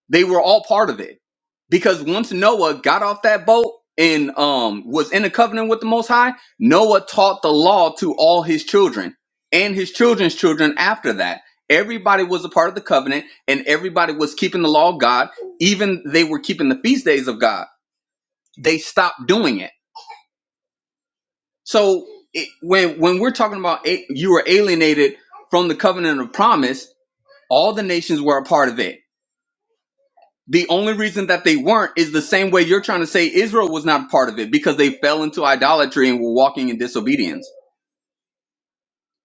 G: They were all part of it. Because once Noah got off that boat and um was in a covenant with the Most High, Noah taught the law to all his children and his children's children after that. Everybody was a part of the covenant and everybody was keeping the law of God. Even they were keeping the feast days of God. They stopped doing it. So it, when when we're talking about a, you were alienated from the covenant of promise, all the nations were a part of it The only reason that they weren't is the same way you're trying to say Israel was not part of it because they fell into idolatry and were walking in disobedience.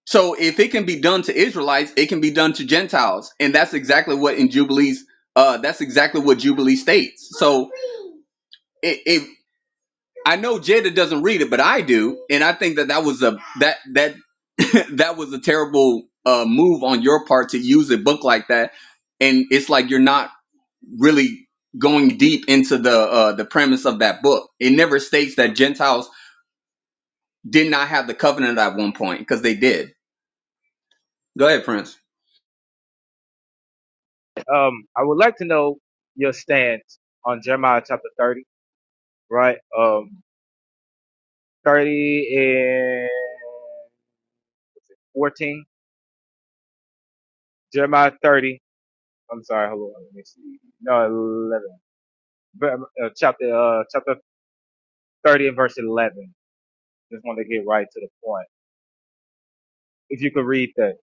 G: So if it can be done to Israelites, it can be done to Gentiles, and that's exactly what in Jubilees. Uh, that's exactly what Jubilee states. So it, it I know Jada doesn't read it, but I do, and I think that that was a that that [laughs] that was a terrible uh, move on your part to use a book like that, and it's like you're not really going deep into the uh, the premise of that book. It never states that Gentiles did not have the covenant at one point because they did. Go ahead, Prince.
C: Um, I would like to know your stance on Jeremiah chapter 30, right? Um, 30 and 14. Jeremiah 30. I'm sorry, hold on. Let me see. No, 11. Ver- Uh, chapter, uh, chapter 30 and verse 11. Just want to get right to the point. If you could read that.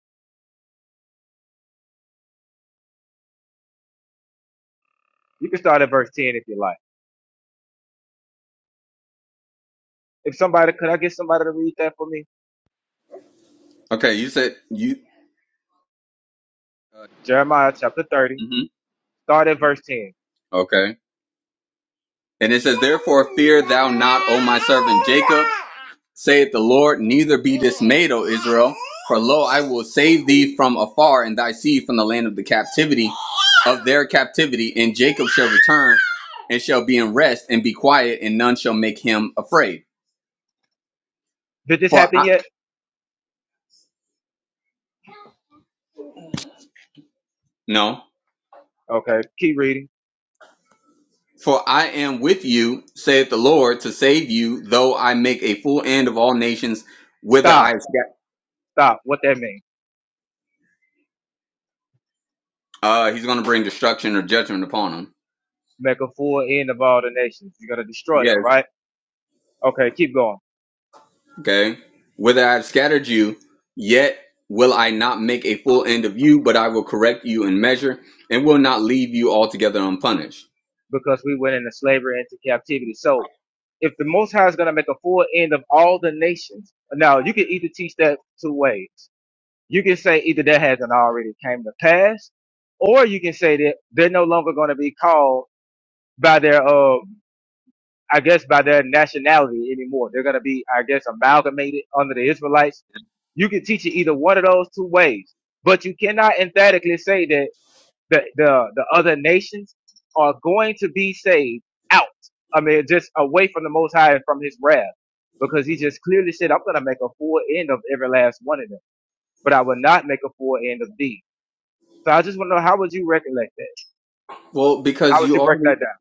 C: You can start at verse 10 if you like. If somebody, could I get somebody to read that for me?
G: Okay, you said you. Uh,
C: Jeremiah chapter 30,
G: hmm
C: start at verse 10.
G: okay. And it says, "Therefore fear thou not, O my servant Jacob," saith the Lord. Neither be dismayed, O Israel, for lo, I will save thee from afar, and thy seed from the land of the captivity of their captivity. And Jacob shall return, and shall be in rest, and be quiet, and none shall make him afraid.
C: Did this
G: For
C: happen
G: I,
C: yet?
G: no,
C: Okay, keep reading.
G: for I am with you, saith the Lord, to save you, though I make a full end of all nations, whither I
C: Stop,
G: have scattered.
C: stop. What that mean?
G: Uh, he's going to bring destruction or judgment upon them.
C: Make a full end of all the nations. You're going to destroy
G: Yes.
C: them, right? Okay, keep going.
G: Okay. Whither I have scattered you, yet will I not make a full end of you, but I will correct you in measure, and will not leave you altogether unpunished.
C: Because we went into slavery, into captivity. So if the Most High is going to make a full end of all the nations, now you can either teach that two ways. You can say either that hasn't already came to pass, or you can say that they're no longer going to be called by their uh I guess by their nationality anymore. They're going to be, I guess, amalgamated under the Israelites. You can teach it either one of those two ways, but you cannot emphatically say that the, the, the other nations are going to be saved out. I mean, just away from the Most High and from his wrath, because he just clearly said, I'm going to make a full end of every last one of them, but I will not make a full end of thee. So I just want to know, how would you recollect that?
G: Well,
C: How
G: because
C: would
G: you
C: you break
G: already
C: that down?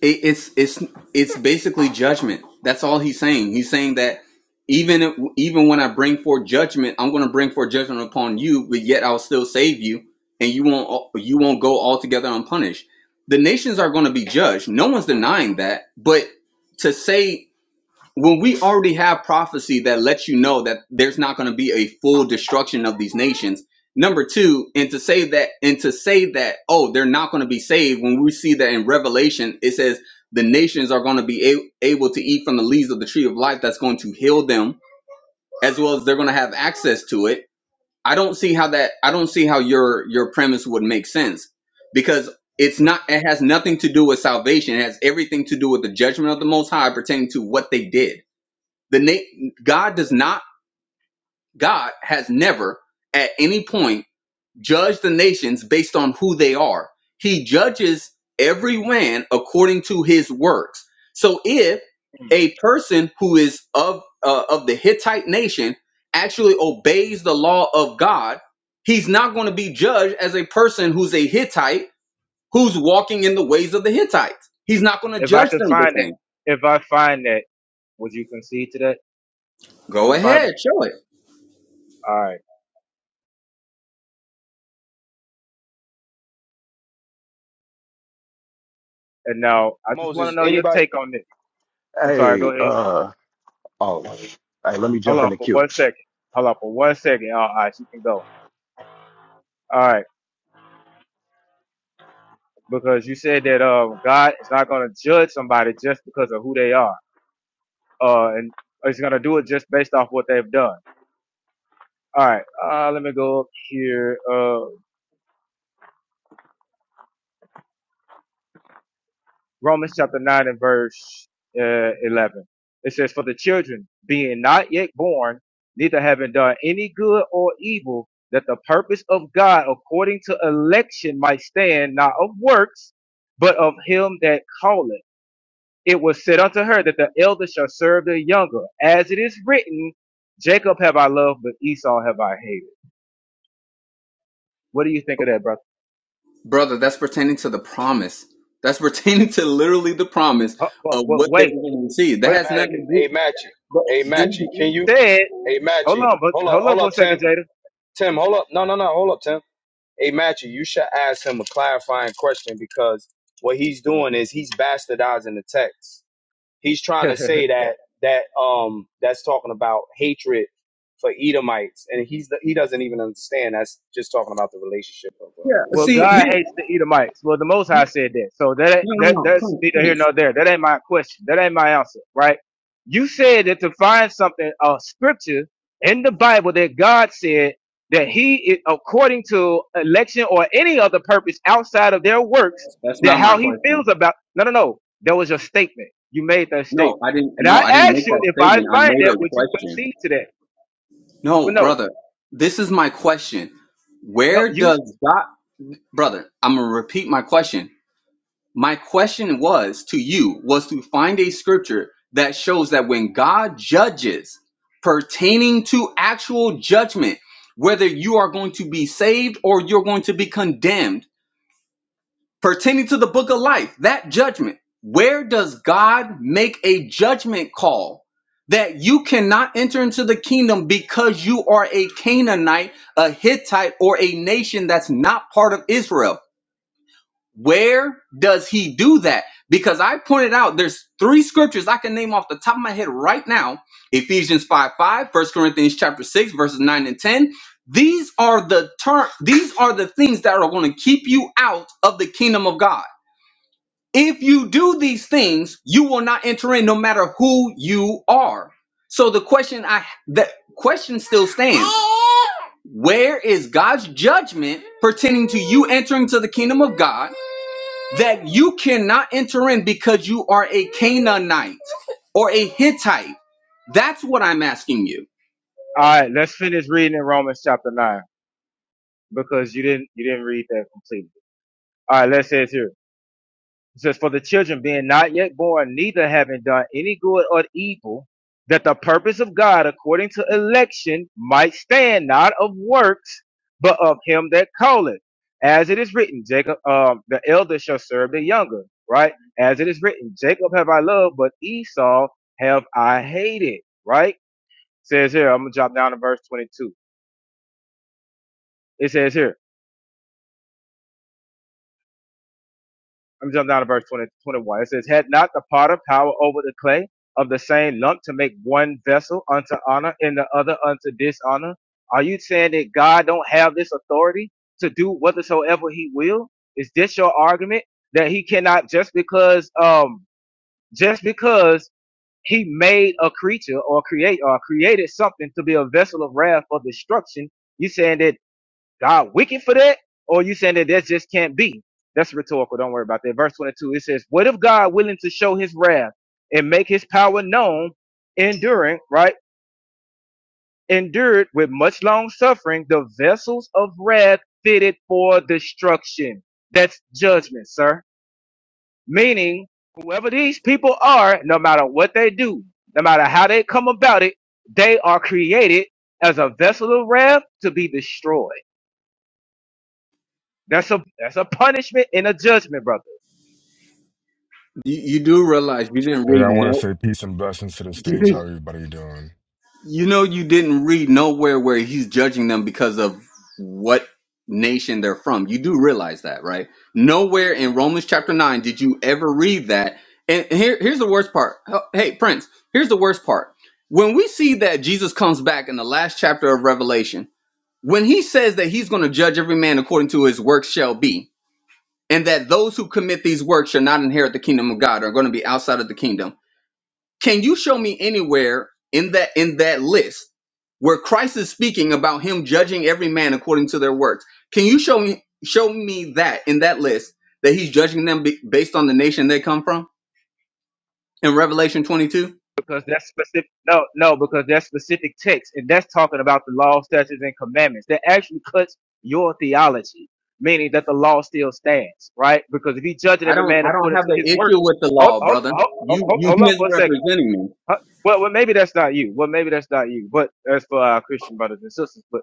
G: It, it's it's it's basically judgment. That's all he's saying. He's saying that even if, even when I bring forth judgment, I'm going to bring forth judgment upon you, but yet I'll still save you, and you won't you won't go altogether unpunished. The nations are going to be judged. No one's denying that. But to say when we already have prophecy that lets you know that there's not going to be a full destruction of these nations number two and to say that and to say that oh they're not going to be saved when we see that in revelation it says the nations are going to be a- able to eat from the leaves of the tree of life that's going to heal them as well as they're going to have access to it i don't see how that i don't see how your your premise would make sense because it's not it has nothing to do with salvation it has everything to do with the judgment of the most high pertaining to what they did the na- God does not God has never at any point judged the nations based on who they are. He judges every man according to his works. So if
C: Hmm.
G: a person who is of uh, of the Hittite nation actually obeys the law of God, he's not going to be judged as a person who's a Hittite who's walking in the ways of the Hittites. He's not going to
C: If I
G: judge
C: could
G: them the
C: find that,
G: same.
C: if I find that, would you concede to that? in
G: Go
C: the
G: ahead,
C: Bible?
G: show it.
C: All right. And now I just want to
F: Moses.
C: know your
F: Anybody?
C: take on this. I'm sorry. Go
D: Hey,
C: ahead.
D: uh, oh, hey, let me
C: Hold
D: jump in
C: on
D: the
C: for
D: queue.
C: one second. Hold on for one second. All right, you can go. All right, because you said that um God is not going to judge somebody just because of who they are, uh, and He's going to do it just based off what they've done. All right. Uh, let me go up here. Uh, Romans chapter 9 and verse uh, 11. It says, For the children, being not yet born, neither having done any good or evil, that the purpose of God according to election might stand, not of works, but of him that calleth. It was said unto her that the elder shall serve the younger. As it is written, Jacob have I loved, but Esau have I hated. What do you think of that, brother?
G: Brother, that's pertaining to the promise. That's [laughs] pertaining to literally the promise
C: Uh, but,
G: of
C: but
G: what they
C: wait,
G: were going to receive. That
C: wait a
F: Ma
G: has nothing
C: second.
G: to
F: hey,
G: do.
F: Mackie.
G: Bro,
F: Hey,
G: that's
C: You
F: Mackie.
C: you
F: Can you?
C: said,
F: Hey,
C: hold
F: Mackie.
C: on, but
F: Hold up.
C: hold on
F: Hold
C: for
F: up,
C: a
F: Tim.
C: second, Jada
F: Tim. Hold up. No, no, no. Hold up, Tim. Hey, Matthew, you should ask him a clarifying question because what he's doing is he's bastardizing the text. He's trying to say that that um that's talking about hatred for Edomites, and he's the, he doesn't even understand. That's just talking about the relationship of uh,
G: yeah.
C: Well,
G: See
F: Jacob
C: God
G: here.
C: hates
F: and
C: the Edomites. Well, the Most
G: No,
C: High said that. So that ain't-
G: no, no,
C: that
G: no,
C: that's
G: Prince,
C: neither here
G: Prince.
C: nor there. That ain't my question. That ain't my answer, right? You said that to find something, a scripture in the Bible that God said that He, is, according to election or any other purpose outside of their works,
G: That's
C: that
G: not my
C: how He
G: question.
C: feels about. No, no, no. That was your statement. You made that
G: No,
C: statement,
G: I didn't.
C: and
G: No,
C: I
G: I didn't make
C: asked you
G: that
C: if I
G: statement. I
C: find
G: made a
C: that, would you
G: question.
C: concede to that? Well,
G: No,
C: no,
G: brother. This is my question.
C: no.
G: Where
C: You.
G: does God, brother? I'm gonna repeat my question. My question was to you was to find a scripture that shows that when God judges pertaining to actual judgment, whether you are going to be saved or you're going to be condemned, pertaining to the book of life, that judgment, where does God make a judgment call that you cannot enter into the kingdom because you are a Canaanite, a Hittite, or a nation that's not part of Israel? Where does he do that? Because I pointed out there's three scriptures I can name off the top of my head right now. Ephesians 5 5, First Corinthians chapter 6, verses 9 and 10. These are the term, these are the things that are going to keep you out of the kingdom of God. If you do these things, you will not enter in no matter who you are. So the question I the question still stands. Where is God's judgment pertaining to you entering to the kingdom of God? that you cannot enter in because you are a Canaanite or a Hittite. That's what I'm asking you.
C: All right. Let's finish reading in Romans chapter nine. because you didn't you didn't read that completely. All right, let's say it here. It says, "For the children being not yet born, neither having done any good or evil, that the purpose of God according to election might stand, not of works, but of Him that calleth." As it is written, Jacob, um, the elder shall serve the younger. Right? As it is written, Jacob have I loved, but Esau have I hated. Right? It Says here, I'm gonna drop down to verse 22. It says here. I'm jumping down to verse 20, 21. It says, Had not the potter power over the clay of the same lump to make one vessel unto honor and the other unto dishonor? Are you saying that God don't have this authority to do whatsoever he will? Is this your argument that he cannot just because, um, just because he made a creature or create or created something to be a vessel of wrath or destruction? You saying that God wicked for that? Or you saying that that just can't be? That's rhetorical. Don't worry about that. Verse 22, it says, What if God willing to show his wrath and make his power known, enduring, right? Endured with much long suffering, the vessels of wrath fitted for destruction. That's judgment, sir. Meaning, whoever these people are, no matter what they do, no matter how they come about it, they are created as a vessel of wrath to be destroyed. That's a that's a punishment and a judgment, brother.
G: You, you do realize you didn't
J: Hey,
G: read
J: I want to
G: no. [laughs]
J: say peace and blessings to the
G: You,
J: stage. How
G: didn't-
J: everybody doing?
G: you know you didn't read nowhere where he's judging them because of what nation they're from. You do realize that, right? Nowhere in Romans chapter nine did you ever read that. And here, here's the worst part. Oh, Hey, Prince. Here's the worst part. When we see that Jesus comes back in the last chapter of Revelation, when he says that he's going to judge every man according to his works shall be, and that those who commit these works shall not inherit the kingdom of God, are going to be outside of the kingdom. Can you show me anywhere in that in that list where Christ is speaking about him judging every man according to their works? Can you show me show me that in that list that he's judging them be, based on the nation they come from in Revelation 22?
C: Because that's specific. No, no, because that's specific text, and that's talking about the law, statutes, and commandments. That actually cuts your theology, meaning that the law still stands, right? Because if he judging
G: I
C: every
G: don't
C: man
G: I don't
C: according
G: have
C: to
G: an
C: his work,
G: issue with the
C: hold
G: law,
C: hold
G: brother.
C: hold,
G: You
C: hold,
G: you [laughs]
C: hold on for a second.
G: misrepresenting me.
C: Huh? Well, well, maybe that's not you. Well, maybe that's not you. But as for our Christian brothers and sisters, but.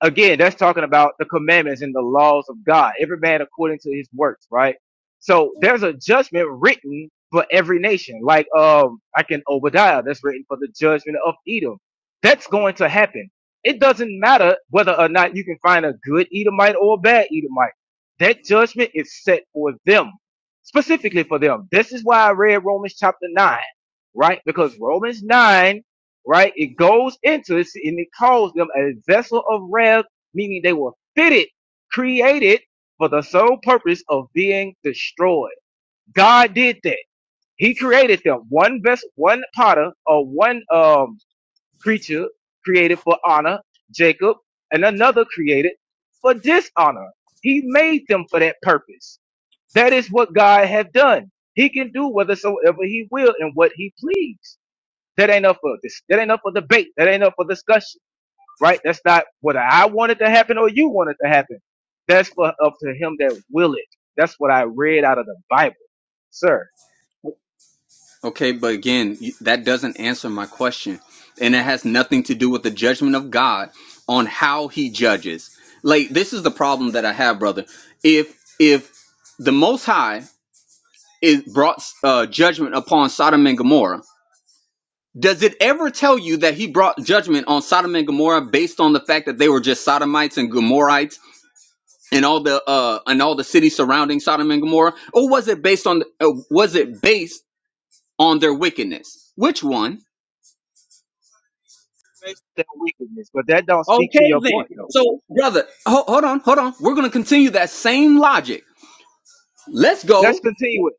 C: again, that's talking about the commandments and the laws of God, every man according to his works, right? So there's a judgment written for every nation, like um, I can Obadiah, that's written for the judgment of Edom. That's going to happen. It doesn't matter whether or not you can find a good Edomite or a bad Edomite. That judgment is set for them, specifically for them. This is why I read Romans chapter nine, right? Because Romans nine right? It goes into it and it calls them a vessel of wrath, meaning they were fitted, created for the sole purpose of being destroyed. God did that. He created them one vessel, one potter, or one um creature created for honor, Jacob, and another created for dishonor. He made them for that purpose. That is what God have done. He can do whathersoever he will and what he please. That ain't up for this. That ain't up for debate. That ain't up for discussion, right? That's not what I wanted to happen or you wanted to happen. That's for up to him that will it. That's what I read out of the Bible, sir.
G: Okay, but again, you- that doesn't answer my question. And it has nothing to do with the judgment of God on how he judges. Like this is the problem that I have, brother. If if the most high is brought uh, judgment upon Sodom and Gomorrah, does it ever tell you that he brought judgment on Sodom and Gomorrah based on the fact that they were just Sodomites and Gomorrites and all the uh and all the cities surrounding Sodom and Gomorrah or was it based on uh, was it based on their wickedness? Which one?
C: Based on That wickedness, but that don't speak to
G: Okay
C: your
G: then.
C: point though.
G: So, brother, ho- hold on, hold on. We're gonna continue that same logic. Let's
C: Let's
G: go.
C: continue with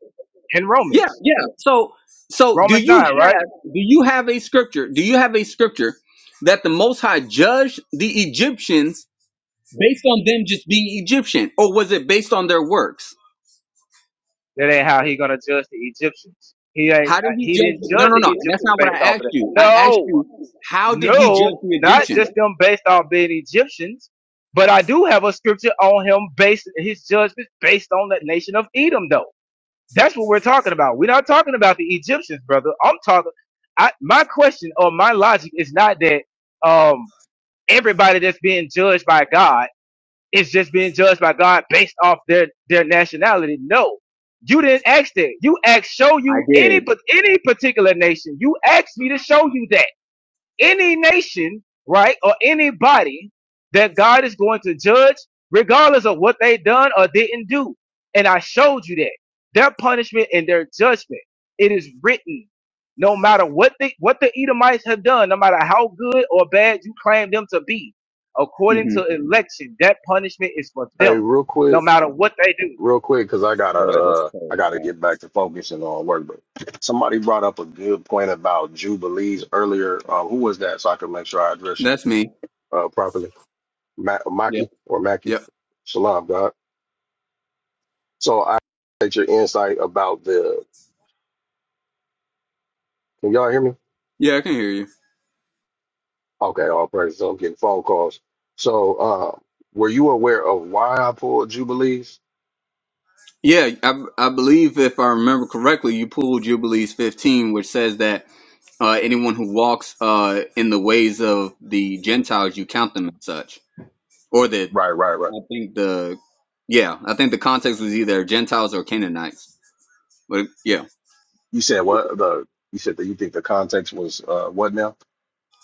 C: in
G: Yeah,
C: Romans,
G: yeah. So, so do
C: Romans
G: you
C: nine, right?
G: have do you have a scripture? Do you have a scripture that the Most High judged the Egyptians based on them just being Egyptian, or was it based on their works?
C: That ain't how he gonna judge the Egyptians. He ain't.
G: How
C: uh,
G: did he
C: He didn't
G: judge? No,
C: judge
G: no,
C: the
G: no. That's
C: Egyptians
G: not what
C: based
G: I
C: off of
G: asked
C: that.
G: you. I asked
C: No,
G: you how did he judge
C: No,
G: the
C: not
G: Egyptians?
C: just them based on being Egyptians, but I do have a scripture on him based his judgments based on the nation of Edom, though. That's what we're talking about. We're not talking about the Egyptians, brother. I'm talking. I, my question or my logic is not that um, everybody that's being judged by God is just being judged by God based off their their nationality. No, you didn't ask that. You asked show
G: I
C: you any
G: did.
C: pa- any particular nation. You asked me to show you that any nation, right, or anybody that God is going to judge, regardless of what they done or didn't do. And I showed you that their punishment and their judgment, it is written. No matter what the what the Edomites have done, no matter how good or bad you claim them to be, according
G: hmm
C: to election, that punishment is for
D: Hey,
C: them,
D: real
C: no
D: quick,
C: matter what they do.
D: real quick, because I gotta,
G: Boy, that's
D: uh, I
G: so
D: gotta
G: bad.
D: get back to focusing on work. But somebody brought up a good point about jubilees earlier. Uh, who was that? So I can make sure I address you
G: That's me.
D: uh, properly. Ma-
G: Yeah,
D: Maki or Mackie.
G: yeah,
D: Shalom, God. So I appreciate your insight about the. Can y'all hear me?
G: yeah. I can hear you.
D: Okay, all praises. I'm getting phone calls. So, uh, were you aware of why I pulled Jubilees?
G: Yeah, I, I believe if I remember correctly, you pulled Jubilees 15, which says that uh, anyone who walks uh, in the ways of the Gentiles, you count them as such. Or that
D: Right, right, right.
G: I think the yeah, I think the context was either Gentiles or Canaanites. But yeah,
D: You said what the? You said that you think the context was uh, what now?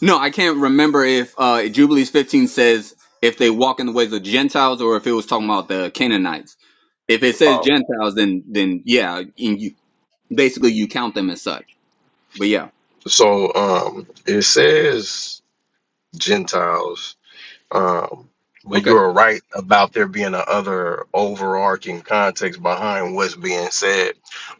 G: no, I can't remember if uh, Jubilees 15 says if they walk in the ways of Gentiles or if it was talking about the Canaanites. If it says
D: Oh,
G: Gentiles, then then yeah, and you basically you count them as such. But yeah,
D: So um, it says Gentiles. Um, but
G: okay.
D: you're right about there being a other overarching context behind what's being said.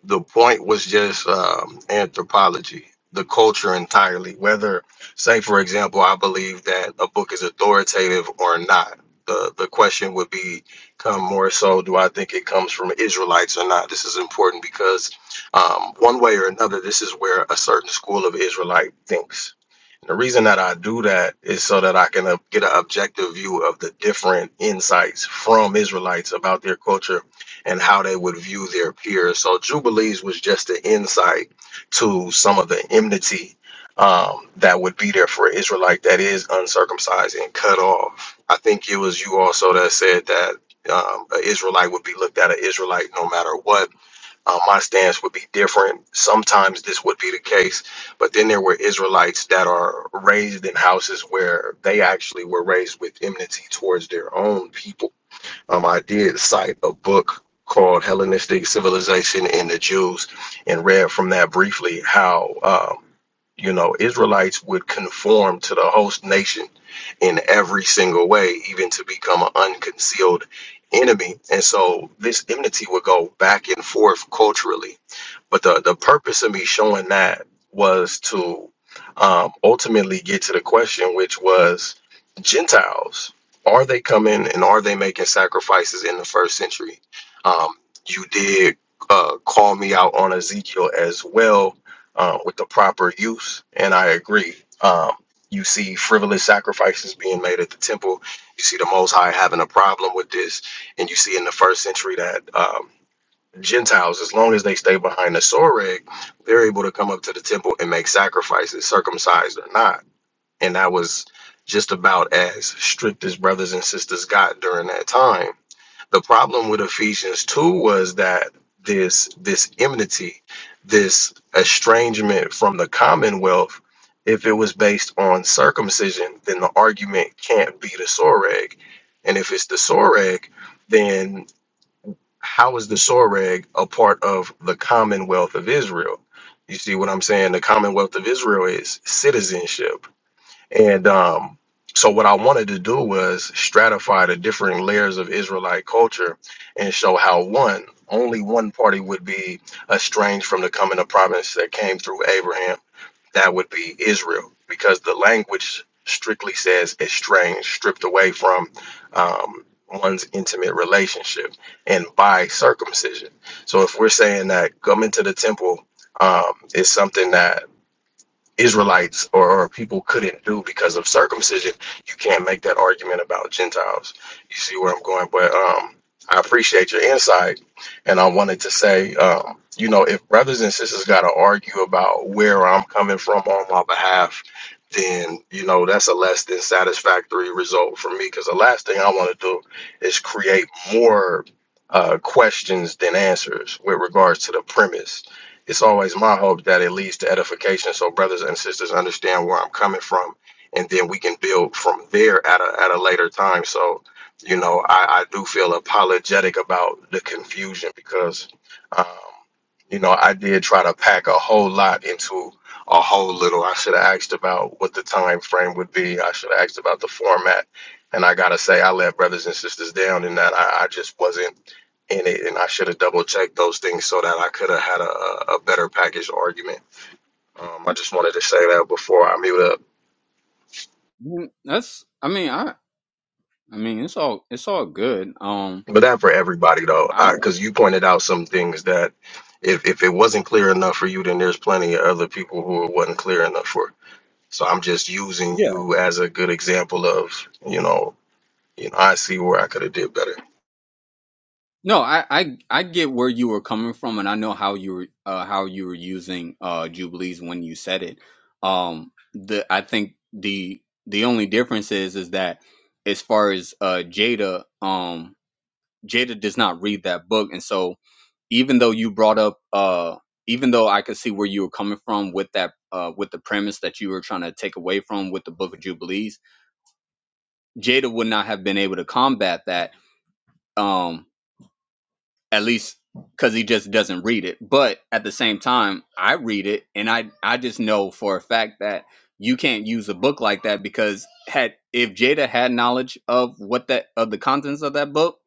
D: The point was just um, anthropology, the culture entirely. Whether, say, for example, I believe that a book is authoritative or not. The, the question would be come more so do I think it comes from Israelites or not? This is important because um, one way or another, this is where a certain school of Israelite thinks the reason that I do that is so that I can uh, get an objective view of the different insights from Israelites about their culture and how they would view their peers. So Jubilees was just an insight to some of the enmity um, that would be there for an Israelite that is uncircumcised and cut off. I think it was you also that said that um, an Israelite would be looked at an Israelite no matter what uh, my stance would be different. Sometimes this would be the case, but then there were Israelites that are raised in houses where they actually were raised with enmity towards their own people. Um, I did cite a book called Hellenistic Civilization and the Jews and read from that briefly how, um, you know, Israelites would conform to the host nation in every single way, even to become an unconcealed enemy. And so this enmity would go back and forth culturally. But the, the purpose of me showing that was to um, ultimately get to the question, which was Gentiles, are they coming and are they making sacrifices in the first century? Um, you did uh, call me out on Ezekiel as well uh, with the proper use, and I agree. Um, you see frivolous sacrifices being made at the temple. You see the Most High having a problem with this. And you see in the first century that um, Gentiles, as long as they stay behind the Soreg, they're able to come up to the temple and make sacrifices, circumcised or not. And that was just about as strict as brothers and sisters got during that time the problem with Ephesians 2 was that this this enmity, this estrangement from the commonwealth, if it was based on circumcision, then the argument can't be the soreg. And if it's the soreg, then how is the soreg a part of the commonwealth of Israel? You see what I'm saying? The commonwealth of Israel is citizenship and um, so, what I wanted to do was stratify the different layers of Israelite culture and show how one, only one party would be estranged from the coming of providence that came through Abraham. That would be Israel, because the language strictly says estranged, stripped away from um, one's intimate relationship, and by circumcision. So, if we're saying that come into the temple, um, is something that Israelites or, or people couldn't do because of circumcision. You can't make that argument about Gentiles. You see where I'm going, but um, I appreciate your insight, and I wanted to say, um, you know, if brothers and sisters got to argue about where I'm coming from on my behalf, then you know that's a less than satisfactory result for me. Because the last thing I want to do is create more uh, questions than answers with regards to the premise it's always my hope that it leads to edification so brothers and sisters understand where I'm coming from and then we can build from there at a at a later time. So, you know, I, I do feel apologetic about the confusion because um, you know, I did try to pack a whole lot into a whole little. I should have asked about what the time frame would be. I should have asked about the format. And I gotta say, I let brothers and sisters down in that I, I just wasn't and it, and I should have double checked those things so that I could have had a, a a better package argument. Um, I just wanted to say that before I mute up.
G: Mm, That's I mean I I mean it's all it's all good. Um
D: But that for everybody though,
G: I
D: because you pointed out some things that if if it wasn't clear enough for you, then there's plenty of other people who it wasn't clear enough for. So I'm just using
G: yeah.
D: you as a good example of you know you know I see where I could have did better.
G: No, I I I get where you were coming from and I know how you were uh how you were using uh jubilees when you said it. Um the I think the the only difference is is that as far as uh Jada um Jada does not read that book and so even though you brought up uh even though I could see where you were coming from with that uh with the premise that you were trying to take away from with the book of jubilees Jada would not have been able to combat that, um, at least because he just doesn't read it. But at the same time, I read it, and I I just know for a fact that you can't use a book like that because had if Jada had knowledge of what that of the contents of that book,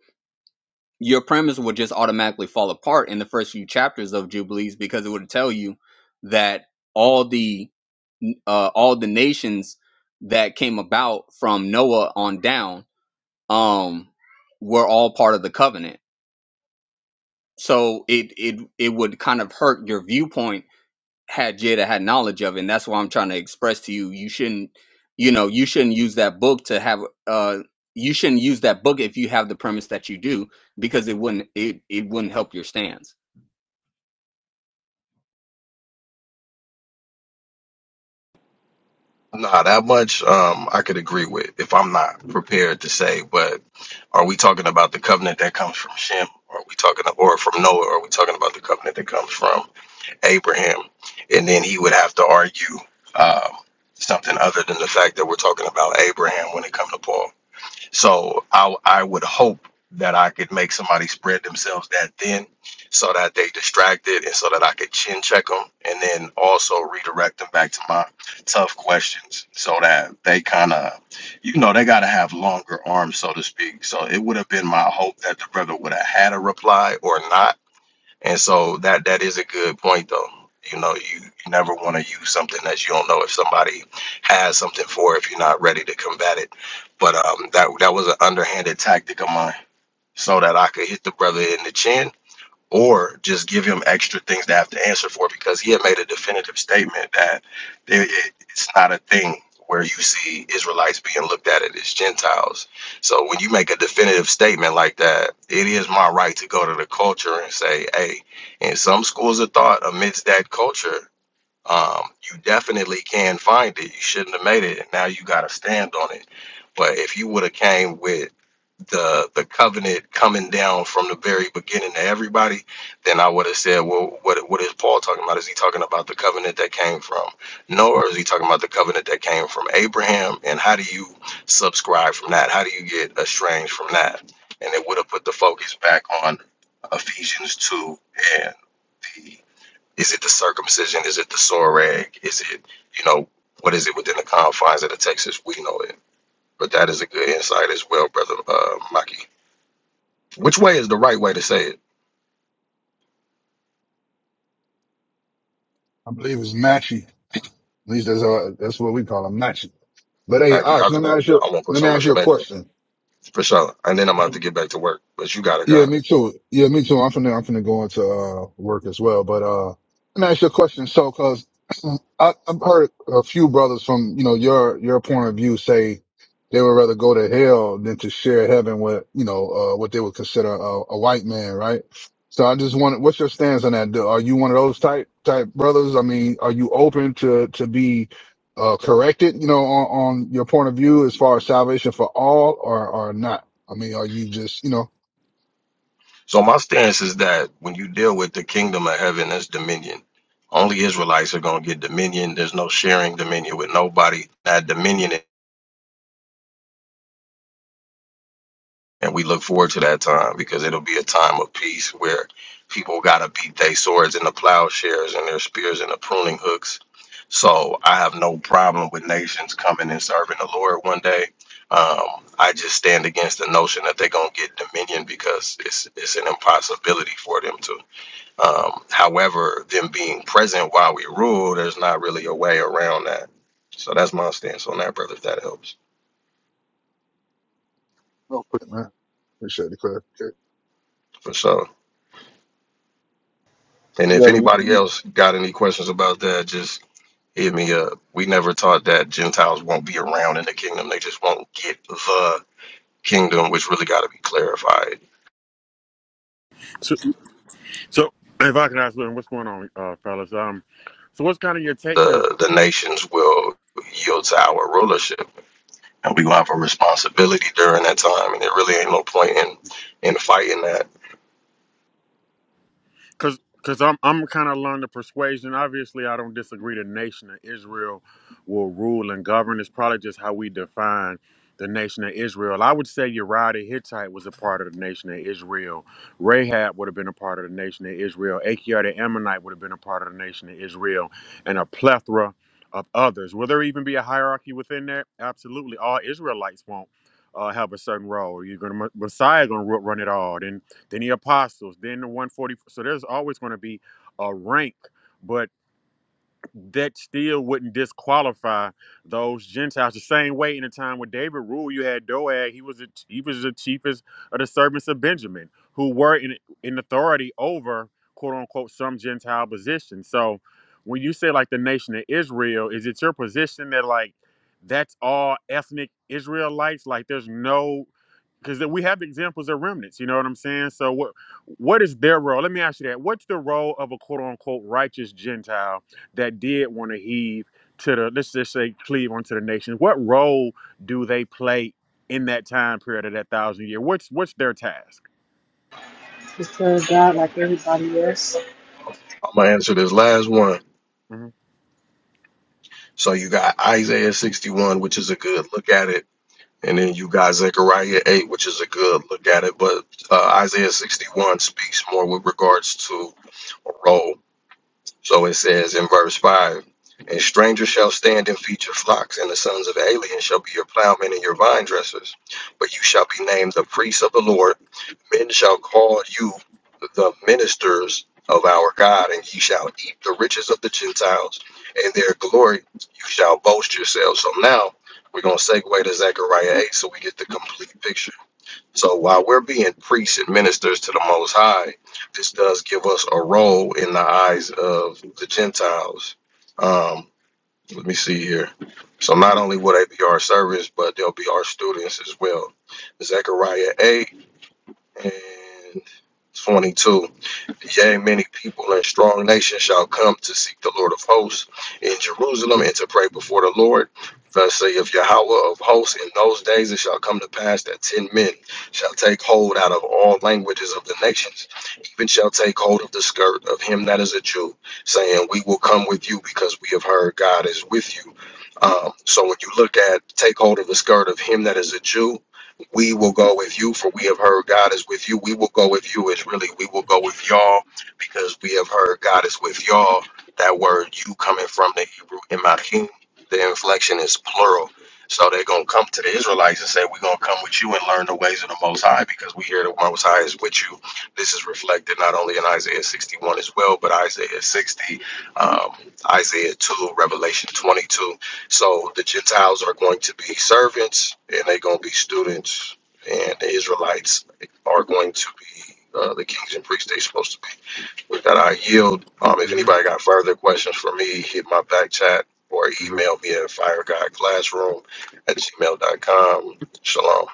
G: your premise would just automatically fall apart in the first few chapters of Jubilees because it would tell you that all the uh, all the nations that came about from Noah on down um were all part of the covenant. So it it it would kind of hurt your viewpoint had Jada had knowledge of it. And that's why I'm trying to express to you you shouldn't you know, you shouldn't use that book to have uh you shouldn't use that book if you have the premise that you do because it wouldn't it, it wouldn't help your stance.
D: Nah, that much um, I could agree with if I'm not prepared to say. But are we talking about the covenant that comes from Shem? Are we talking or from Noah? Are we talking about the covenant that comes from Abraham? And then he would have to argue um, something other than the fact that we're talking about Abraham when it comes to Paul. So I, I would hope that I could make somebody spread themselves that thin so that they distracted and so that I could chin check them and then also redirect them back to my tough questions so that they kind of, you know, they got to have longer arms, so to speak. So it would have been my hope that the brother would have had a reply or not and so that that is a good point though. You know, you, you never want to use something that you don't know if somebody has something for if you're not ready to combat it. But um that that was an underhanded tactic of mine so that I could hit the brother in the chin or just give him extra things to have to answer for because he had made a definitive statement that there, it- it's not a thing where you see Israelites being looked at it as Gentiles. So when you make a definitive statement like that, it is my right to go to the culture and say, hey, in some schools of thought, amidst that culture, um, you definitely can find it. You shouldn't have made it. And now you got to stand on it but if you would have came with the the covenant coming down from the very beginning to everybody, then I would have said, well, what what is Paul talking about? Is he talking about the covenant that came from Noah, or is he talking about the covenant that came from Abraham? And how do you subscribe from that? How do you get estranged from that? And it would have put the focus back on Ephesians two and the is it the circumcision? Is it the soreg? Is it you know what is it within the confines of the Texas we know it? But that is a good insight as well, brother uh, Maki. Which way is the right way to say it,
K: I believe it's Matchy. At least that's how, that's what we call him, Matchy. But hey,
D: Maki? I
K: Ash, let me ask you,
D: I want to put
K: let me
D: some
K: ask you a
D: respect on
K: question.
D: it, for sure. And then I'm about to get back to work. But you gotta
K: Yeah,
D: go.
K: me too. Yeah, me too. I'm finna, I'm finna go into uh, work as well. But uh, let me ask you a question. So, cause [clears throat] I, I've heard a few brothers from you know your your point of view say they would rather go to hell than to share heaven with you know uh, what they would consider a, a white man, right? So I just wanted, what's your stance on that? Do- Are you one of those type type brothers? I mean, are you open to to be uh, corrected, you know, on, on your point of view as far as salvation for all, or or not? I mean, are you just you know?
D: So my stance is that when you deal with the kingdom of heaven, that's dominion. Only Israelites are gonna get dominion. There's no sharing dominion with nobody. That dominion And we look forward to that time because it'll be a time of peace where people got to beat their swords into plowshares and their spears into pruning hooks. So I have no problem with nations coming and serving the Lord one day. Um, I just stand against the notion that they're going to get dominion because it's, it's an impossibility for them to. Um, however, them being present while we rule, there's not really a way around that. So that's my stance on that, brother, if that helps.
K: No, pretty man. Appreciate the clarification.
D: For sure. And if
L: Yo,
D: anybody else got any questions about that, just hit me up. We never taught that Gentiles won't be around in the kingdom. They just won't get the kingdom, which really got to be clarified.
M: So, so if I can ask, Lynn, what's going on, uh, fellas? Um, so what's kind of your take? 'Cause
D: The the nations will yield to our rulership, and we will have a responsibility during that time. And there really ain't no point in in fighting that.
M: because because I'm I'm kind of along the persuasion. Obviously, I don't disagree. The nation of Israel will rule and govern. It's probably just how we define the nation of Israel. I would say Uriah the Hittite was a part of the nation of Israel. Rahab would have been a part of the nation of Israel. Achior the Ammonite would have been a part of the nation of Israel, and a plethora of others. Will there even be a hierarchy within there? Absolutely. All Israelites won't uh, have a certain role. You're gonna Messiah gonna ru- run it all. Then then the apostles, then the 140. So there's always going to be a rank, but that still wouldn't disqualify those Gentiles. The same way in the time with David ruled, you had Doeg. He was the, he was the chiefest of the servants of Benjamin, who were in in authority over quote unquote some Gentile position. So when you say like the nation of Israel, is it your position that like that's all ethnic Israelites? Like there's no because we have examples of remnants. You know what I'm saying? So what what is their role? Let me ask you that. What's the role of a quote unquote righteous Gentile that did want to heave to the let's just say cleave onto the nation? What role do they play in that time period of that thousand year? What's what's their task?
B: Just tell God like everybody else.
D: I'm gonna answer this last one.
M: hmm
D: So you got Isaiah 61, which is a good look at it And then you got Zechariah 8, which is a good look at it. But uh, Isaiah 61 speaks more with regards to a role. So it says in verse 5 And strangers shall stand and feed your flocks, and the sons of aliens shall be your plowmen and your vine dressers. But you shall be named the priests of the Lord, Men shall call you the ministers of our God, and ye shall eat the riches of the Gentiles, and their glory you shall boast yourselves. So now we're going to segue to Zechariah 8 so we get the complete picture. So while we're being priests and ministers to the Most High, this does give us a role in the eyes of the Gentiles. Um, let me see here. So not only will they be our servants, but they'll be our students as well. Zechariah 8 and 22. Yea, many people and strong nations shall come to seek the Lord of hosts in Jerusalem and to pray before the Lord. Thus saith Yahweh of hosts, in those days it shall come to pass that ten men shall take hold out of all languages of the nations, even shall take hold of the skirt of him that is a Jew, saying, We will come with you because we have heard God is with you. Um, so when you look at take hold of the skirt of him that is a Jew, we will go with you, for we have heard God is with you. We will go with you is really we will go with y'all because we have heard God is with y'all. That word you coming from the Hebrew Imachim, the inflection is plural. So they're gonna come to the Israelites and say, We're gonna come with you and learn the ways of the most high because we hear the most high is with you. This is reflected not only in Isaiah 61 as well, but Isaiah 60, um, Isaiah 2, Revelation 22. So the Gentiles are going to be servants and they're going to be students, and the Israelites are going to be uh, the kings and priests they're supposed to be. With that, I yield. Um, if
M: hmm
D: anybody got further questions for me, hit my back chat or email me at firegodclassroom at gmail dot com. Shalom.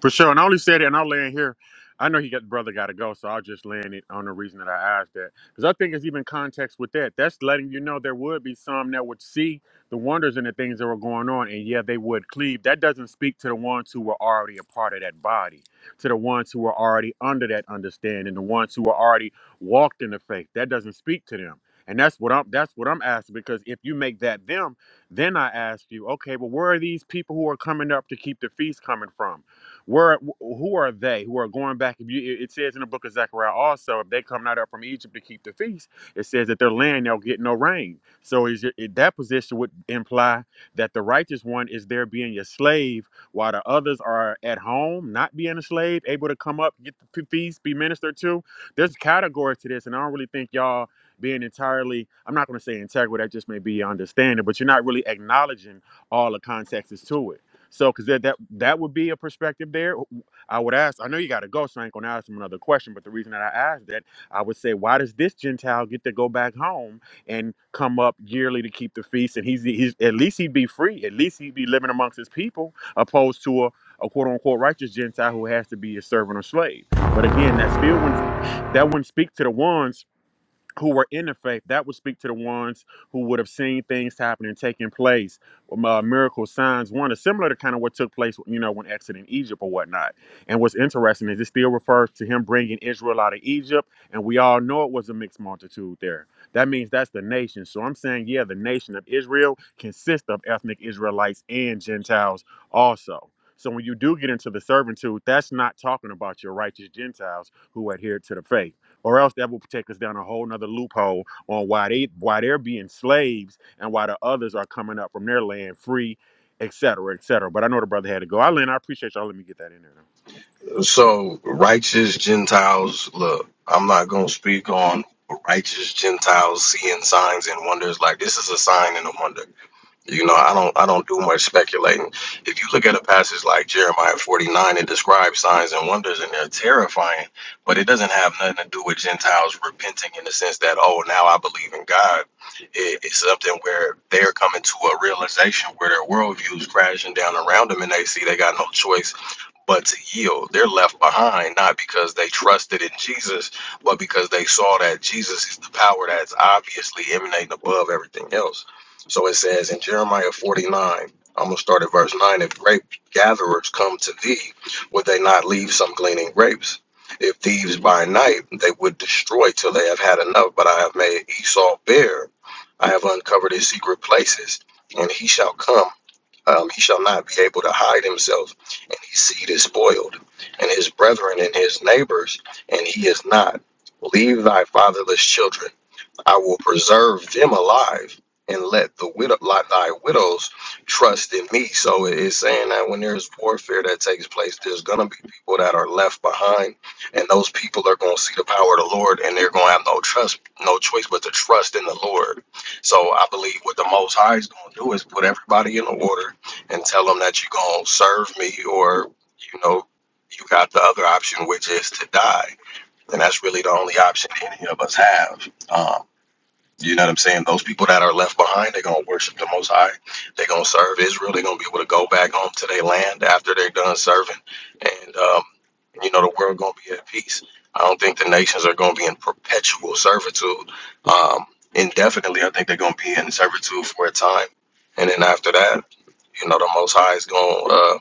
M: For sure. And I only said it, and I'll land here. I know he got brother got to go, so I'll just land it on the reason that I asked that. Because I think it's even context with that. That's letting you know there would be some that would see the wonders and the things that were going on, and yeah, they would cleave. That doesn't speak to the ones who were already a part of that body, to the ones who were already under that understanding, the ones who were already walked in the faith. That doesn't speak to them. And that's what I'm that's what I'm asking because if you make that them, then I ask you, okay, well, where are these people who are coming up to keep the feast coming from? Where who are they who are going back? If you, it says in the book of Zechariah also, if they come not up from Egypt to keep the feast, it says that their land they'll get no rain. So is your, it- that position would imply that the righteous one is there being a slave, while the others are at home, not being a slave, able to come up, get the feast, be ministered to. There's categories to this, and I don't really think y'all being entirely i'm not going to say integral that just may be your understanding but you're not really acknowledging all the contexts to it so, because that, that that would be a perspective there. I would ask. I know you got to go, so I ain't gonna ask him another question. But the reason that I asked that, I would say, why does this Gentile get to go back home and come up yearly to keep the feast? And he's he's at least he'd be free. At least he'd be living amongst his people, opposed to a, a quote unquote righteous Gentile who has to be a servant or slave. But again, that still wouldn't that wouldn't speak to the ones who were in the faith, that would speak to the ones who would have seen things happening, taking place, um, uh, miracles, signs, wonders, similar to kind of what took place, you know, when exiting Egypt or whatnot. And what's interesting is it still refers to him bringing Israel out of Egypt, and we all know it was a mixed multitude there. That means that's the nation. So I'm saying, yeah, the nation of Israel consists of ethnic Israelites and Gentiles also. So when you do get into the servitude, that's not talking about your righteous Gentiles who adhere to the faith or else that will take us down a whole nother loophole on why they why they're being slaves and why the others are coming up from their land free, et cetera, et cetera. But I know the brother had to go. Eileen, I appreciate y'all. Let me get that in there.
D: So, righteous Gentiles, look, I'm not going to speak on righteous Gentiles seeing signs and wonders. Like, this is a sign and a wonder You know, I don't I don't do much speculating. If you look at a passage like Jeremiah 49, it describes signs and wonders and they're terrifying, but it doesn't have nothing to do with Gentiles repenting in the sense that, oh, now I believe in God. It, it's something where they're coming to a realization where their worldview is crashing down around them and they see they got no choice but to yield. They're left behind not because they trusted in Jesus, but because they saw that Jesus is the power that's obviously emanating above everything else. So it says in Jeremiah 49, I'm going to start at verse 9 if grape gatherers come to thee, would they not leave some gleaning grapes? If thieves by night, they would destroy till they have had enough, but I have made Esau bare. I have uncovered his secret places, and he shall come um, he shall not be able to hide himself, and his seed is spoiled, and his brethren and his neighbors, and he is not. Leave thy fatherless children I will preserve them alive and let the widow like thy widows trust in me. So it is saying that when there's warfare that takes place, there's gonna be people that are left behind, and those people are gonna see the power of the Lord and they're gonna have no trust, no choice but to trust in the Lord. So I believe what the most high is gonna do is put everybody in order and tell them that you're gonna serve me or you know, you got the other option which is to die. And that's really the only option any of us have. Um, you know what I'm saying? Those people that are left behind, they're gonna worship the Most High. They're gonna serve Israel. They're gonna be able to go back home to their land after they're done serving, and um, you know the world gonna be at peace. I don't think the nations are gonna be in perpetual servitude um, indefinitely. I think they're gonna be in servitude for a time, and then after that, you know the Most High is gonna, uh,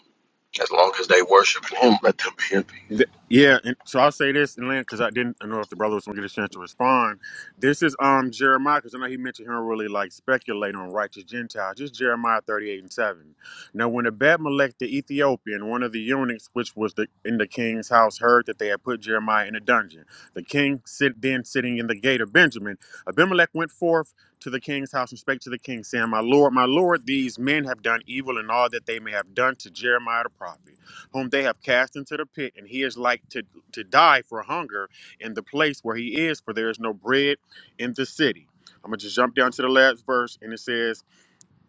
D: as long as they worship Him, let them be in peace.
M: Th- Yeah, and so I'll say this and because I didn't know if the brother was gonna get a chance to respond. This is um Jeremiah because I know he mentioned him really like speculate on righteous Gentiles. Just Jeremiah thirty eight and seven. Now, when Abimelech the Ethiopian, one of the eunuchs which was the, in the king's house, heard that they had put Jeremiah in a dungeon, the king sit then sitting in the gate of Benjamin, Abimelech went forth to the king's house and spake to the king, saying, My lord, my lord, these men have done evil in all that they may have done to Jeremiah the prophet whom they have cast into the pit, and he is like to, to die for hunger in the place where he is, for there is no bread in the city. I'm gonna just jump down to the last verse, and it says,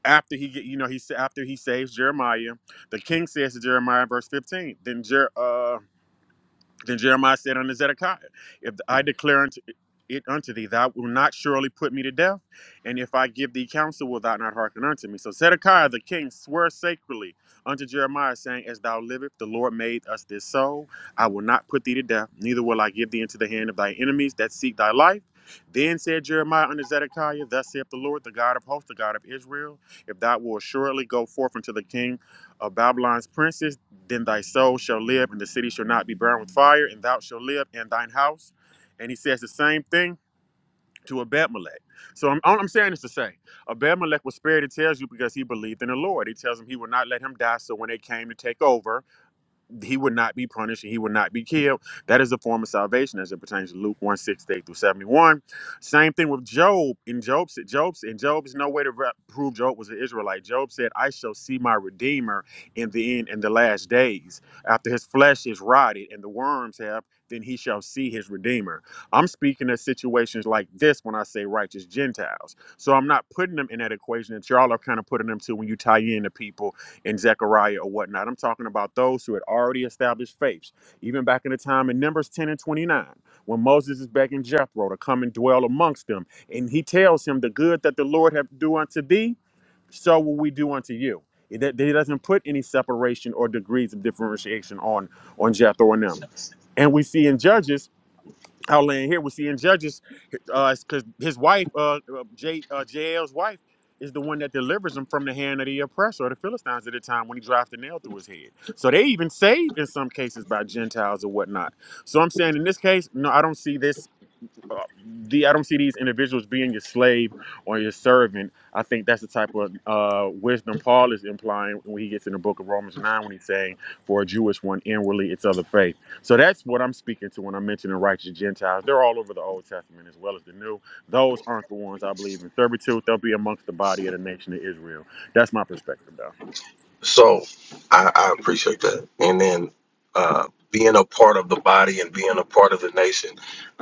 M: after he, get, you know, he sa- after he saves Jeremiah, the king says to Jeremiah, verse 15. Then Jer, uh. Then Jeremiah said unto Zedekiah, If I declare unto it unto thee, thou wilt not surely put me to death, and if I give thee counsel, wilt thou not hearken unto me? So Zedekiah the king sware sacredly unto Jeremiah, saying, As thou livest, the Lord made us this soul. I will not put thee to death, neither will I give thee into the hand of thy enemies that seek thy life. Then said Jeremiah unto Zedekiah, Thus saith the Lord, the God of hosts, the God of Israel, if thou wilt assuredly go forth unto the king of Babylon's princes, then thy soul shall live, and the city shall not be burned with fire, and thou shalt live, and thine house. And he says the same thing to Abimelech. So I'm, all I'm saying is to say, Abimelech was spared, it tells you, because he believed in the Lord. He tells him he would not let him die. So when they came to take over, he would not be punished and he would not be killed. That is a form of salvation as it pertains to Luke one sixty-eight through 71. Same thing with Job. In Job, said- Job's in Job's no way to re- prove Job was an Israelite. Job said, I shall see my Redeemer in the end in the last days. After his flesh is rotted and the worms have, then he shall see his Redeemer. I'm speaking of situations like this when I say righteous Gentiles. So I'm not putting them in that equation that y'all are kind of putting them to when you tie in the people and Zechariah or whatnot. I'm talking about those who had already established faiths, even back in the time in Numbers 10 and 29, when Moses is begging Jethro to come and dwell amongst them. And he tells him, The good that the Lord hath do unto thee, so will we do unto you. It- That He doesn't put any separation or degrees of differentiation on, on Jethro and them. And we see in Judges I'll land here. We see in Judges, uh, because his wife, uh, uh, J, uh, JL's wife, is the one that delivers him from the hand of the oppressor or the Philistines at the time when he drives the nail through his head. So they even saved in some cases by Gentiles or whatnot. So I'm saying in this case, no, I don't see this uh, the I don't see these individuals being your slave or your servant. I think that's the type of uh, wisdom Paul is implying when he gets in the book of Romans nine when he's saying, "For a Jewish one inwardly it's other faith." So that's what I'm speaking to when I'm mentioning righteous Gentiles. They're all over the Old Testament as well as the New. Those aren't the ones I believe in servitude. They'll be amongst the body of the nation of Israel. That's my perspective, though.
D: So I, I appreciate that. And then uh, being a part of the body and being a part of the nation,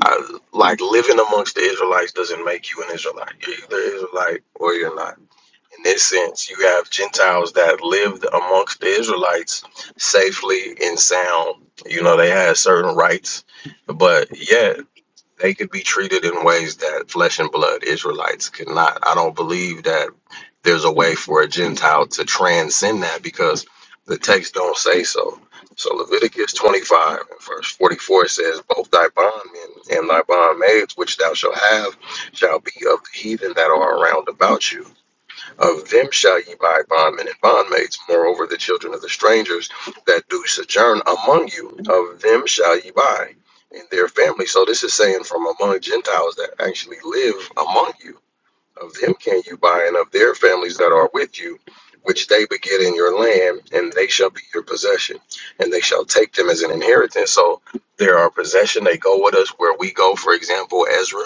D: I, like living amongst the Israelites doesn't make you an Israelite. You're either Israelite or you're not. In this sense, you have Gentiles that lived amongst the Israelites safely and sound. You know, they had certain rights, but yet they could be treated in ways that flesh and blood Israelites cannot. I don't believe that there's a way for a Gentile to transcend that because the text don't say so. So Leviticus 25 and verse 44 says, Both thy bondmen and thy bondmaids, which thou shalt have, shall be of the heathen that are around about you. Of them shall ye buy bondmen and bondmaids. Moreover, the children of the strangers that do sojourn among you, of them shall ye buy and their families. So this is saying from among Gentiles that actually live among you of them can you buy, and of their families that are with you, which they beget in your land, and they shall be your possession, and they shall take them as an inheritance. So they're our possession. They go with us where we go. For example, Ezra,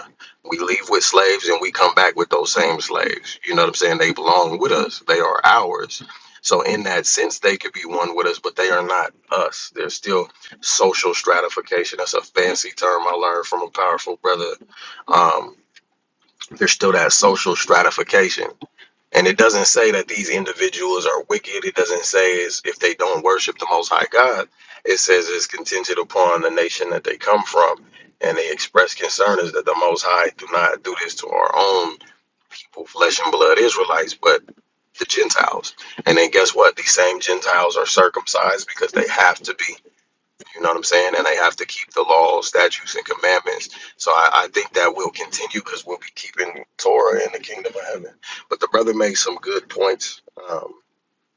D: we leave with slaves, and we come back with those same slaves. You know what I'm saying? They belong with us. They are ours. So in that sense, they could be one with us, but they are not us. They're still social stratification. That's a fancy term I learned from a powerful brother um, there's still that social stratification. And it doesn't say that these individuals are wicked. It doesn't say is if they don't worship the Most High God. It says it's contingent upon the nation that they come from. And the express concern is that the Most High do not do this to our own people, flesh and blood Israelites, but the Gentiles. And then guess what? These same Gentiles are circumcised because they have to be. You know what I'm saying? And they have to keep the laws, statutes, and commandments. So I, I think that will continue because we'll be keeping Torah in the kingdom of heaven. But the brother makes some good points. Um,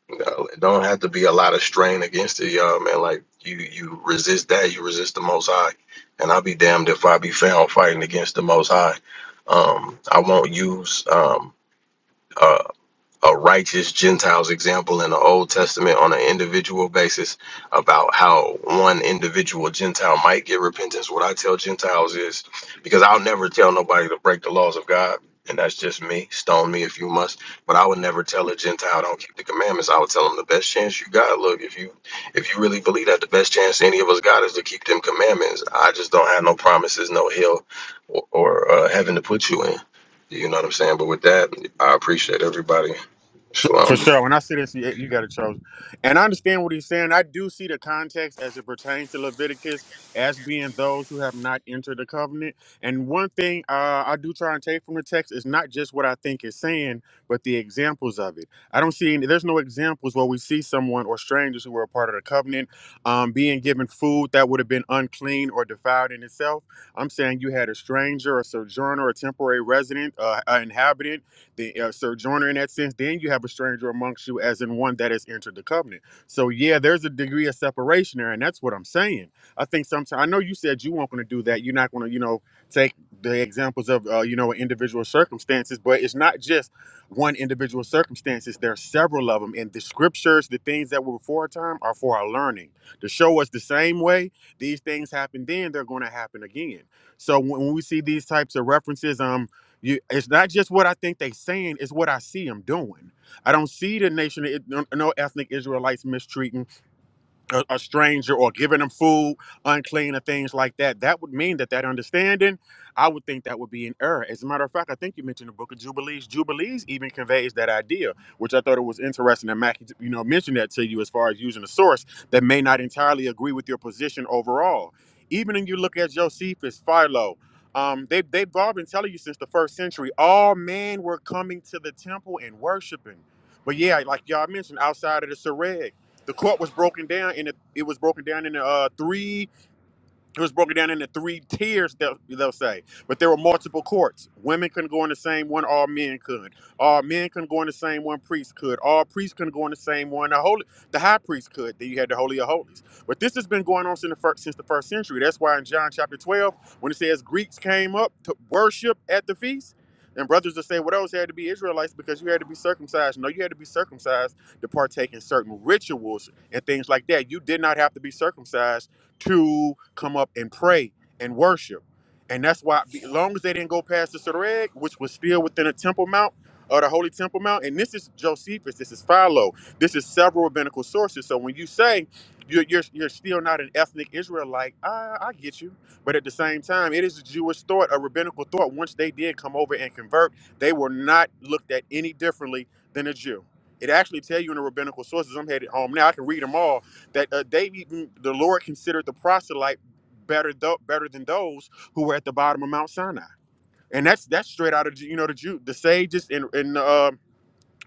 D: you know, it don't have to be a lot of strain against it, y'all, man. Like you, you resist that, you resist the Most High, and I'll be damned if I be found fighting against the Most High. Um, I won't use um, a righteous Gentiles example in the Old Testament on an individual basis about how one individual Gentile might get repentance. What I tell Gentiles is because I'll never tell nobody to break the laws of God, and that's just me. Stone me if you must, but I would never tell a Gentile don't keep the commandments. I would tell them the best chance you got. Look, if you if you really believe that the best chance any of us got is to keep them commandments, I just don't have no promises, no hill or, or uh, heaven to put you in. You know what I'm saying? But with that, I appreciate everybody.
M: For
D: Shalom.
M: sure. When I sit and see it, you got it, Charles. And I understand what he's saying. I do see the context as it pertains to Leviticus as being those who have not entered the covenant. And one thing uh, I do try and take from the text is not just what I think it's saying, but the examples of it. I don't see any, there's no examples where we see someone or strangers who were a part of the covenant um, being given food that would have been unclean or defiled in itself. I'm saying you had a stranger, a sojourner, a temporary resident, uh, an inhabitant the uh, sojourner in that sense, then you have a stranger amongst you, as in one that has entered the covenant. So yeah, there's a degree of separation there, and that's what I'm saying. I think sometimes I know you said you weren't going to do that. You're not going to, you know, take the examples of uh, you know individual circumstances, but it's not just one individual circumstances. There are several of them, and the scriptures, the things that were before our time, are for our learning to show us the same way these things happen. Then they're going to happen again. So when when we see these types of references, um. You, it's not just what I think they saying; it's what I see them doing. I don't see the nation, it- no no ethnic Israelites mistreating a, a stranger or giving them food unclean or things like that that would mean that that understanding i would think that would be an error as a matter of fact i think you mentioned the book of jubilees jubilees even conveys that idea which i thought it was interesting that Mackie, you know mentioned that to you as far as using a source that may not entirely agree with your position overall even when you look at josephus philo um, they, they've all been telling you since the first century all men were coming to the temple and worshiping but yeah like y'all mentioned outside of the Sareg. The court was broken down and it was broken down into uh, three it was broken down into three tiers, they'll, they'll say. But there were multiple courts. Women couldn't go in the same one, all men could. All men couldn't go in the same one, priests could. All priests couldn't go in the same one, the holy, the high priest could. Then you had the Holy of Holies. But this has been going on since the first, since the first century. That's why in John chapter 12, when it says Greeks came up to worship at the feast, and brothers will say, well, those had to be Israelites because you had to be circumcised. No, you had to be circumcised to partake in certain rituals and things like that. You did not have to be circumcised to come up and pray and worship. And that's why, as long as they didn't go past the Sereg, which was still within the Temple Mount or the Holy Temple Mount, and this is Josephus, this is Philo, this is several rabbinical sources. So when you say you're, you're, you're still not an ethnic Israelite, I, I get you. But at the same time, it is a Jewish thought, a rabbinical thought. Once they did come over and convert, they were not looked at any differently than a Jew. It actually tell you in the rabbinical sources. I'm headed home now. I can read them all that uh, David, the Lord considered the proselyte better tho- better than those who were at the bottom of Mount Sinai, and that's that's straight out of you know the Jew, the sages and and um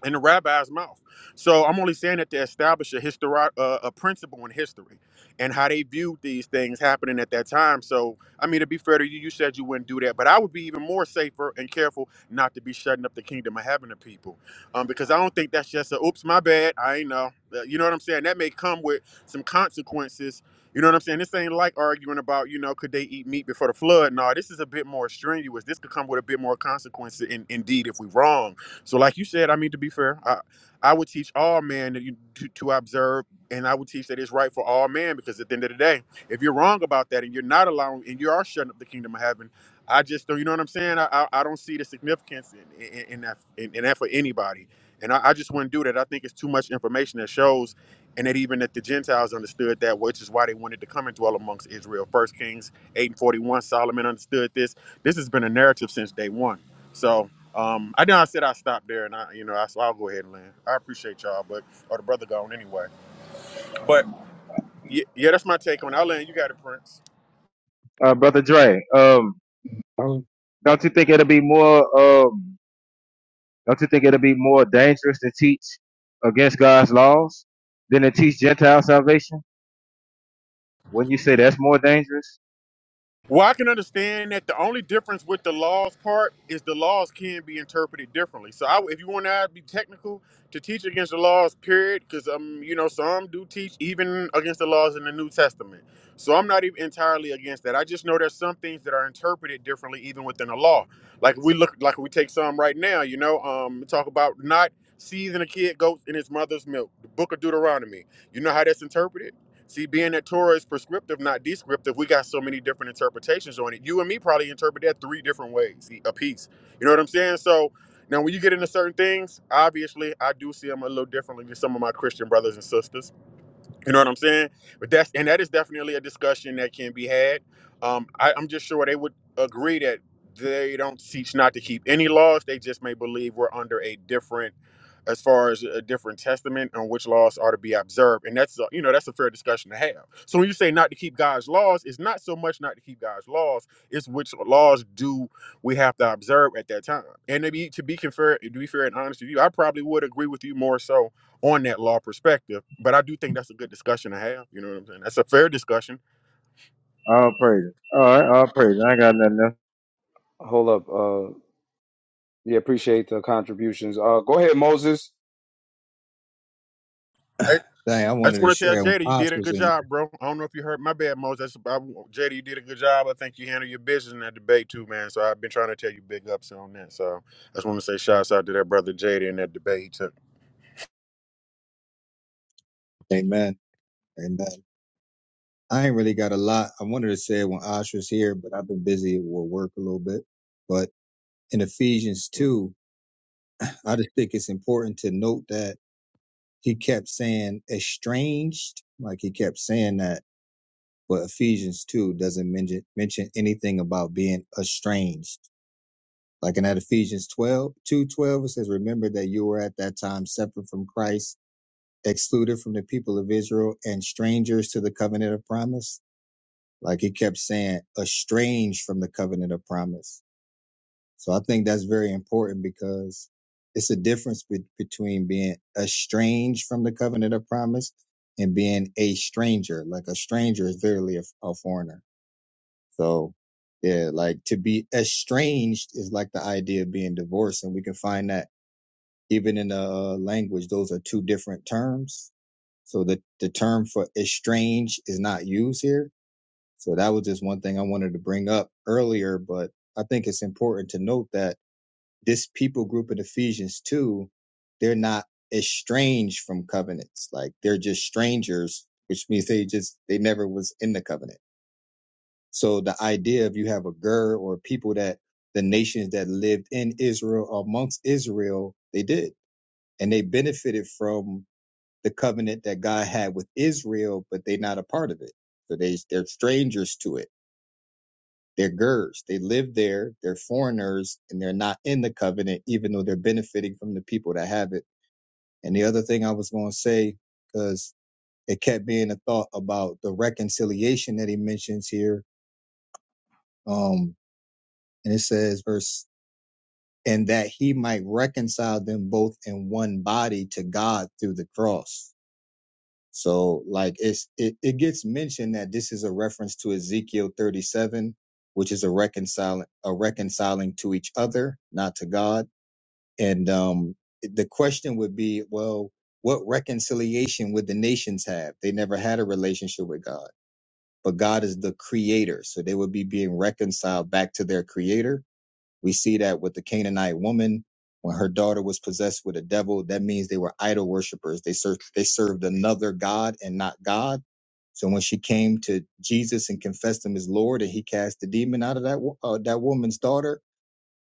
M: in the rabbi's mouth. So I'm only saying that to establish a histori- uh, a principle in history and how they viewed these things happening at that time. So I mean, to be fair to you, you said you wouldn't do that, but I would be even more safer and careful not to be shutting up the kingdom of heaven to people, um, because I don't think that's just a oops, my bad, I ain't know. Uh, You know what I'm saying? That may come with some consequences. You know what I'm saying? This ain't like arguing about, you know, could they eat meat before the flood? No, this is a bit more strenuous. This could come with a bit more consequences in, indeed if we wrong. So, like you said, I mean to be fair, I I would teach all men that you to, to observe, and I would teach that it's right for all men because at the end of the day, if you're wrong about that and you're not allowing and you are shutting up the kingdom of heaven, I just don't. You know what I'm saying? I I, I don't see the significance in in, in that in, in that for anybody, and I, I just wouldn't do that. I think it's too much information that shows. And that even that the Gentiles understood that, which is why they wanted to come and dwell amongst Israel. First Kings eight and forty one, Solomon understood this. This has been a narrative since day one. So um, I know I said I stopped there, and I, you know, I, so I'll go ahead and land. I appreciate y'all, but or the brother gone anyway. But yeah, yeah that's my take on. it. I'll land. You got it, Prince.
C: Uh, brother Dre, um,
N: One
C: don't you think it'll be more? Um, Don't you think it'll be more dangerous to teach against God's laws than to teach Gentile salvation? Wouldn't you say that's more dangerous?
M: Well, I can understand that the only difference with the laws part is the laws can be interpreted differently. So, I, if you want to be technical, to teach against the laws, period, because um, you know, some do teach even against the laws in the New Testament. So, I'm not even entirely against that. I just know there's some things that are interpreted differently even within the law. Like we look, like we take some right now, you know, um, talk about not seizing a kid goat in his mother's milk. The Book of Deuteronomy. You know how that's interpreted? See, being that Torah is prescriptive, not descriptive, we got so many different interpretations on it. You and me probably interpret that three different ways a piece. You know what I'm saying? So now, when you get into certain things, obviously, I do see them a little differently than some of my Christian brothers and sisters. You know what I'm saying? But that's and that is definitely a discussion that can be had. Um, I, I'm just sure they would agree that they don't teach not to keep any laws. They just may believe we're under a different, as far as a different testament on which laws are to be observed. And that's a, you know that's a fair discussion to have. So when you say not to keep God's laws, it's not so much not to keep God's laws; it's which laws do we have to observe at that time. And to be to be fair, to be fair and honest with you, I probably would agree with you more so on that law perspective. But I do think that's a good discussion to have. You know what I'm saying? That's a fair discussion.
C: All praise. All right, all praise. I ain't got nothing else.
F: Hold up. Uh, yeah, appreciate the contributions. Uh, go ahead, Moses.
M: Hey,
N: thing I
M: I
N: wanted
M: just
N: to
M: want to tell
N: share when
M: Jada you
N: Osh
M: did a
N: was
M: good
N: in here.
M: job, bro. I don't know if you heard my bad, Mose. That's I, Jada. You did a good job. I think you handled your business in that debate too, man. So I've been trying to tell you big ups on that. So I just want to say shouts out to that brother Jada in that debate. he took.
N: Amen. Amen. I ain't really got a lot. I wanted to say it when Osh was here, but I've been busy with work a little bit. But in Ephesians 2, I just think it's important to note that he kept saying estranged, like he kept saying that. But Ephesians 2 doesn't mention, mention anything about being estranged. Like in that Ephesians 12 2 twelve, it says, Remember that you were at that time separate from Christ excluded from the people of Israel and strangers to the covenant of promise. Like he kept saying, estranged from the covenant of promise. So I think that's very important because it's a difference be- between being estranged from the covenant of promise and being a stranger. Like a stranger is literally a, a foreigner. So yeah, like to be estranged is like the idea of being divorced. And we can find that even in the uh, language, those are two different terms so the, the term for estranged is not used here. So that was just one thing I wanted to bring up earlier, but I think it's important to note that this people group in Ephesians 2, they're not estranged from covenants. Like they're just strangers, which means they just, they never was in the covenant. So the idea of you have a ger or people that the nations that lived in Israel amongst Israel, they did. And they benefited from the covenant that God had with Israel, but they're not a part of it. So they they're strangers to it. They're Gers. They live there. They're foreigners, and they're not in the covenant, even though they're benefiting from the people that have it. And the other thing I was going to say, because it kept being a thought about the reconciliation that he mentions here, um, and it says verse, and that he might reconcile them both in one body to God through the cross So like it's it, it gets mentioned that this is a reference to Ezekiel 37, which is a reconciling a reconciling to each other, not to God. And um the question would be, well, what reconciliation would the nations have? They never had a relationship with God. But God is the creator. So they would be being reconciled back to their creator we see that with the Canaanite woman, when her daughter was possessed with a devil, that means they were idol worshippers. They served, they served another God and not God. So when she came to Jesus and confessed him as Lord, and he cast the demon out of that wo- uh, that woman's daughter,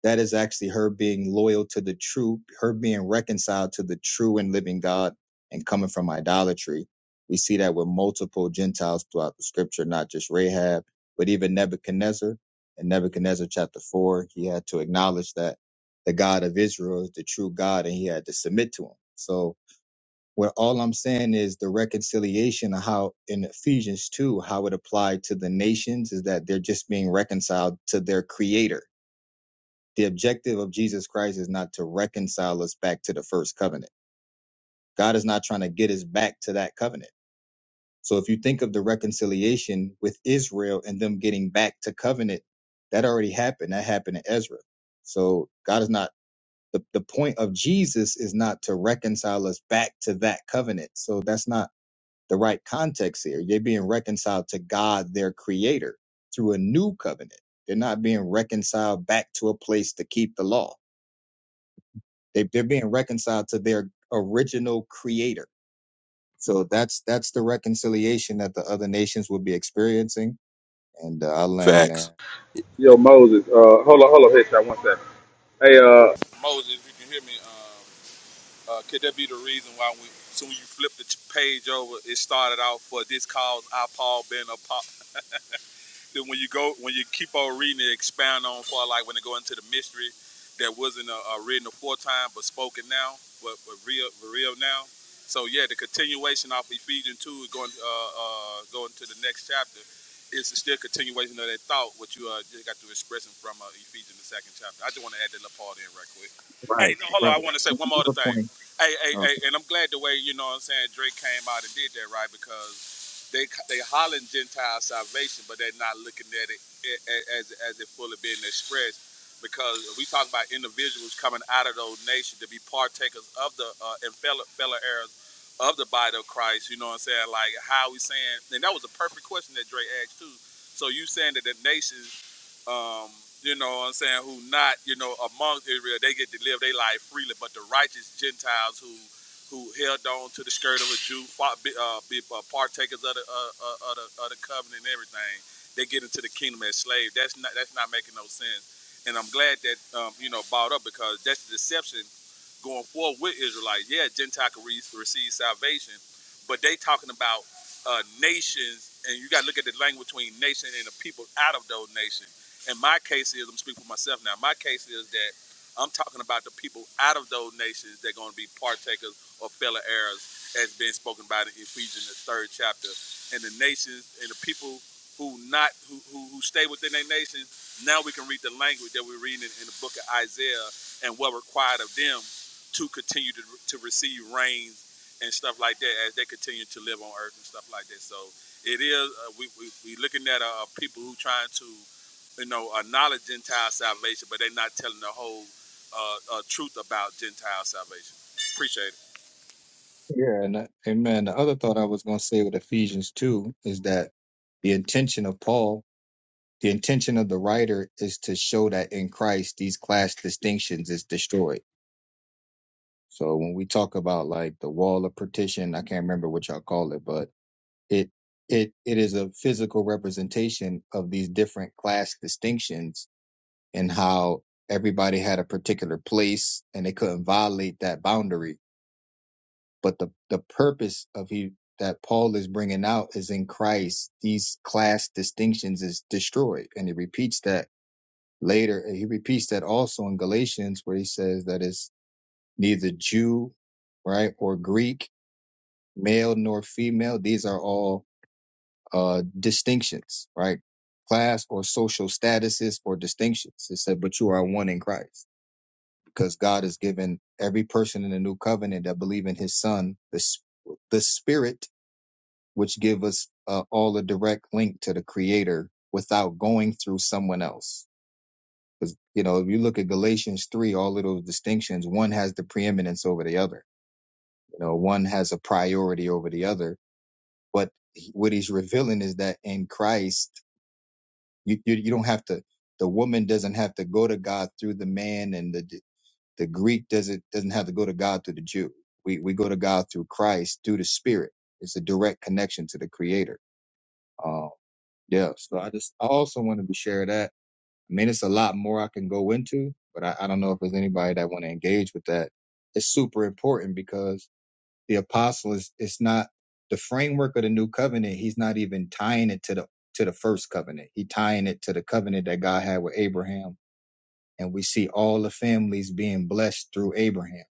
N: that is actually her being loyal to the true, her being reconciled to the true and living God and coming from idolatry. We see that with multiple Gentiles throughout the scripture, not just Rahab, but even Nebuchadnezzar. In Nebuchadnezzar chapter four, he had to acknowledge that the God of Israel is the true God and he had to submit to him. So what all I'm saying is the reconciliation of how in Ephesians 2, how it applied to the nations is that they're just being reconciled to their creator the objective of Jesus Christ is not to reconcile us back to the first covenant. God is not trying to get us back to that covenant. So if you think of the reconciliation with Israel and them getting back to covenant, that already happened. That happened in Ezra. So God is not the, the point of Jesus is not to reconcile us back to that covenant. So that's not the right context here. They're being reconciled to God, their creator, through a new covenant. They're not being reconciled back to a place to keep the law. They, they're being reconciled to their original creator. So that's that's the reconciliation that the other nations will be experiencing, and uh, I land
O: Facts
N: there.
L: yo, Moses. Uh, hold on, hold on, headshot. One second. Hey, uh,
N: Right, right. Another point. Okay. Yeah, and uh, amen. The other thought I was going to say with Ephesians two is that the intention of Paul, the intention of the writer, is to show that in Christ these class distinctions is destroyed. So when we talk about like the wall of partition, I can't remember what y'all call it, but It it it is a physical representation of these different class distinctions and how everybody had a particular place and they couldn't violate that boundary. But the the purpose of he that Paul is bringing out is in Christ these class distinctions is destroyed, and he repeats that later. and He repeats that also in Galatians where he says that it's neither Jew right or Greek, male nor female. These are all uh, distinctions, right? Class or social statuses or distinctions. It said, but you are one in Christ because God has given every person in the new covenant that believe in his son, the, s- the spirit, which give us uh, all a direct link to the creator without going through someone else. Because, you know, if you look at Galatians 3, all of those distinctions, one has the preeminence over the other. You know, one has a priority over the other. But he- what he's revealing is that in Christ, You, you you don't have to. The woman doesn't have to go to God through the man, and the the Greek doesn't doesn't have to go to God through the Jew. We we go to God through Christ through the Spirit. It's a direct connection to the Creator. Um, yeah. So I just I also wanted to share that. I mean, it's a lot more I can go into, but I, I don't know if there's anybody that want to engage with that. It's super important because the apostle is it's not the framework of the new covenant he's not even tying it to the to the first covenant he tying it to the covenant that god had with abraham and we see all the families being blessed through abraham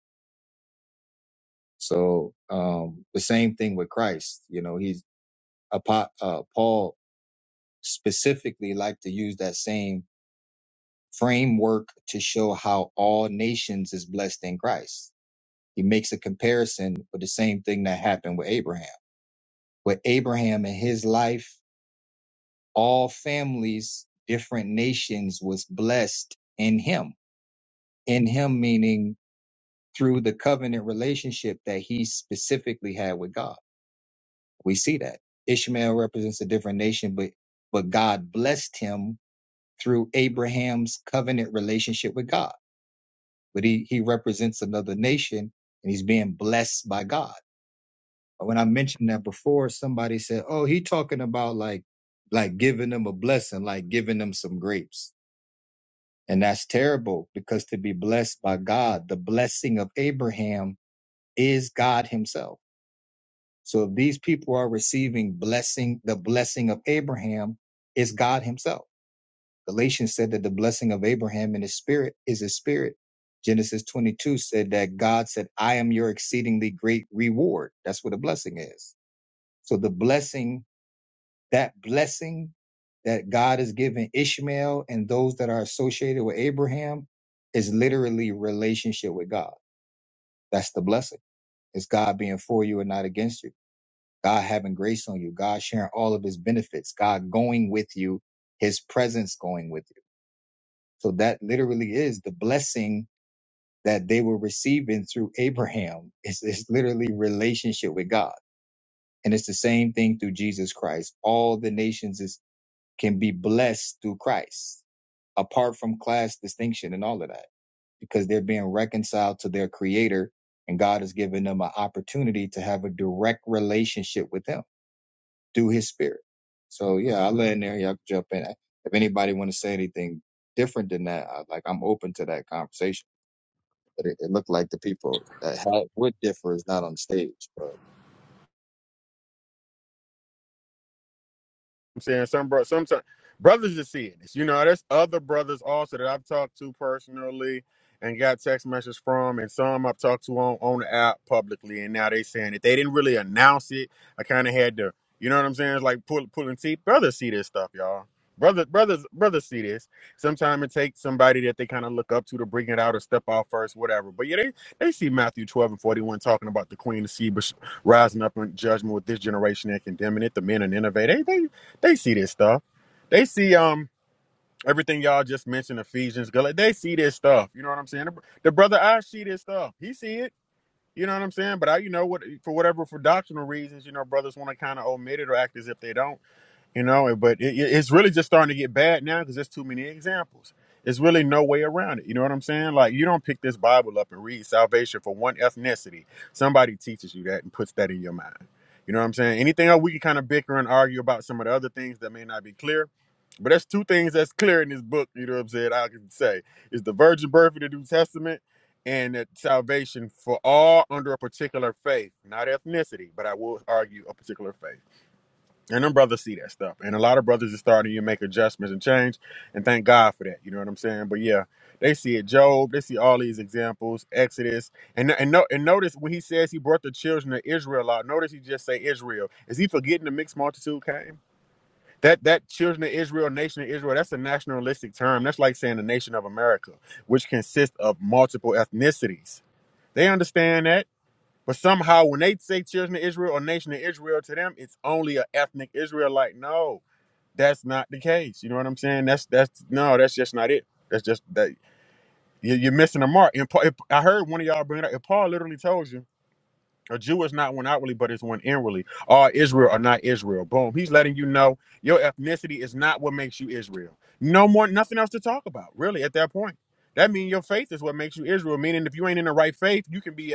N: so um the same thing with christ you know he's apo- uh, paul specifically like to use that same framework to show how all nations is blessed in christ he makes a comparison with the same thing that happened with abraham with abraham in his life all families, different nations was blessed in him. In him meaning through the covenant relationship that he specifically had with God. We see that. Ishmael represents a different nation, but but God blessed him through Abraham's covenant relationship with God. But he he represents another nation and he's being blessed by God. When I mentioned that before, somebody said, Oh, he talking about like like giving them a blessing, like giving them some grapes And that's terrible because to be blessed by God, the blessing of Abraham is God himself. So if these people are receiving blessing, the blessing of Abraham is God himself. Galatians said that the blessing of Abraham in his spirit is his spirit. Genesis 22 said that God said, I am your exceedingly great reward. That's what a blessing is. So the blessing that blessing that God has given Ishmael and those that are associated with Abraham is literally relationship with God. That's the blessing. It's God being for you and not against you. God having grace on you. God sharing all of his benefits. God going with you. His presence going with you. So that literally is the blessing that they were receiving through Abraham. It's, it's literally relationship with God. And it's the same thing through Jesus Christ. All the nations is, can be blessed through Christ apart from class distinction and all of that because they're being reconciled to their creator and God has given them an opportunity to have a direct relationship with him through his spirit. So yeah, I'll let in there. Y'all can jump in. If anybody want to say anything different than that, I, like I'm open to that conversation. But it, it looked like the people that had, would differ is not on stage. But.
M: I'm saying some bro, sometimes brothers are seeing this. You know, there's other brothers also that I've talked to personally and got text messages from, and some I've talked to on on the app publicly, and now they saying it. They didn't really announce it. I kind of had to, you know what I'm saying? It's like pull, pulling teeth. Brothers see this stuff, y'all. Brothers, brothers, brothers see this. Sometimes it takes somebody that they kind of look up to to bring it out or step out first, whatever. But yeah, they, they see Matthew 12 and 41 talking about the Queen of Sheba rising up in judgment with this generation and condemning it, the men and innovate. They they. They see this stuff. They see um everything y'all just mentioned, Ephesians, Gal- they see this stuff. You know what I'm saying? The, br- the brother I see this stuff. He see it. You know what I'm saying? But I, you know what, for whatever for doctrinal reasons, you know, brothers want to kind of omit it or act as if they don't you know but it, it- it's really just starting to get bad now because there's too many examples there's really no way around it you know what i'm saying like you don't pick this bible up and read salvation for one ethnicity somebody teaches you that and puts that in your mind you know what i'm saying anything else we can kind of bicker and argue about some of the other things that may not be clear but that's two things that's clear in this book you know what i'm saying i can say is the virgin birth of the new testament and that salvation for all under a particular faith not ethnicity but i will argue a particular faith and them brothers see that stuff. And a lot of brothers are starting to make adjustments and change. And thank God for that. You know what I'm saying? But yeah, they see it. Job, they see all these examples, Exodus. And and no and notice when he says he brought the children of Israel out, notice he just say Israel. Is he forgetting the mixed multitude came? That that children of Israel, nation of Israel, that's a nationalistic term. That's like saying the nation of America, which consists of multiple ethnicities. They understand that. But somehow, when they say children of Israel or nation of Israel, to them it's only an ethnic Israelite. No, that's not the case. You know what I'm saying? That's that's no, that's just not it. That's just that you- you're missing the mark. And Paul, if, I heard one of y'all bring it up. If Paul literally tells you a Jew is not one outwardly, but it's one inwardly. All Israel are not Israel. Boom. He's letting you know your ethnicity is not what makes you Israel. No more, nothing else to talk about really at that point. That means your faith is what makes you Israel. Meaning, if you ain't in the right faith, you can be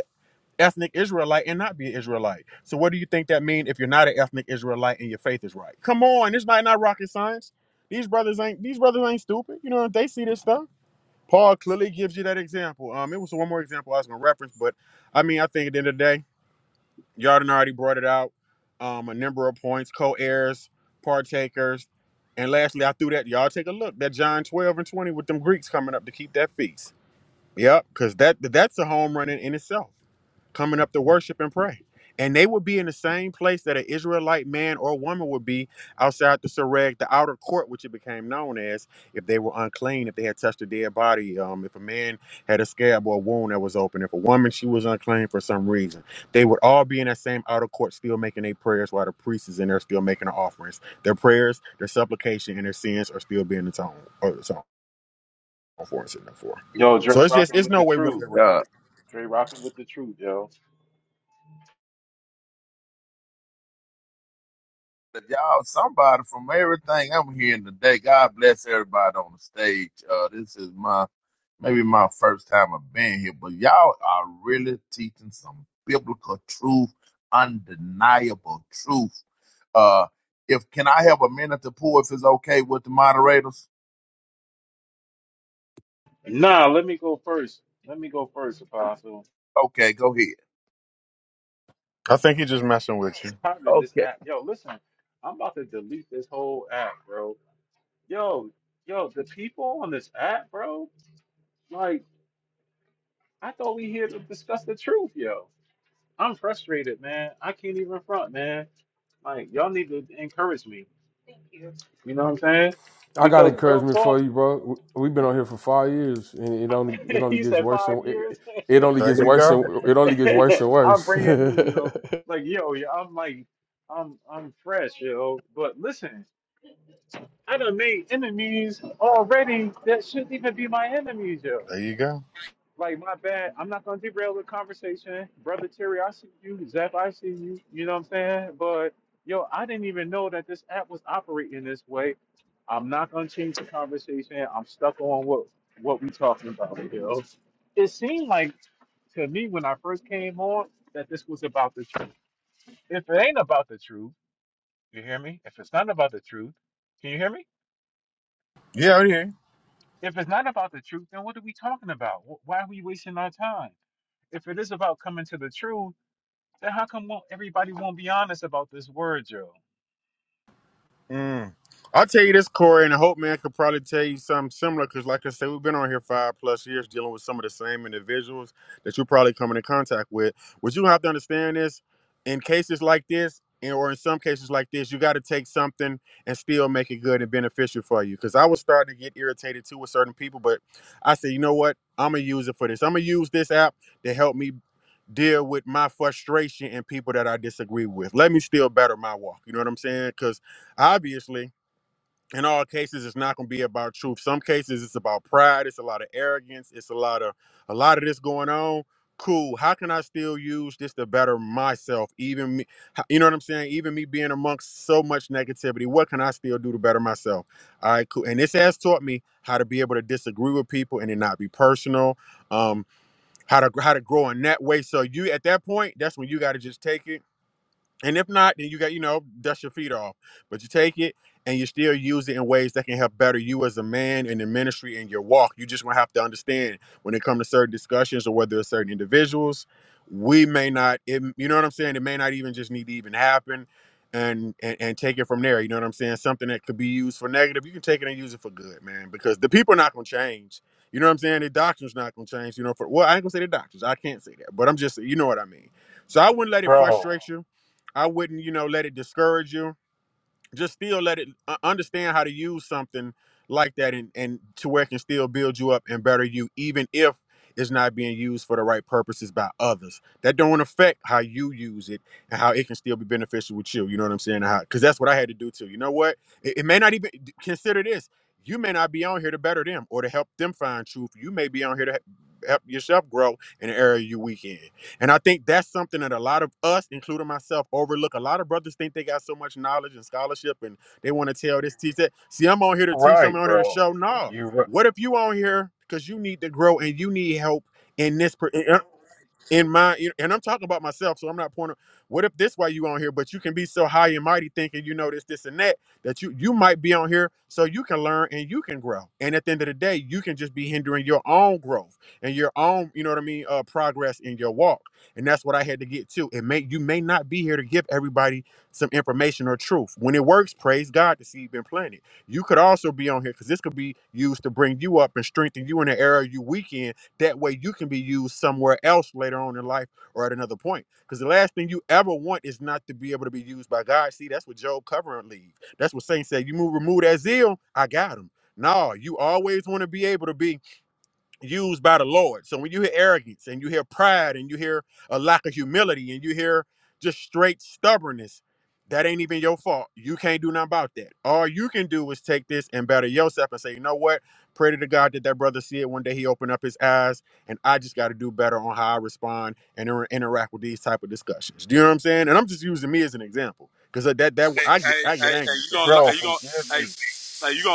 M: ethnic Israelite and not be an Israelite. So what do you think that means if you're not an ethnic Israelite and your faith is right? Come on, this might not rocket science. These brothers ain't these brothers ain't stupid. You know they see this stuff. Paul clearly gives you that example. Um, it was one more example I was gonna reference, but I mean I think at the end of the day, y'all Yarden already brought it out. Um, a number of points, co-heirs, partakers, and lastly I threw that y'all take a look that John 12 and 20 with them Greeks coming up to keep that feast. Yep, because that that's a home run in in itself coming up to worship and pray. And they would be in the same place that an Israelite man or woman would be outside the Sereg, the outer court, which it became known as, if they were unclean, if they had touched a dead body, um, if a man had a scab or a wound that was open, if a woman, she was unclean for some reason. They would all be in that same outer court still making their prayers while the priest is in there still making the offerings. Their prayers, their supplication, and their sins are still being atoned or atoned for and sitting up for.
P: Yo, Dre
M: So it's just,
P: rocking
M: it's
P: with
M: no
P: the
M: way really
P: truth.
M: around
Q: God.
M: it.
P: Dre rocking with the truth, yo.
Q: But y'all, somebody from everything I'm hearing today, God bless everybody on the stage. Uh, this is my maybe my first time I've been here, but y'all are really teaching some biblical truth, undeniable truth. Uh, if can I have a minute to pull if it's okay with the moderators?
P: Nah, let me go first. Let me go first, Apostle.
Q: Okay, go ahead.
M: I think he's just messing with you.
P: Tired of this app. Yo, listen, I'm about to delete this whole app, bro. Yo, yo, the people on this app, bro, like, I thought we here to discuss the truth, yo. I'm frustrated, man. I can't even front, man. Like, y'all need to encourage me. You know what I'm saying?
R: I got
P: Because real
R: encouragement for
P: talk,
R: you, bro. We've been on here for five years, and it only it
P: [laughs]
R: only
P: he
R: gets
P: said
R: worse
P: five
R: and
P: years.
R: it, it
P: [laughs]
R: only
M: There
R: gets
M: you
R: worse
M: go.
R: and it only gets worse and
P: [laughs] I'm
R: worse.
P: brand new,
R: [laughs]
P: yo. Like, yo, yo, I'm like, I'm, I'm fresh, yo. But listen, I done made enemies already that shouldn't even be my enemies, yo.
M: There you go.
P: Like my bad. I'm not gonna derail the conversation. Brother Terry, I see you. Zeph, I see you. You know what I'm saying? But yo, I didn't even know that this app was operating this way. I'm not gonna change the conversation. I'm stuck on what what we talking about, yo. It seemed like to me when I first came on that this was about the truth. If it ain't about the truth, you hear me? If it's not about the truth, can you hear me?
M: Yeah, right here.
P: If it's not about the truth, then what are we talking about? Wh- Why are we wasting our time? If it is about coming to the truth, Then how come won't, everybody won't be honest about this word, Joe?
M: Mm. I'll tell you this, Corey, and I hope man could probably tell you something similar because, like I said, we've been on here five plus years dealing with some of the same individuals that you're probably coming in contact with. What you have to understand is, in cases like this, and- or in some cases like this, you got to take something and still make it good and beneficial for you. Because I was starting to get irritated too with certain people, but I said, you know what? I'm gonna use it for this. I'm gonna use this app to help me deal with my frustration and people that I disagree with. Let me still better my walk. You know what I'm saying? Cause Obviously, in all cases, it's not going to be about truth. Some cases, it's about pride. It's a lot of arrogance. It's a lot of a lot of this going on. Cool. How can I still use this to better myself? Even me, h- you know what I'm saying? Even me being amongst so much negativity, what can I still do to better myself? All right, cool. And this has taught me how to be able to disagree with people and it not be personal. Um, how to how to grow in that way. So you at that point, that's when you got to just take it and if not, then you got, you know, dust your feet off. But you take it and you still use it in ways that can help better you as a man in the ministry and your walk. You just gonna have to understand when it comes to certain discussions or whether it's certain individuals, we may not, it, you know what I'm saying? It may not even just need to even happen and, and and take it from there. You know what I'm saying? Something that could be used for negative, you can take it and use it for good, man, because the people are not gonna change. You know what I'm saying? The doctrine's not gonna change, you know, for well, I ain't gonna say the doctrines. I can't say that, but I'm just you know what I mean. So I wouldn't let it
P: Bro,
M: frustrate you I wouldn't, you know, let it discourage you. Just still let it uh, understand how to use something like that and, and to where it can still build you up and better you, even if it's not being used for the right purposes by others. That don't affect how you use it and how it can still be beneficial with you. You know what I'm saying? Because that's what I had to do too. You know what? It, it may not even consider this. You may not be on here to better them or to help them find truth. You may be on here to he- help yourself grow in an area you weak in. And I think that's something that a lot of us, including myself, overlook. A lot of brothers think they got so much knowledge and scholarship and they want to tell this, teach that. See, I'm on here to teach, I'm
P: right,
M: on here to
P: bro.
M: show. No.
P: You, ri-
M: What if you on here because you need to grow and you need help in this? Per- in my and I'm talking about myself, so I'm not pointing. What if this why you on here? But you can be so high and mighty, thinking you know this, this, and that, that you you might be on here so you can learn and you can grow. And at the end of the day, you can just be hindering your own growth and your own, you know what I mean, uh, progress in your walk. And that's what I had to get to. It may you may not be here to give everybody some information or truth. When it works, praise God the seed been planted. You could also be on here because this could be used to bring you up and strengthen you in the area you weak in that way you can be used somewhere else later on in life or at another point. Because the last thing you ever want is not to be able to be used by God. See, that's what Job covering leave. That's what Saints said. You move remove that zeal, I got him. No, you always want to be able to be used by the Lord. So when you hear arrogance and you hear pride and you hear a lack of humility and you hear just straight stubbornness, that ain't even your fault. You can't do nothing about that. All you can do is take this and better yourself and say, you know what? Pray to the God that that brother see it one day. He opened up his eyes, and I just got to do better on how I respond and inter- interact with these type of discussions. Do you know what I'm saying? And I'm just using me as an example because that that I get I get angry. So.
P: bro, forgive me.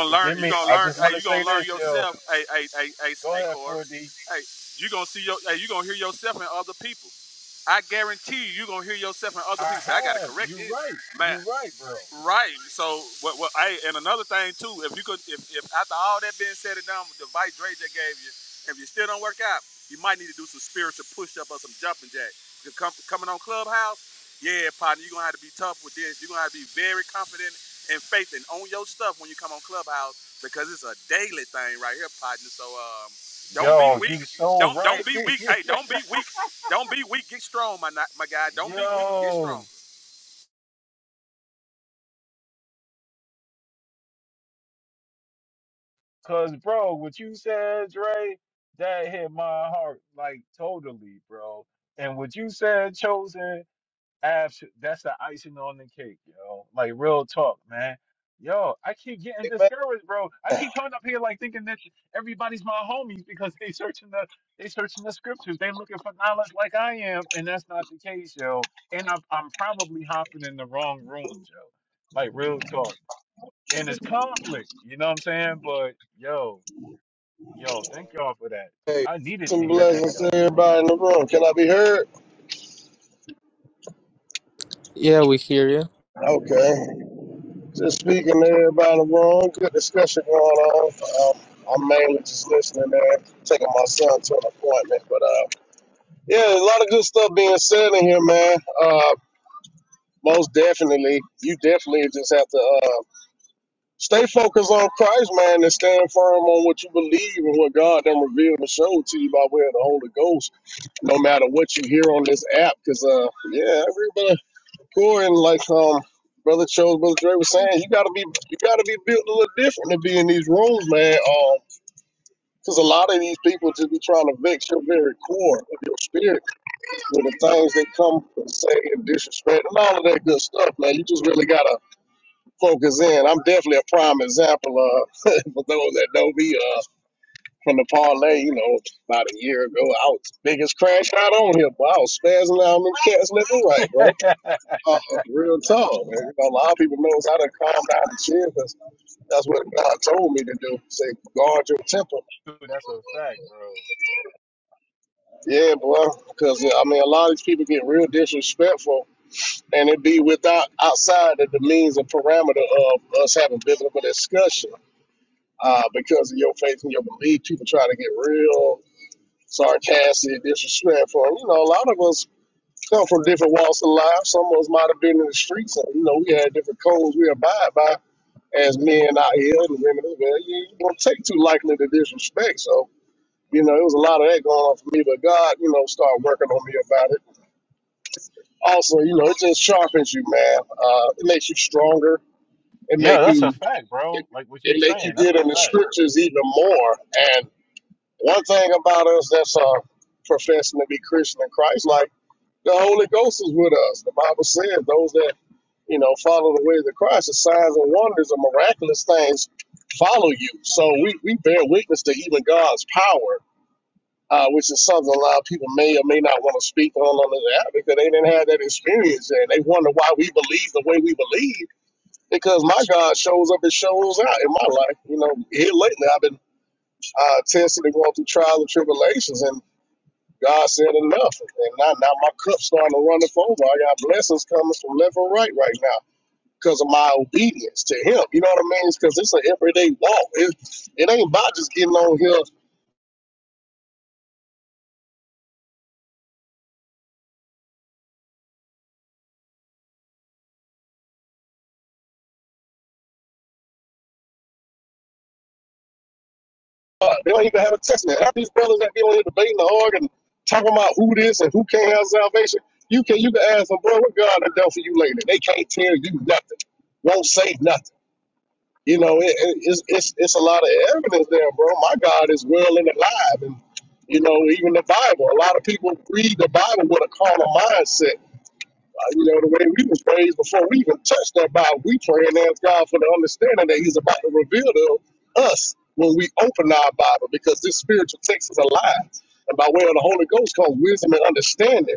P: Forgive me. I just want to say this, yo. Go ahead, 4D. I have. You're right. You're right, bro. Yo, you so right. [laughs] yo, cause bro, what you said, Dre, that hit my heart like totally, bro. And what you said, chosen. Absolutely, that's the icing on the cake, yo. Like real talk, man. Yo, I keep getting
S: Amen.
P: discouraged, bro. I keep coming up here like thinking that everybody's my homies because they searching the they searching the scriptures. They looking for knowledge like I am, and that's not the case, yo. And I'm I'm probably hopping in the wrong rooms, yo. Like real talk. And it's conflict, you know what I'm saying? But yo, yo, thank y'all for that. I needed to
S: Some
P: hear
S: blessings to everybody in the room. Can I be heard?
T: Yeah, we hear you.
S: Okay. Just speaking to everybody in the room. Good discussion going on. Um, I'm mainly just listening there, taking my son to an appointment. But uh, yeah, a lot of good stuff being said in here, man. Uh, most definitely, you definitely just have to uh, stay focused on Christ, man, and stand firm on what you believe and what God then revealed and showed to you by way of the Holy Ghost. No matter what you hear on this app, because uh, yeah, Sure, and like um, brother chose, brother Dre was saying, you gotta be you gotta be built a little different to be in these rooms, man. Um, because a lot of these people just be trying to vex your very core of your spirit with the things they come and say and disrespect and all of that good stuff, man. You just really gotta focus in. I'm definitely a prime example uh [laughs] for those that know me uh from the parlay, you know, about a year ago. I was the biggest crash out on here, but I was spazzing out on them cats left and right, bro.
P: that, yo.
S: Uh, real talk, man. You know, a lot of people knows how to calm down and chill because that's what God told me to do. Say, guard your temper.
P: [laughs] Dude, that's a fact, bro.
S: Yeah, boy. Because, I mean, a lot of these people get real disrespectful and it be without outside of the means and parameter of us having biblical discussion uh, because of your faith and your belief. People try to get real sarcastic, disrespectful. And, you know, a lot of us come from different walks of life. Some of us might have been in the streets and, you know, we had different codes we abide by as men out here and women as well, you, you don't take too likely to disrespect. So, you know, it was a lot of that going on for me, but God, you know, started working on me about it. Also, you know, it just sharpens you, man. Uh, it makes you stronger. It
P: Yeah,
S: make
P: that's a
S: you
P: fact,
S: it,
P: bro. Like what you
S: it
P: were
S: make you
P: saying, that's
S: get
P: a
S: in the
P: fact.
S: scriptures even more. And one thing about us that's uh, professing to be Christian in Christ, like the Holy Ghost is with us. The Bible says those that you know, follow the way of the Christ, the signs and wonders and miraculous things follow you. So we, we bear witness to even God's power, uh, which is something a lot of people may or may not want to speak on on the app because they didn't have that experience and they wonder why we believe the way we believe because my God shows up and shows out in my life. You know, here lately I've been uh, tested and going through trials and tribulations and God said enough, and now, now my cup's starting to run up over. I got blessings coming from left and right right now because of my obedience to him. You know what I mean? It's because it's an everyday walk. It, it ain't about just getting on here. Uh, they don't even have a test now. Half these brothers that be on here debating the org and talking about who this and who can't have salvation. You can you can ask them, bro, what God done done for you later? They can't tell you nothing. Won't say nothing. You know, it, it, it's, it's it's a lot of evidence there, bro. My God is well and alive, and you know, even the Bible. A lot of people read the Bible with a carnal mindset you know, the way we was raised before we even touched that Bible, we pray and ask God for the understanding that He's about to reveal to us when we open our Bible, because this spiritual text is alive. And by way of the Holy Ghost comes wisdom and understanding.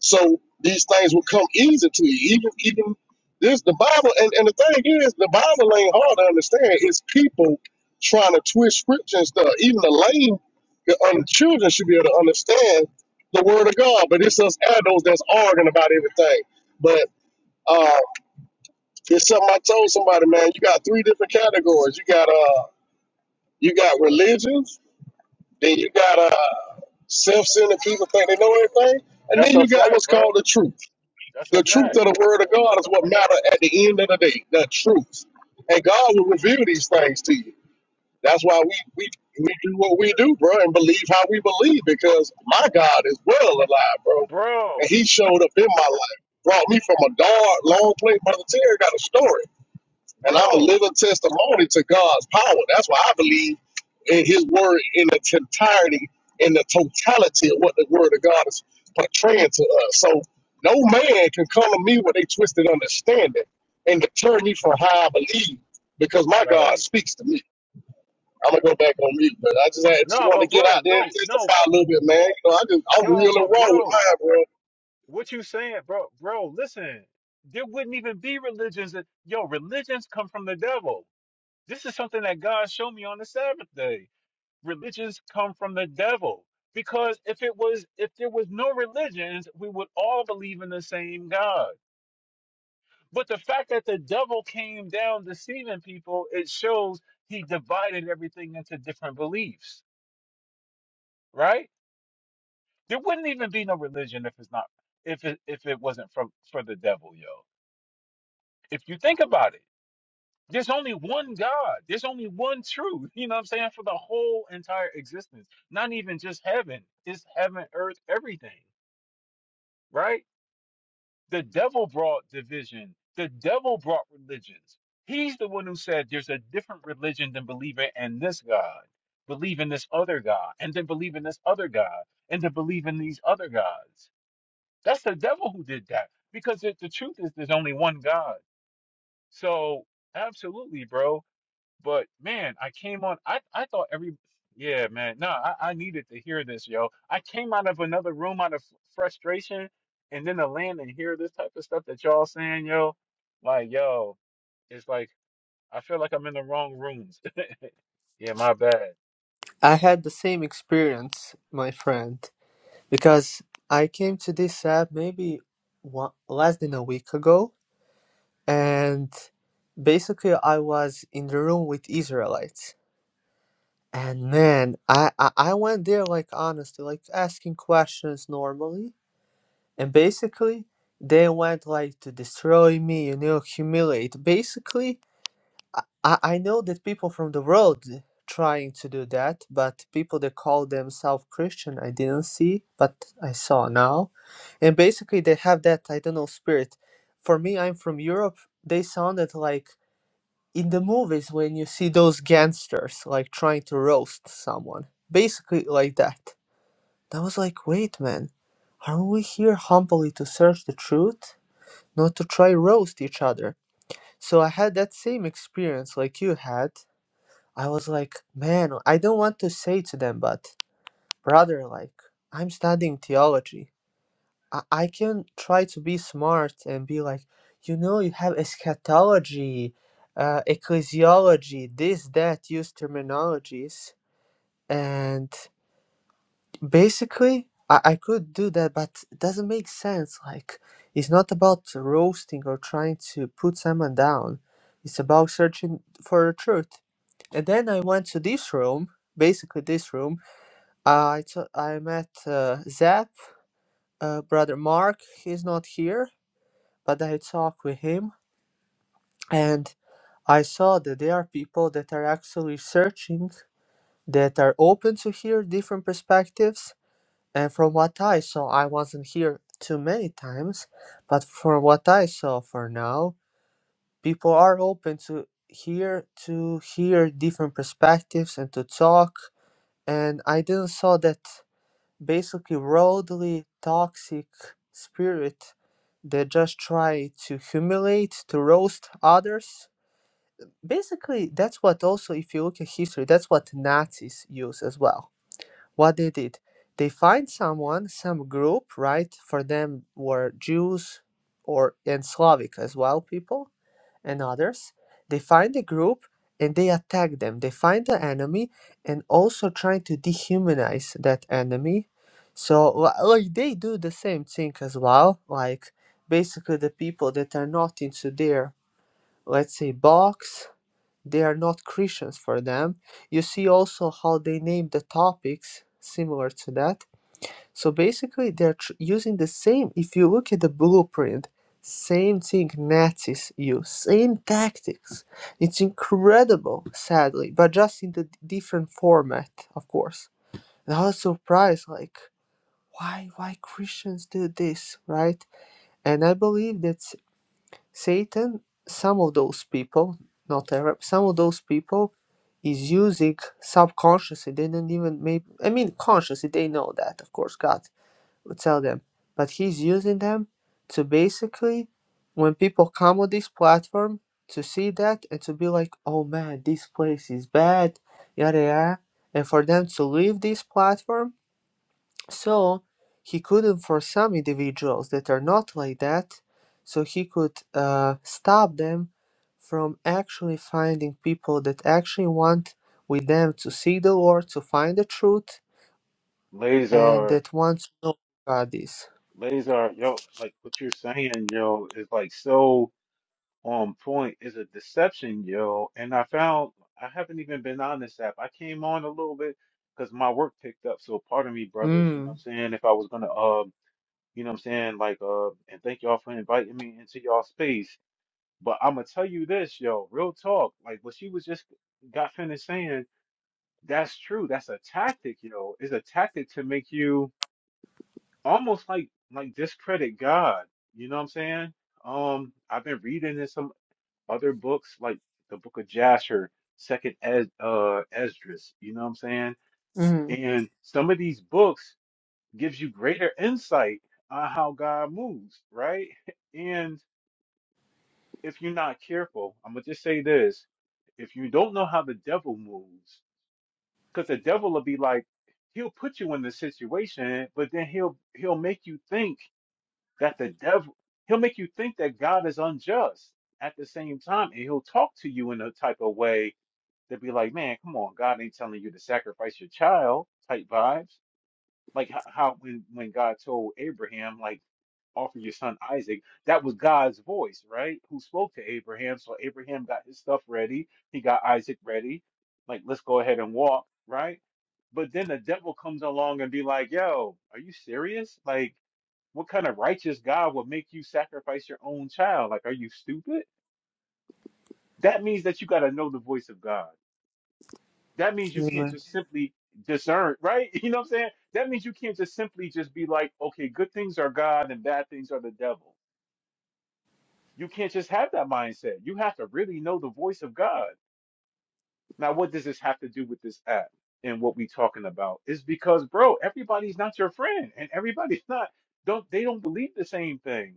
S: So these things will come easy to you. Even even this the Bible and, and the thing is the Bible ain't hard to understand. It's people trying to twist scripture and stuff. Even the lame the un- children should be able to understand the word of God. But it's us adults that's arguing about everything. But uh it's something I told somebody, man, you got three different categories. You got uh you got religions, then you got uh self-centered people think they know everything, and
P: That's
S: then
P: a
S: you got
P: fact,
S: what's called
P: bro.
S: the truth.
P: That's
S: The
P: a
S: truth
P: fact,
S: of the word of God is what matter at the end of the day. The truth. And God will reveal these things to you. That's why we, we, we do what we do, bro, and believe how we believe because my God is well alive, bro.
P: bro,
S: And he showed up in my life, brought me from a dark, long place. Brother Terry got a story. And I'm a
P: bro.
S: living testimony to God's power. That's why I believe in his word in its entirety, in the totality of what the word of God is portraying to us. So no man can come to me with a twisted understanding and deter me from how I believe because my God
P: Right?
S: speaks to me. I'm gonna go back on mute, but I just I just
P: No,
S: want to
P: but
S: get out
P: bro,
S: there and
P: no, no,
S: testify a little bit, man. You know, I just I'm
P: yo,
S: real and
P: but
S: raw with
P: bro,
S: mine, bro.
P: what you saying, bro, bro? Listen, there wouldn't even be religions. That, yo, religions come from the devil. This is something that God showed me on the Sabbath day. Religions come from the devil because if it was, if there was no religions, we would all believe in the same God. But the fact that the devil came down deceiving people, it shows he divided everything into different beliefs, right? There wouldn't even be no religion if it's not if it if it wasn't for for the devil, yo. If you think about it, there's only one God. There's only one truth. You know what I'm saying? For the whole entire existence. Not even just heaven. It's heaven, earth, everything. Right? The devil brought division. The devil brought religions. He's the one who said there's a different religion than believing in this God, believe in this other God, and then believe in this other God, and to believe in these other gods. That's the devil who did that because the the truth is there's only one God. So, absolutely, bro. But man, I came on. I I thought every yeah, man. No, I, I needed to hear this, yo. I came out of another room out of frustration, and then to land and hear this type of stuff that y'all saying, yo. Like, yo, it's like I feel like I'm in the wrong rooms. [laughs] yeah, my bad.
T: I had the same experience, my friend, because I came to this app maybe one, less than a week ago, and basically I was in the room with Israelites. And man, I, I, I went there like honestly, like asking questions normally, and basically they went like to destroy me, you know, humiliate. Basically, I, I I know that people from the world trying to do that, but people that call themselves Christian, I didn't see, but I saw now. And basically, they have that, I don't know, spirit. For me, I'm from Europe. They sounded like in the movies when you see those gangsters like trying to roast someone. Basically, like that. I was like, wait, man, aren't we here humbly to search the truth? Not to try roast each other. So I had that same experience like you had I was like, man, I don't want to say to them, but brother, like, I'm studying theology. I, I can try to be smart and be like, you know, you have eschatology, uh, ecclesiology, this, that, use terminologies. And Basically, I, I could do that, but it doesn't make sense. Like, it's not about roasting or trying to put someone down. It's about searching for the truth. And then I went to this room, basically this room. I t- I met uh, Zap, uh, brother Mark. He's not here, but I talked with him, and I saw that there are people that are actually searching, that are open to hear different perspectives, And from what I saw, I wasn't here too many times, but from what I saw for now, people are open to hear to hear different perspectives and to talk. And I didn't saw that basically worldly toxic spirit that just try to humiliate, to roast others. Basically, that's what also if you look at history, that's what Nazis use as well what they did, they find someone, some group, right? For them were Jews or and Slavic as well people and others. They find a group and they attack them. They find the enemy and also trying to dehumanize that enemy. So li- like they do the same thing as well. Like basically the people that are not into their let's say box they are not Christians for them. You see also how they name the topics similar to that. So basically, they're tr- using the same, if you look at the blueprint, same thing Nazis use, same tactics. It's incredible, sadly, but just in the d- different format, of course. And I was surprised, like, why, why Christians do this, right? And I believe that Satan, some of those people, not Arab, some of those people is using subconsciously. They don't even maybe, I mean, consciously, they know that, of course, God would tell them. But he's using them to basically, when people come on this platform, to see that and to be like, oh man, this place is bad, yada yada. And for them to leave this platform so he couldn't, for some individuals that are not like that, so he could uh, stop them from actually finding people that actually want with them to see the Lord, to find the truth, and
P: Lazar,
T: that wants to know who God is.
P: Lazar, yo, like what you're saying, yo, is like so. on point is a deception, yo. And I found I haven't even been on this app. I came on a little bit because my work picked up. So pardon me, brothers, you know what
T: Mm.
P: I'm saying? If I was gonna um, you know what I'm saying, like uh and thank y'all for inviting me into y'all space. But I'ma tell you this, yo, real talk. Like what she was just got finished saying, that's true. That's a tactic, yo. It's a tactic to make you almost like like discredit God. You know what I'm saying? Um, I've been reading in some other books like the book of Jasher, second Es uh Esdras, you know what I'm saying?
T: Mm.
P: And some of these books gives you greater insight on how God moves, right? [laughs] And if you're not careful, I'm gonna just say this. If you don't know how the devil moves, because the devil will be like, he'll put you in the situation, but then he'll he'll make you think that the devil he'll make you think that God is unjust at the same time, and he'll talk to you in a type of way They'd be like, man, come on, God ain't telling you to sacrifice your child type vibes. Like how, how when, when God told Abraham, like, offer your son Isaac, that was God's voice, right? Who spoke to Abraham. So Abraham got his stuff ready. He got Isaac ready. Like, let's go ahead and walk, right? But then the devil comes along and be like, yo, are you serious? Like, what kind of righteous God would make you sacrifice your own child? Like, are you stupid? That means that you got to know the voice of God. that means you can't
T: Amen.
P: just simply discern, right? [laughs] You know what I'm saying? That means you can't just simply just be like, okay, good things are God and bad things are the devil. You can't just have that mindset. You have to really know the voice of God. Now, what does this have to do with this app and what we talking about? Is because, bro, everybody's not your friend and everybody's [laughs] not, don't, they don't believe the same thing.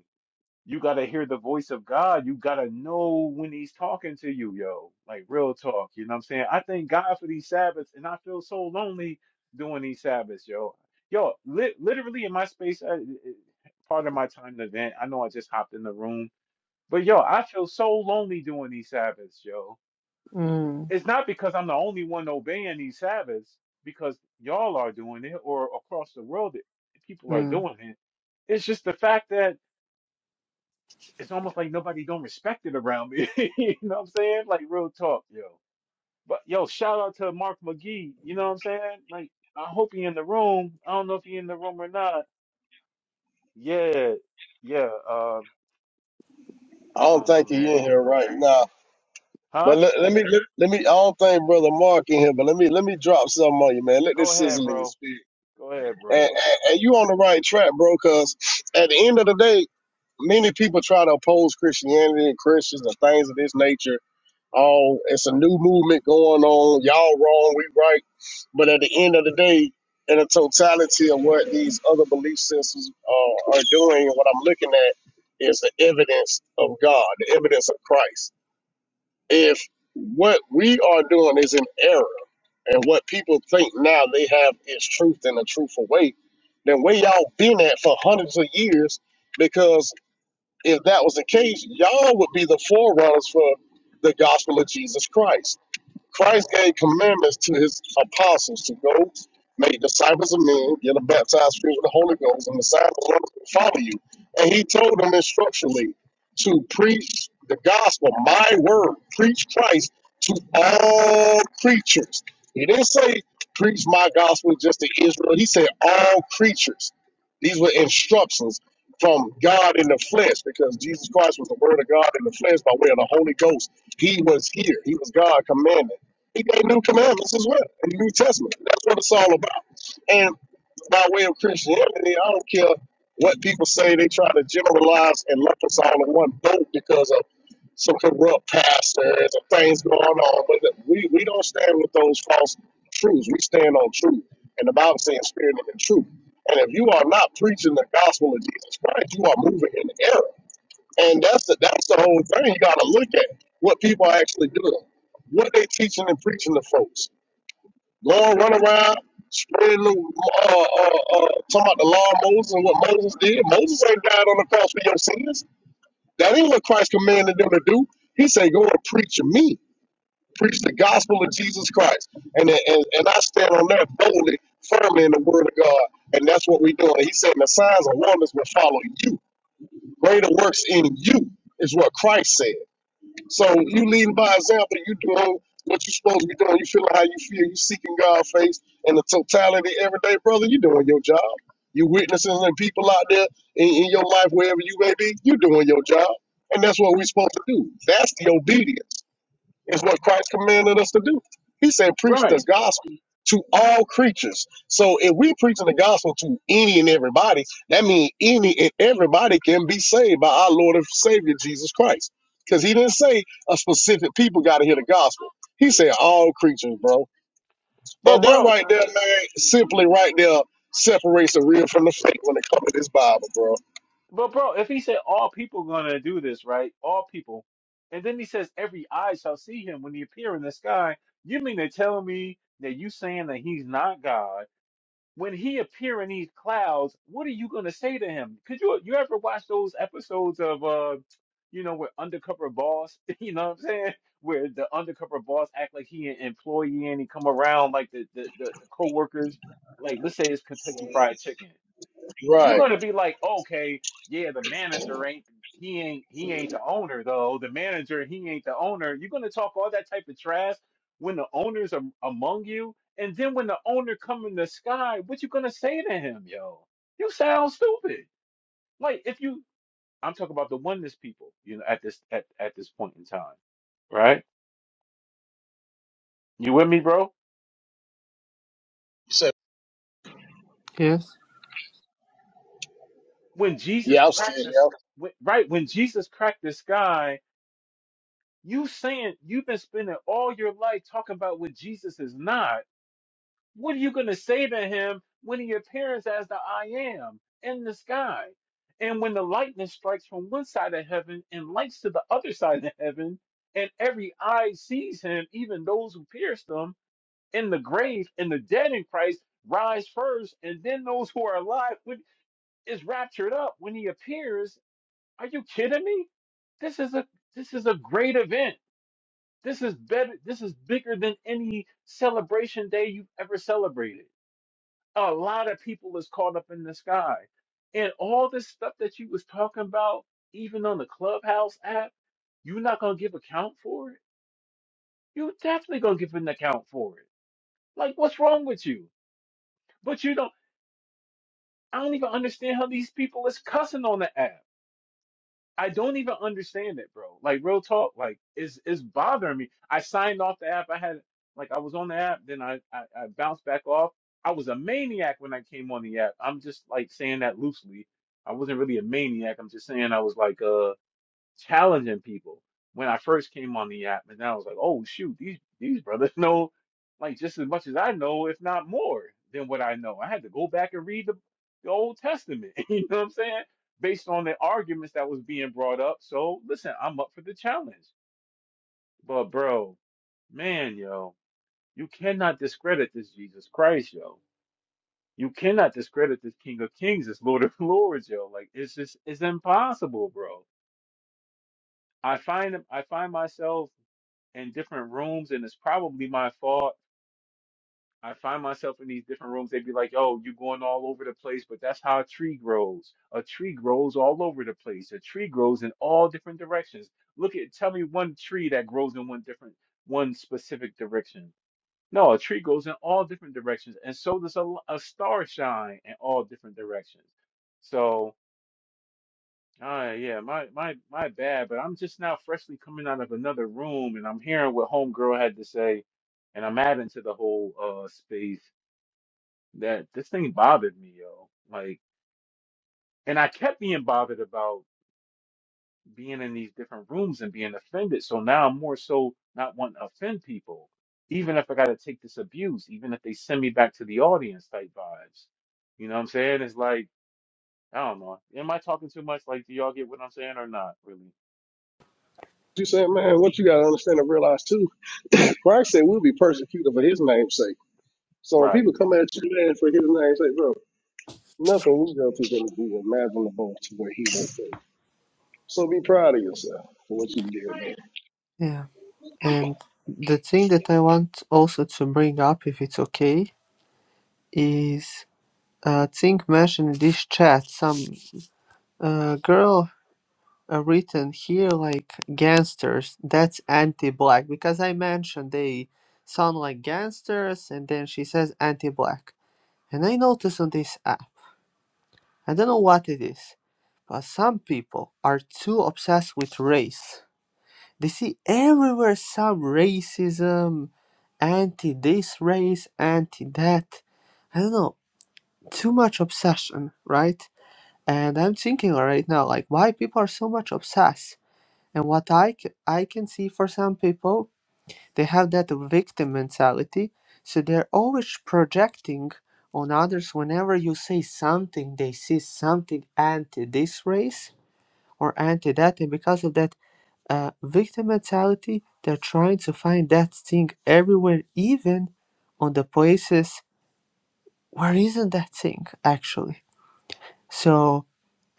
P: You gotta hear the voice of God. You gotta know when he's talking to you, yo. Like real talk. You know what I'm saying? I thank God for these Sabbaths, and I feel so lonely doing these Sabbaths, yo. Yo, li literally in my space, uh, part of my time to vent. I know I just hopped in the room, but yo, I feel so lonely doing these Sabbaths, yo.
T: Mm.
P: It's not because I'm the only one obeying these Sabbaths, because y'all are doing it, or across the world, people are
T: Mm.
P: doing it. It's just the fact that it's almost like nobody don't respect it around me. [laughs] you know what I'm saying? Like real talk, yo. But yo, shout out to Mark McGee. You know what I'm saying? Like I hope he in the room. I don't know if he in the room or not. Yeah, yeah. Uh,
S: I
P: I
S: don't
P: don't know,
S: think he
P: man.
S: in here right now.
P: Huh?
S: But let, let me let, let me. I don't think brother Mark in here, but let me let me drop something on you, man. Let
P: Go
S: this
P: ahead,
S: sizzle in your
P: bro.
S: spirit.
P: Go ahead,
S: And,
P: bro.
S: and, and you on the right track, bro. Cause at the end of the day, many people try to oppose Christianity and Christians and things of this nature. Oh, it's a new movement going on. Y'all wrong, we right. But at the end of the day, in the totality of what these other belief systems uh, are doing, what I'm looking at is the evidence of God, the evidence of Christ if what we are doing is an error and what people think now they have is truth in a truthful way, then where y'all been at for hundreds of years? Because if that was the case, y'all would be the forerunners for the gospel of Jesus Christ. Christ gave commandments to his apostles to go make disciples of men, get them baptized filled with the Holy Ghost, and the signs and wonders will follow you. And he told them instructionally to preach the gospel, my word, preach Christ to all creatures. He didn't say preach my gospel just to Israel. He said all creatures. These were instructions from God in the flesh because Jesus Christ was the word of God in the flesh by way of the Holy Ghost. He was here. He was God commanding. He gave new commandments as well in the New Testament. That's what it's all about. And by way of Christianity, I don't care what people say. They try to generalize and lump us all in one boat because of some corrupt pastors and things going on. But that- we, we don't stand with those false truths. We stand on truth. And the Bible says spirit and in truth. And if you are not preaching the gospel of Jesus Christ, you are moving in error. And that's the, that's the whole thing. You got to look at what people are actually doing what they teaching and preaching to folks Go and run around, spread a little, uh, uh, uh, talking about the law of Moses and what Moses did. Moses ain't died on the cross for your sins. That ain't what Christ commanded them to do. He said, go and preach to me. Preach the gospel of Jesus Christ. And, and, and I stand on that boldly, firmly in the word of God. And that's what we're doing. He said, the signs and wonders will follow you. Greater works in you is what Christ said. So you leading by example, you doing what you're supposed to be doing. You feeling how you feel. You seeking God's face and the totality every day, brother. You doing your job. You witnessing the people out there in, in your life, wherever you may be. You doing your job, and that's what we're supposed to do. That's the obedience is what Christ commanded us to do. He said, preach the
P: Right.
S: gospel to all creatures. So if we preaching the gospel to any and everybody, that means any and everybody can be saved by our Lord and Savior Jesus Christ. Because he didn't say a specific people got to hear the gospel. He said all creatures, bro. And
P: But
S: that
P: bro,
S: right there, man, simply right there separates the real from the fake when it comes to this Bible, bro.
P: but bro, if he said all people gonna do this, right? All people, and then he says every eye shall see him when he appear in the sky. You mean to tell me that you saying that he's not God? when he appear in these clouds, what are you going to say to him? Could you you ever watch those episodes of uh, you know, with undercover boss, [laughs] you know what I'm saying, where the undercover boss act like he an employee and he come around like the the the, the coworkers, like let's say it's Kentucky Fried Chicken. You're
S: Right. You
P: gonna be like, okay, yeah, the manager ain't he ain't he ain't the owner though. The manager he ain't the owner. You're gonna talk all that type of trash when the owners are among you, and then when the owner come in the sky, what you gonna say to him, yo? You sound stupid. Like if you, I'm talking about the oneness people, you know, at this at at this point in time, right? You with me, bro?
S: said,
T: Yes.
P: When Jesus
S: yeah, I'm
P: cracked
S: saying,
P: this,
S: yeah.
P: when- right? When Jesus cracked the sky You saying you've been spending all your life talking about what Jesus is not. What are you going to say to him when he appears as the I am in the sky? And when the lightning strikes from one side of heaven and lights to the other side of heaven, and every eye sees him, even those who pierced him in the grave and the dead in Christ rise first, and then those who are alive when, is raptured up when he appears. Are you kidding me? This is a this is a great event this is better. This is bigger than any celebration day you've ever celebrated. A lot of people is caught up in the sky, and all this stuff that you was talking about, even on the Clubhouse app, you're not gonna give account for it. You definitely gonna give an account for it. Like, what's wrong with you? But you don't. I don't even understand how these people is cussing on the app. I don't even understand it, bro. Like real talk, like it's it's bothering me. I signed off the app. I had like I was on the app, then I, I I bounced back off. I was a maniac when I came on the app. I'm just like saying that loosely. I wasn't really a maniac. I'm just saying I was like uh challenging people when I first came on the app, and then I was like, oh shoot, these these brothers [laughs] know like just as much as I know, if not more than what I know. I had to go back and read the, the Old Testament, [laughs] you know what I'm saying? Based on the arguments that was being brought up. So listen, I'm up for the challenge. But bro, man, yo, you cannot discredit this Jesus Christ, yo. You cannot discredit this King of Kings, this Lord of [laughs] Lords, yo. Like it's just it's impossible, bro. I find I find myself in different rooms, and it's probably my fault. I find myself in these different rooms. They'd be like, "Oh, you're going all over the place," but that's how a tree grows. A tree grows all over the place. A tree grows in all different directions. Look at, tell me one tree that grows in one different, one specific direction. No, a tree grows in all different directions, and so does a, l- a star shine in all different directions. So. Uh, yeah, my my my bad, but I'm just now freshly coming out of another room and I'm hearing what homegirl had to say, and I'm adding to the whole uh space that this thing bothered me, yo. Like, and I kept being bothered about being in these different rooms and being offended. So now I'm more so not wanting to offend people, even if I gotta take this abuse, even if they send me back to the audience type vibes. You know what I'm saying? It's like, I don't know. Am I talking too much? Like, do y'all get what I'm saying or not really?
S: You said, man, what you got to understand and realize too Christ said we'll be persecuted for his name's sake. So when
P: Right.
S: people come at you man for his name's sake, bro, nothing we go through is going to be imaginable to what he went through. So be proud of yourself for what you did, man.
T: Yeah. And the thing that I want also to bring up, if it's okay, is a thing mentioned in this chat. Some uh, girl uh, written here like gangsters that's anti-black because i mentioned they sound like gangsters and then she says anti-black and i notice on this app i don't know what it is but some people are too obsessed with race they see everywhere some racism anti this race anti that i don't know too much obsession right and i'm thinking right now like why people are so much obsessed and what I, c- I can see for some people, they have that victim mentality. So they're always projecting on others whenever you say something, they see something anti this race or anti that. And because of that uh, victim mentality, they're trying to find that thing everywhere, even on the places where isn't that thing actually. So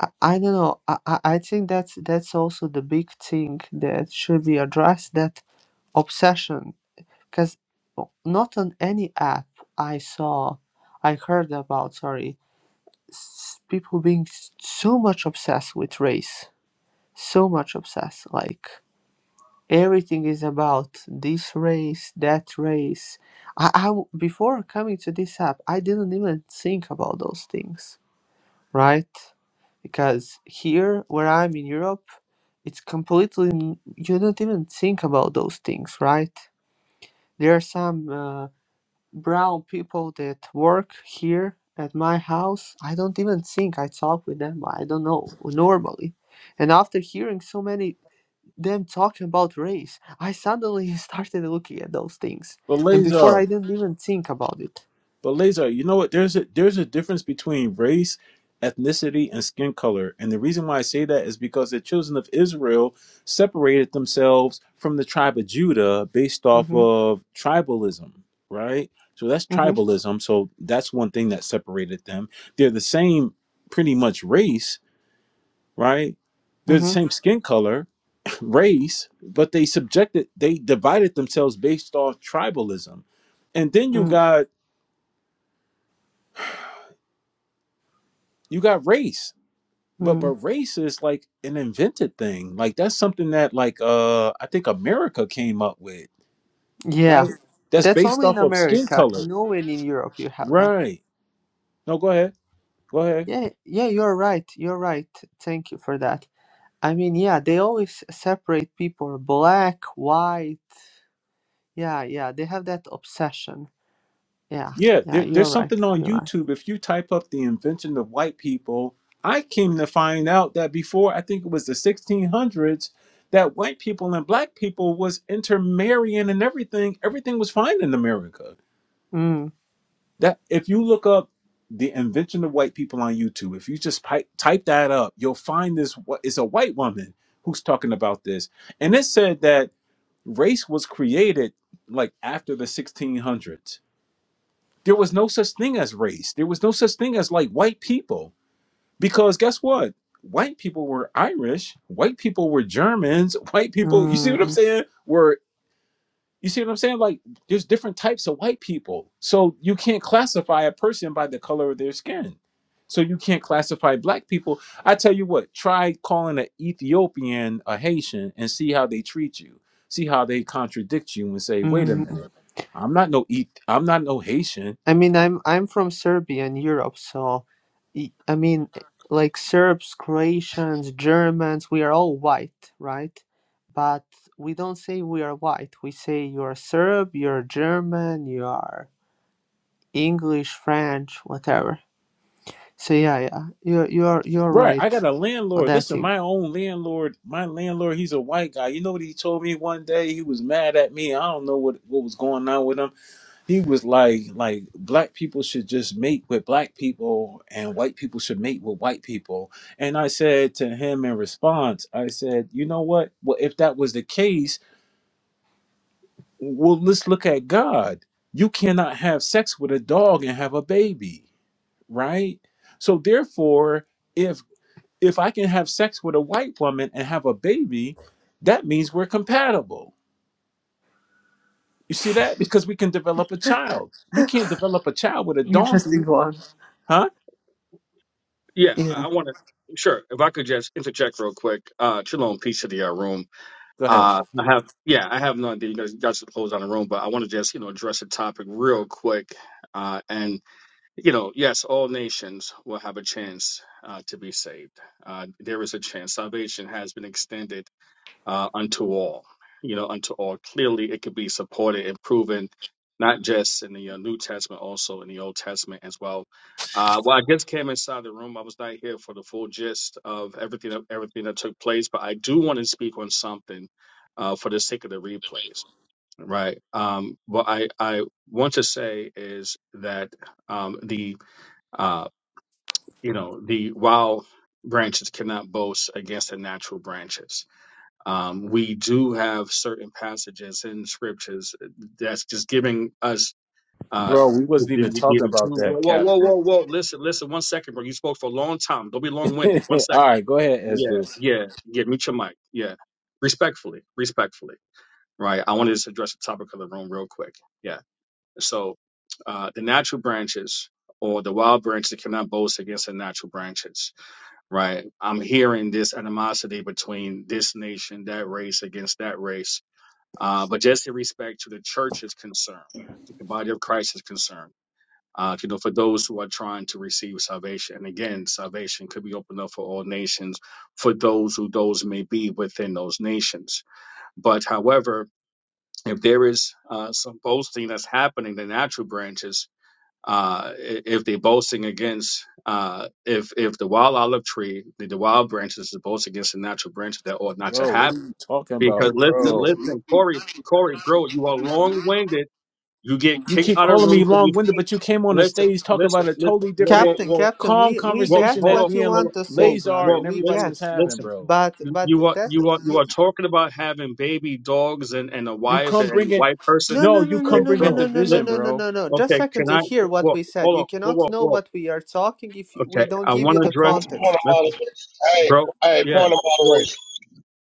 T: I, I don't know. I, I I think that's that's also the big thing that should be addressed. That obsession because not on any app I saw, I heard about, sorry, s- people being s- so much obsessed with race, so much obsessed. Like everything is about this race, that race. I, I w- before coming to this app, I didn't even think about those things, right? Because here, where I'm in Europe, it's completely n- you don't even think about those things, right? There are some. Uh, brown people that work here at my house, I don't even think I talk with them. I don't know normally. And after hearing so many them talking about race, I suddenly [laughs] started looking at those things.
P: But
T: And before I
P: Lazar,
T: didn't even think about it.
P: but Lazar, you know what? There's a there's a difference between race, ethnicity, and skin color, and the reason why I say that is because the children of Israel separated themselves from the tribe of Judah based off
T: Mhm.
P: of tribalism, right? So that's
T: Mhm.
P: tribalism. So that's one thing that separated them. They're the same, pretty much race, right? They're the
T: Mhm.
P: same skin color, [clears throat] race, but they subjected, they divided themselves based off tribalism, and then you
T: Mm.
P: got you got race but but
T: Mm.
P: race is like an invented thing like that's something that like uh i think america came up with
T: Yeah.
P: right that's
T: That's
P: based
T: only in
P: off of skin
T: America.
P: color
T: Nowhere in Europe you have that.
P: right no go ahead go ahead
T: Yeah, yeah, you're right. You're right. Thank you for that. I mean, yeah, they always separate people black, white, Yeah, yeah, they have that obsession. Yeah,
P: yeah
T: yeah,
P: there,
T: you're
P: there's
T: right.
P: something on
T: You're right.
P: youtube if you type up the invention of white people i came to find out that before i think it was the 1600s that white people and black people was intermarrying and everything everything was fine in america
T: Mm,
P: That if you look up the invention of white people on YouTube, if you just pi- type that up, you'll find this. What is a white woman who's talking about this, and it said that race was created like after the 1600s. There was no such thing as race. There was no such thing as like white people because guess what? White people were Irish. White people were Germans. [laughs] White people, you see
T: mm,
P: what I'm
T: mm.
P: saying? Were you see what I'm saying? Like there's different types of white people. So you can't classify a person by the color of their skin. So you can't classify black people. I tell you what, try calling an Ethiopian a Haitian and see how they treat you. See how they contradict you and say, "Wait a
T: mm.
P: minute. I'm not no Eth- I'm not no Haitian."
T: I mean, I'm I'm from Serbia in Europe, so y- I mean, like Serbs, Croatians, Germans, we are all white, right? But we don't say we are white. We say you're Serb, you're German, you are English, French, whatever. So yeah, yeah, you're you're you're
P: Right, I
T: right.
P: got a landlord. Listen,
T: Well,
P: my own landlord, my landlord, he's a white guy. You know what he told me one day? He was mad at me. I don't know what, what was going on with him. he was like like black people should just mate with black people and white people should mate with white people and i said to him in response i said you know what well if that was the case well let's look at god you cannot have sex with a dog and have a baby right so therefore if if i can have sex with a white woman and have a baby that means we're compatible you see that because we can develop a child you can't develop a child with a donkey huh
U: Yeah, I want to. Sure, if I could just interject real quick. Uh, Shalom, peace to the uh, room.
P: go ahead
U: Uh, I have, yeah, I have no idea. You guys got to close on the room, but I want to just, you know, address the topic real quick. Uh, and you know, yes, all nations will have a chance uh, to be saved. Uh, there is a chance. Salvation has been extended uh, unto all. You know, unto all. Clearly, it could be supported and proven, not just in the uh, New Testament, also in the Old Testament as well. Uh, well, I just came inside the room. I was not here for the full gist of everything that, everything that took place, but I do want to speak on something uh, for the sake of the replays, right? Um, what I, I want to say is that um, the uh, you know the wild branches cannot boast against the natural branches um, we do have certain passages in scriptures that's just giving us. Uh,
P: Bro, we
U: you
P: wasn't even talking
U: have two.
P: about
U: Whoa,
P: that,
U: whoa, whoa,
P: Captain.
U: whoa, whoa! Listen, listen. One second, bro. You spoke for a long time. Don't be long-winded. One
P: [laughs]
U: second.
P: All right, go ahead,
U: Yeah,
P: Esdras.
U: yeah, yeah. Meet your mic. Yeah, respectfully, respectfully. Right. I want to just address the topic of the room real quick. Yeah. So, uh, the natural branches or the wild branches cannot boast against the natural branches. Right. I'm hearing this animosity between this nation, that race against that race uh, but just in respect to the church is concerned, to the body of Christ is concerned, uh, you know, for those who are trying to receive salvation. And again, salvation could be opened up for all nations, for those who those may be within those nations. But however, if there is uh, some boasting that's happening, the natural branches, uh, i- if they're boasting against, uh, if if the wild olive tree, the, the wild branches is boasting against the natural branches, that ought not to
P: Bro,
U: happen
P: what are you talking
U: because
P: about,
U: listen,
P: bro?
U: listen, Corey, Corey, bro, you are long winded. You get
P: You
U: kicked
P: keep
U: out of the
P: calling
U: room
P: me
U: for
P: long
U: you
P: winded,
U: speak.
P: but you came on the
U: Listen,
P: stage talking
U: listen,
P: about a
U: listen.
P: totally
U: Whoa,
P: different,
U: whoa,
T: Captain,
U: whoa,
T: Captain,
P: calm
T: we we
U: whoa.
T: get
P: conversation
U: Hold
P: that
T: what
U: up,
P: me
T: you
P: and
U: hold up.
T: want to
U: Whoa,
T: say,
P: Lazar
T: brother.
U: whoa.
P: and
T: We
P: everybody
U: Listen,
T: get,
P: was having,
U: listen.
P: bro.
T: but
U: You
T: but
U: you are
T: that
U: you are you
T: you
U: are talking about having baby dogs and and a
P: You
U: wife
P: come
U: and, and a
P: bringing,
U: white person,
T: no
P: no,
T: no no
P: you
T: no
U: Yeah,
P: come
T: no no
P: bringing
U: bro.
T: no no no
P: division,
U: Listen.
T: no no
P: bro.
T: no no. Just
U: Okay,
T: second
U: can
T: to
U: I?
T: hear what
U: Whoa,
T: we said.
U: hold
T: You
U: on. Whoa, whoa,
T: cannot know
U: whoa.
T: what we are talking if you- we
U: Okay,
T: don't
U: I
T: give
U: want
T: you
U: to
T: the
U: address.
S: Um, Point of
T: context.
S: moderation.
U: Listen,
S: Hey,
U: bro.
S: hey,
U: Yeah.
S: point of
U: Whoa,
S: moderation.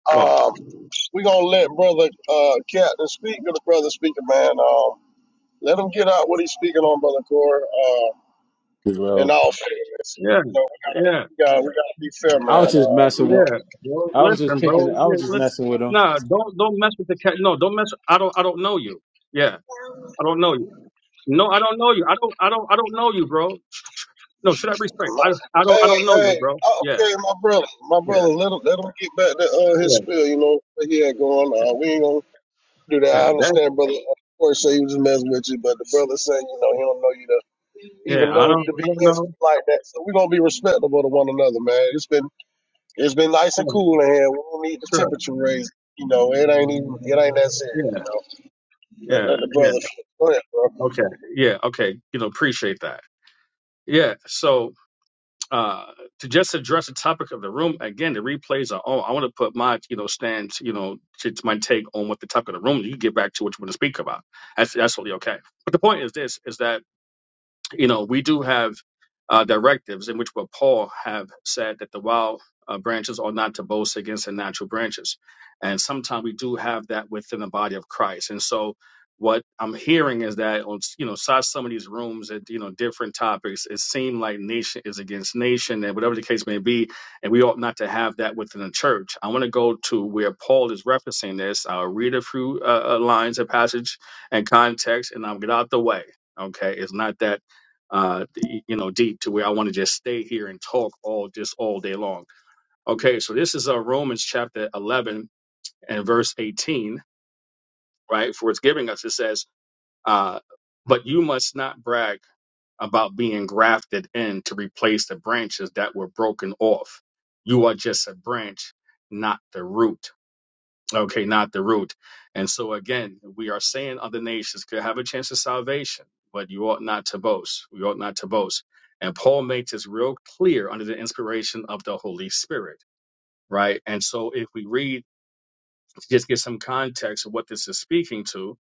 U: whoa.
S: Um, we gonna let brother uh Captain speak or the brother speaking, man. Um, let him get out what he's speaking on, brother Core. Uh,
P: Bro,
S: in all fairness,
U: Yeah,
S: you know,
U: yeah.
S: we got we gotta be fair,
P: I was
S: man.
P: just
S: Uh,
P: messing
S: you know.
P: with,
U: Yeah, bro.
P: I was just
U: Listen, bro.
P: picking, I
U: Yeah,
P: was just
U: listen.
P: messing with him.
U: Nah, don't don't mess with the cat. No, don't mess. I don't I don't know you. Yeah, I don't know you. No, I don't know you. I don't I don't I don't know you, bro. No, should I restrain?
S: My,
U: I I don't I
S: hey,
U: don't know you,
S: hey,
U: bro.
S: oh,
U: Yeah,
S: okay, my brother, my brother,
U: yeah,
S: let him, let him get back to uh,
U: yeah,
S: his spiel, you know, what he had going
U: yeah.
S: on. We ain't gonna do that.
U: yeah,
S: I
U: That
S: understand, brother. Of course, say he was messing with you, but the brother saying, you know, he don't know you to
U: yeah.
S: even
U: I
S: know
U: don't
S: to
U: I
S: be
U: don't
S: messed
U: know.
S: like that. So we gonna be respectable to one another, man. It's been it's been nice
U: Yeah,
S: and cool in here. We don't need the
U: sure.
S: temperature raised. You know, it ain't even it ain't that
U: Yeah,
S: serious. You know, let, let
U: yeah,
S: the
U: yeah.
S: brother. Go ahead, bro.
U: Okay. Yeah. Okay. You know, appreciate that. Yeah. So. uh, to just address the topic of the room again, the replays are on. I want to put my you know stance, you know, to, to my take on what the topic of the room. You can get back to what you want to speak about. That's that's totally okay. But the point is this: is that you know, we do have uh, directives in which what Paul have said that the wild uh, branches are not to boast against the natural branches, and sometimes we do have that within the body of Christ. And so, what I'm hearing is that on you know, inside some of these rooms at you know different topics, it seemed like nation is against nation, and whatever the case may be, and we ought not to have that within the church. I want to go to where Paul is referencing this. I'll read a few uh, uh, lines, a passage, and context, and I'll get out the way. Okay, it's not that uh, you know, deep to where I want to just stay here and talk all just all day long. Okay, so this is uh, Romans chapter 11 and verse 18, right? For it's giving us, it says, uh, but you must not brag about being grafted in to replace the branches that were broken off. You are just a branch, not the root okay, not the root. And so again, we are saying other nations could have a chance of salvation, but you ought not to boast. We ought not to boast. And Paul makes this real clear under the inspiration of the Holy Spirit, right? And so if we read, just get some context of what this is speaking to,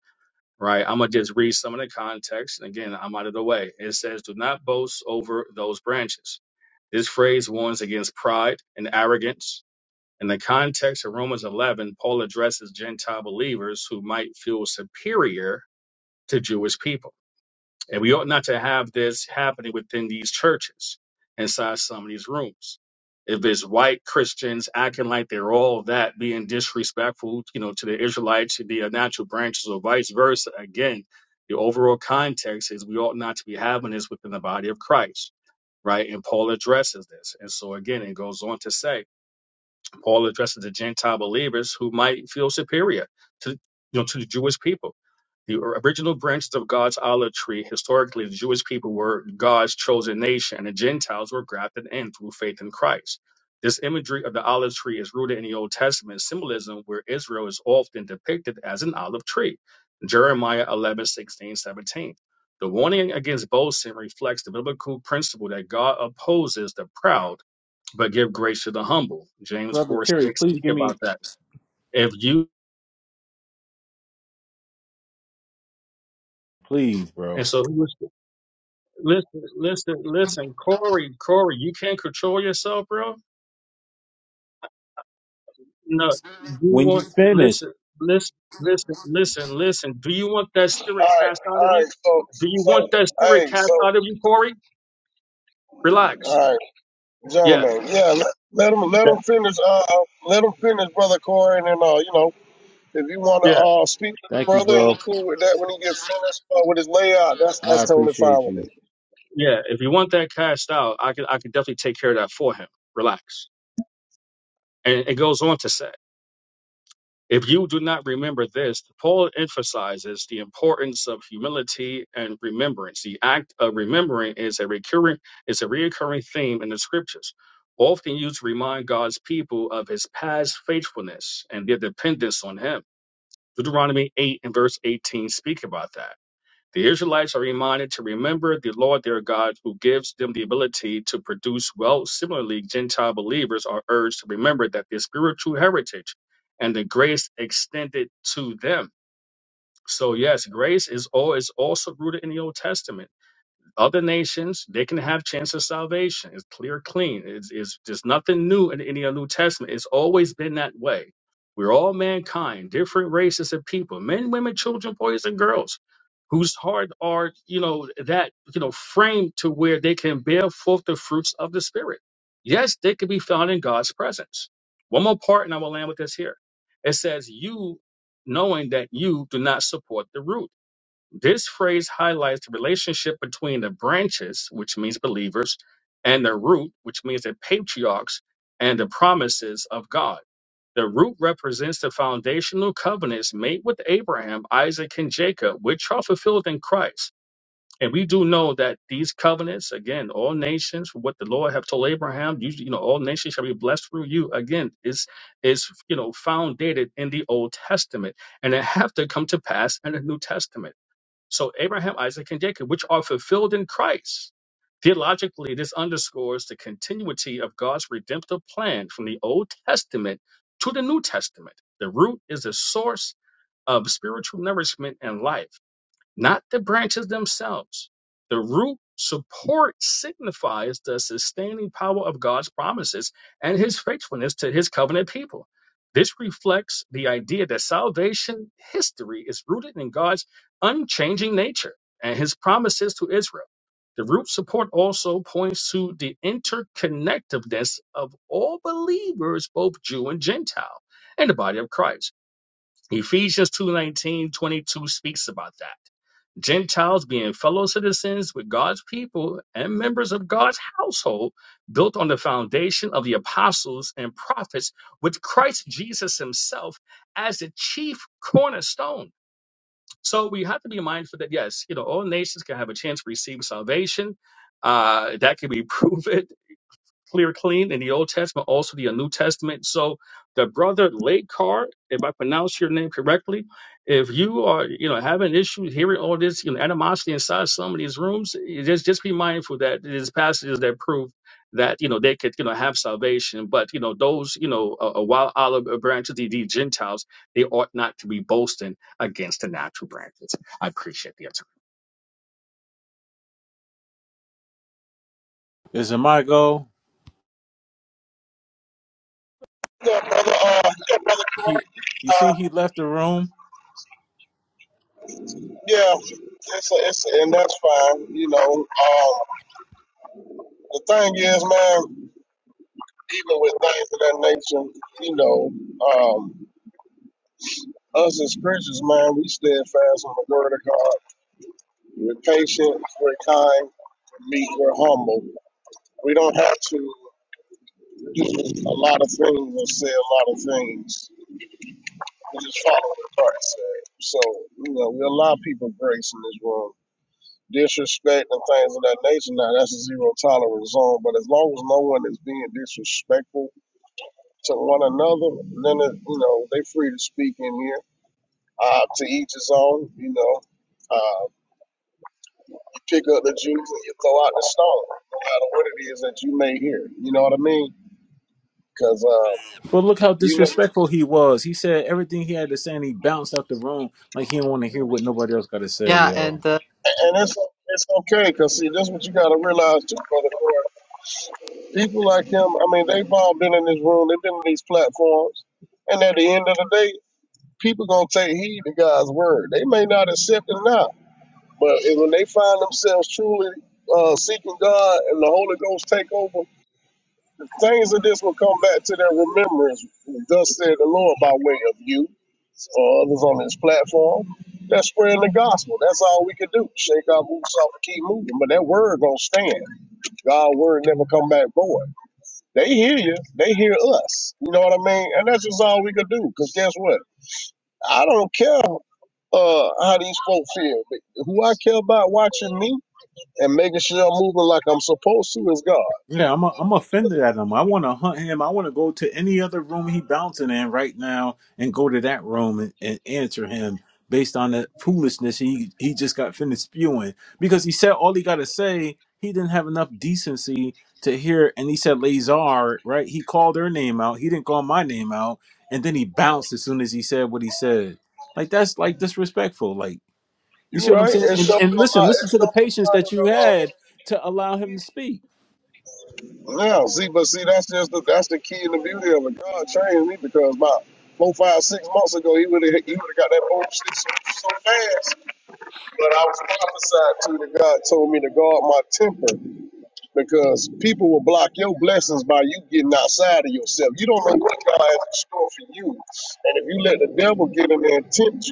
U: right? I'm going to just read some of the context. And again, I'm out of the way. It says, do not boast over those branches. This phrase warns against pride and arrogance in the context of Romans 11, Paul addresses Gentile believers who might feel superior to Jewish people. And we ought not to have this happening within these churches, inside some of these rooms. If it's white Christians acting like they're all that, being disrespectful, you know, to the Israelites, to the natural branches, or vice versa, again, the overall context is we ought not to be having this within the body of Christ, right? And Paul addresses this. And so again, it goes on to say, Paul addresses the Gentile believers who might feel superior to you know to the Jewish people. The original branches of God's olive tree, historically, the Jewish people were God's chosen nation, and the Gentiles were grafted in through faith in Christ. This imagery of the olive tree is rooted in the Old Testament symbolism, where Israel is often depicted as an olive tree. Jeremiah 11 16 17. The warning against boasting reflects the biblical principle that God opposes the proud but give grace to the humble. James
P: Brother
U: 4
P: Terry,
U: 6
P: please
U: speak
P: give me,
U: about that. If you
P: please, bro.
U: and so he was listen, listen, listen, Corey, Corey, you can't control yourself, bro. No, you
P: When you
U: want
P: finish,
U: listen, listen, listen, listen, listen. Do you want that
S: All
U: spirit
S: right,
U: cast out of
S: all
U: you?
S: right, so
U: Do you
S: so
U: want that spirit
S: hey,
U: cast
S: so
U: out of you, Corey?
S: all
U: Relax.
S: right.
U: Yeah,
S: gentlemen. Yeah, let, let him let
U: yeah,
S: him finish. Uh, uh, let him finish, brother Corey, and then uh, you know, if you want to
U: yeah,
S: uh speak to the
P: thank you,
S: brother and he
P: bro.
S: cool with that when he gets finished uh, with his layout, that's
P: I
S: that's totally fine
P: appreciate
S: with
P: you.
S: me.
U: yeah. If you want that cast out, I could I could definitely take care of that for him. Relax. And it goes on to say. If you do not remember this, Paul emphasizes the importance of humility and remembrance. The act of remembering is a recurring is a recurring theme in the scriptures, often used to remind God's people of his past faithfulness and their dependence on him. Deuteronomy 8 and verse 18 speak about that. The Israelites are reminded to remember the Lord their God who gives them the ability to produce wealth. Similarly, Gentile believers are urged to remember that their spiritual heritage and the grace extended to them. So, yes, grace is, all, is also rooted in the Old Testament other nations, they can have chance of salvation. It's clear, clean. It's, it's there's nothing new in any of New Testament. It's always been that way. We're all mankind, different races of people, men, women, children, boys, and girls, whose heart are, you know, that, you know, framed to where they can bear forth the fruits of the Spirit. Yes, they can be found in God's presence. One more part, and I will land with this here. It says, You knowing that you do not support the root. This phrase highlights the relationship between the branches, which means believers, and the root, which means the patriarchs and the promises of God. The root represents the foundational covenants made with Abraham, Isaac, and Jacob, which are fulfilled in Christ. And we do know that these covenants, again, all nations, what the Lord have told Abraham, you, you know, all nations shall be blessed through you. Again, is is you know founded in the Old Testament, and it have to come to pass in the New Testament. So Abraham, Isaac, and Jacob, which are fulfilled in Christ. Theologically, this underscores the continuity of God's redemptive plan from the Old Testament to the New Testament. The root is the source of spiritual nourishment and life not the branches themselves. The root support signifies the sustaining power of God's promises and his faithfulness to his covenant people. This reflects the idea that salvation history is rooted in God's unchanging nature and his promises to Israel. The root support also points to the interconnectedness of all believers, both Jew and Gentile, in the body of Christ. Ephesians two nineteen twenty two speaks about that Gentiles being fellow citizens with God's people and members of God's household, built on the foundation of the apostles and prophets, with Christ Jesus himself as the chief cornerstone. So we have to be mindful that, yes, you know, all nations can have a chance to receive salvation. Uh, that can be [laughs] proven clear clean in the Old Testament, also the uh, New Testament. So the brother Lakekar, if I pronounce your name correctly, if you are you know having issues hearing all this you know animosity inside some of these rooms, you just just be mindful that there's passages that prove that you know they could you know have salvation, but you know those you know a, a wild olive branch of the, the Gentiles, they ought not to be boasting against the natural branches. I appreciate the attention.
P: Is it my goal?
S: Yeah, brother. Uh, yeah, brother
P: He,
S: Corey.
P: you
S: Uh,
P: see, he left the room.
S: yeah, it's a, it's a, and that's fine. You know, um, the thing is, man, even with things of that nature, you know, um. Us as Christians, man, we steadfast on the word of God. We're patient, we're kind, meek, we're humble. We don't have to do a lot of things or say a lot of things. We just follow what the Lord said. So, you know, we allow people grace in this world. Disrespect and things of that nature, now that's a zero tolerance zone. But as long as no one is being disrespectful to one another, then, it, you know, they free to speak in here. Uh, to each his own, you know. Uh, you pick up the juice and you throw out the stone, no matter what it is that you may hear. You know what I mean? Because uh,
P: But look how
S: you know.
P: disrespectful he was. He said everything he had to say, and he bounced out the room like he didn't want to hear what nobody else got to say,
T: Yeah,
P: yo.
T: and uh,
S: and it's it's okay because see, that's what you got to realize too, brother. Corey. People like him, I mean, they've all been in this room, they've been in these platforms, and at the end of the day, people gonna take heed to God's word. They may not accept it now, but if- when they find themselves truly uh, seeking God and the Holy Ghost take over, the Things of this will come back to their remembrance, thus said the Lord, by way of you or others on this platform. That's spreading the gospel. That's all we can do. Shake our boots off and keep moving. But that word gonna stand. God's word never come back void. They hear you. They hear us. You know what I mean? And that's just all we can do. Cause guess what? I don't care uh, how these folks feel. Who I care about watching me and making sure I'm moving like I'm supposed to is God.
P: Yeah, I'm I'm offended at him. I want to hunt him. I want to go to any other room he bouncing in right now and go to that room and, and answer him based on the foolishness he he just got finished spewing because he said all he got to say. He didn't have enough decency to hear, and he said Lazar, right? He called her name out. He didn't call my name out, and then he bounced as soon as he said what he said. Like that's like disrespectful. Like you
S: You're
P: see what I'm
S: right.
P: saying?
S: It
P: And
S: shows
P: and
S: a
P: listen,
S: lot. It
P: listen to the
S: shows a
P: patience
S: lot
P: that you had
S: of
P: to allow him to speak.
S: the um, now. See, but see, that's just the that's the key and the beauty of it. God trained me because about four, five, six months ago, he would have he would have got that bullshit so, so fast. But I was prophesied to that God told me to guard my temper because people will block your blessings by you getting outside of yourself. You don't know what God has in store for you, and if you let the devil get in there and tempt you.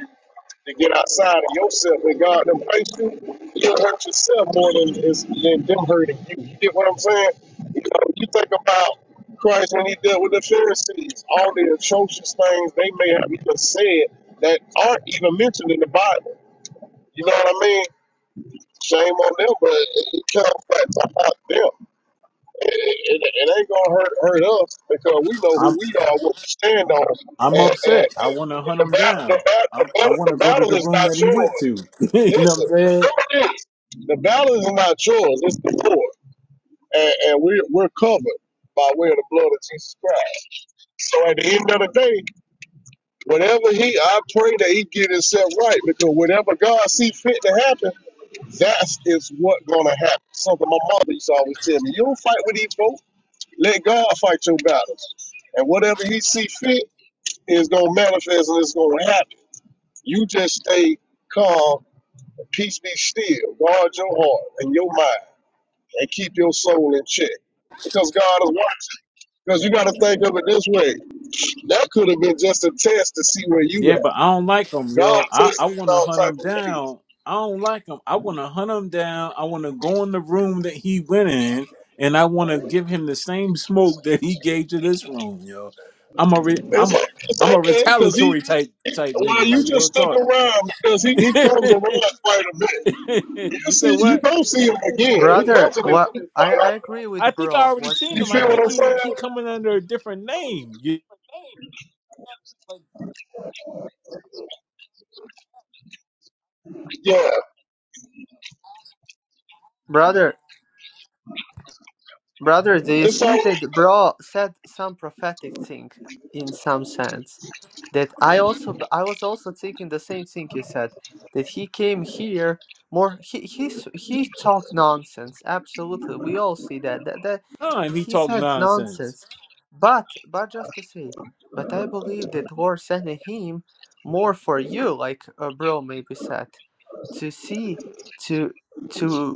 S: to get outside of yourself and God them hurt you, you'll hurt yourself more than is than them hurting you. You get what I'm saying? You know, you think about Christ when he dealt with the Pharisees, all the atrocious things they may have even said that aren't even mentioned in the Bible. You know what I mean? Shame on them, but it, it comes back to about them. It, it, it ain't gonna hurt hurt us because we know who we are, what we stand on,
P: I'm
S: and, and
P: upset. I want to hunt
S: the
P: him
S: battle, the
P: down.
S: battle, the
P: I'm, I
S: battle,
P: want
S: the
P: to go to
S: battle
P: the
S: is
P: room
S: not
P: that he
S: yours.
P: went to. [laughs] you know what
S: Listen,
P: I'm
S: the
P: saying?
S: truth is, the battle is not yours, it's the Lord. And, and we're, we're covered by way of the blood of Jesus Christ. So at the end of the day, whatever he, I pray that he get himself right because whatever God see fit to happen, that is what going to happen. Something my mother used to always tell me, you don't fight with these folks, let God fight your battles. And whatever he see fit is going to manifest and it's going to happen. You just stay calm, peace be still, guard your heart and your mind and keep your soul in check. Because God is watching. Because you got to think of it this way. That could have been just a test to see where you
P: Yeah,
S: at.
P: but I don't like him,
S: God
P: yo. I,
S: tests
P: I
S: in
P: want to
S: all
P: hunt
S: type
P: him
S: of ways.
P: down. I don't like him. I want to hunt him down. I want to go in the room that he went in, and I want to give him the same smoke that he gave to this room, yo. I'm a re- I'm
S: It's,
P: a
S: it's
P: I'm a
S: okay because he,
P: retaliatory type type
S: while
P: nigga,
S: you
P: like
S: just
P: real
S: stick
P: talk.
S: around, because he, he comes around quite a bit.
P: [laughs]
S: You
P: you said
S: see, you
P: what?
S: don't see him again. He
T: brother,
S: comes in this
T: what I
S: quite
T: I
S: often.
T: agree
P: I
T: with
P: think I
T: bro
P: already
T: what he
P: seen
S: You
P: him. I
S: feel
T: said.
S: what
P: think
S: I'm
P: he
S: saying?
P: he coming under a different name.
S: Yeah,
T: Brother, Brother, do you
S: it's all
T: see that bro said some prophetic thing in some sense? That I also I was also thinking the same thing you said, that he came here more he he's he talked nonsense. Absolutely. We all see that. That that
P: time he
T: he
P: talk
T: said
P: nonsense.
T: nonsense. But but just to say, but I believe that Lord sent him more for you, like uh, bro maybe said, to see to to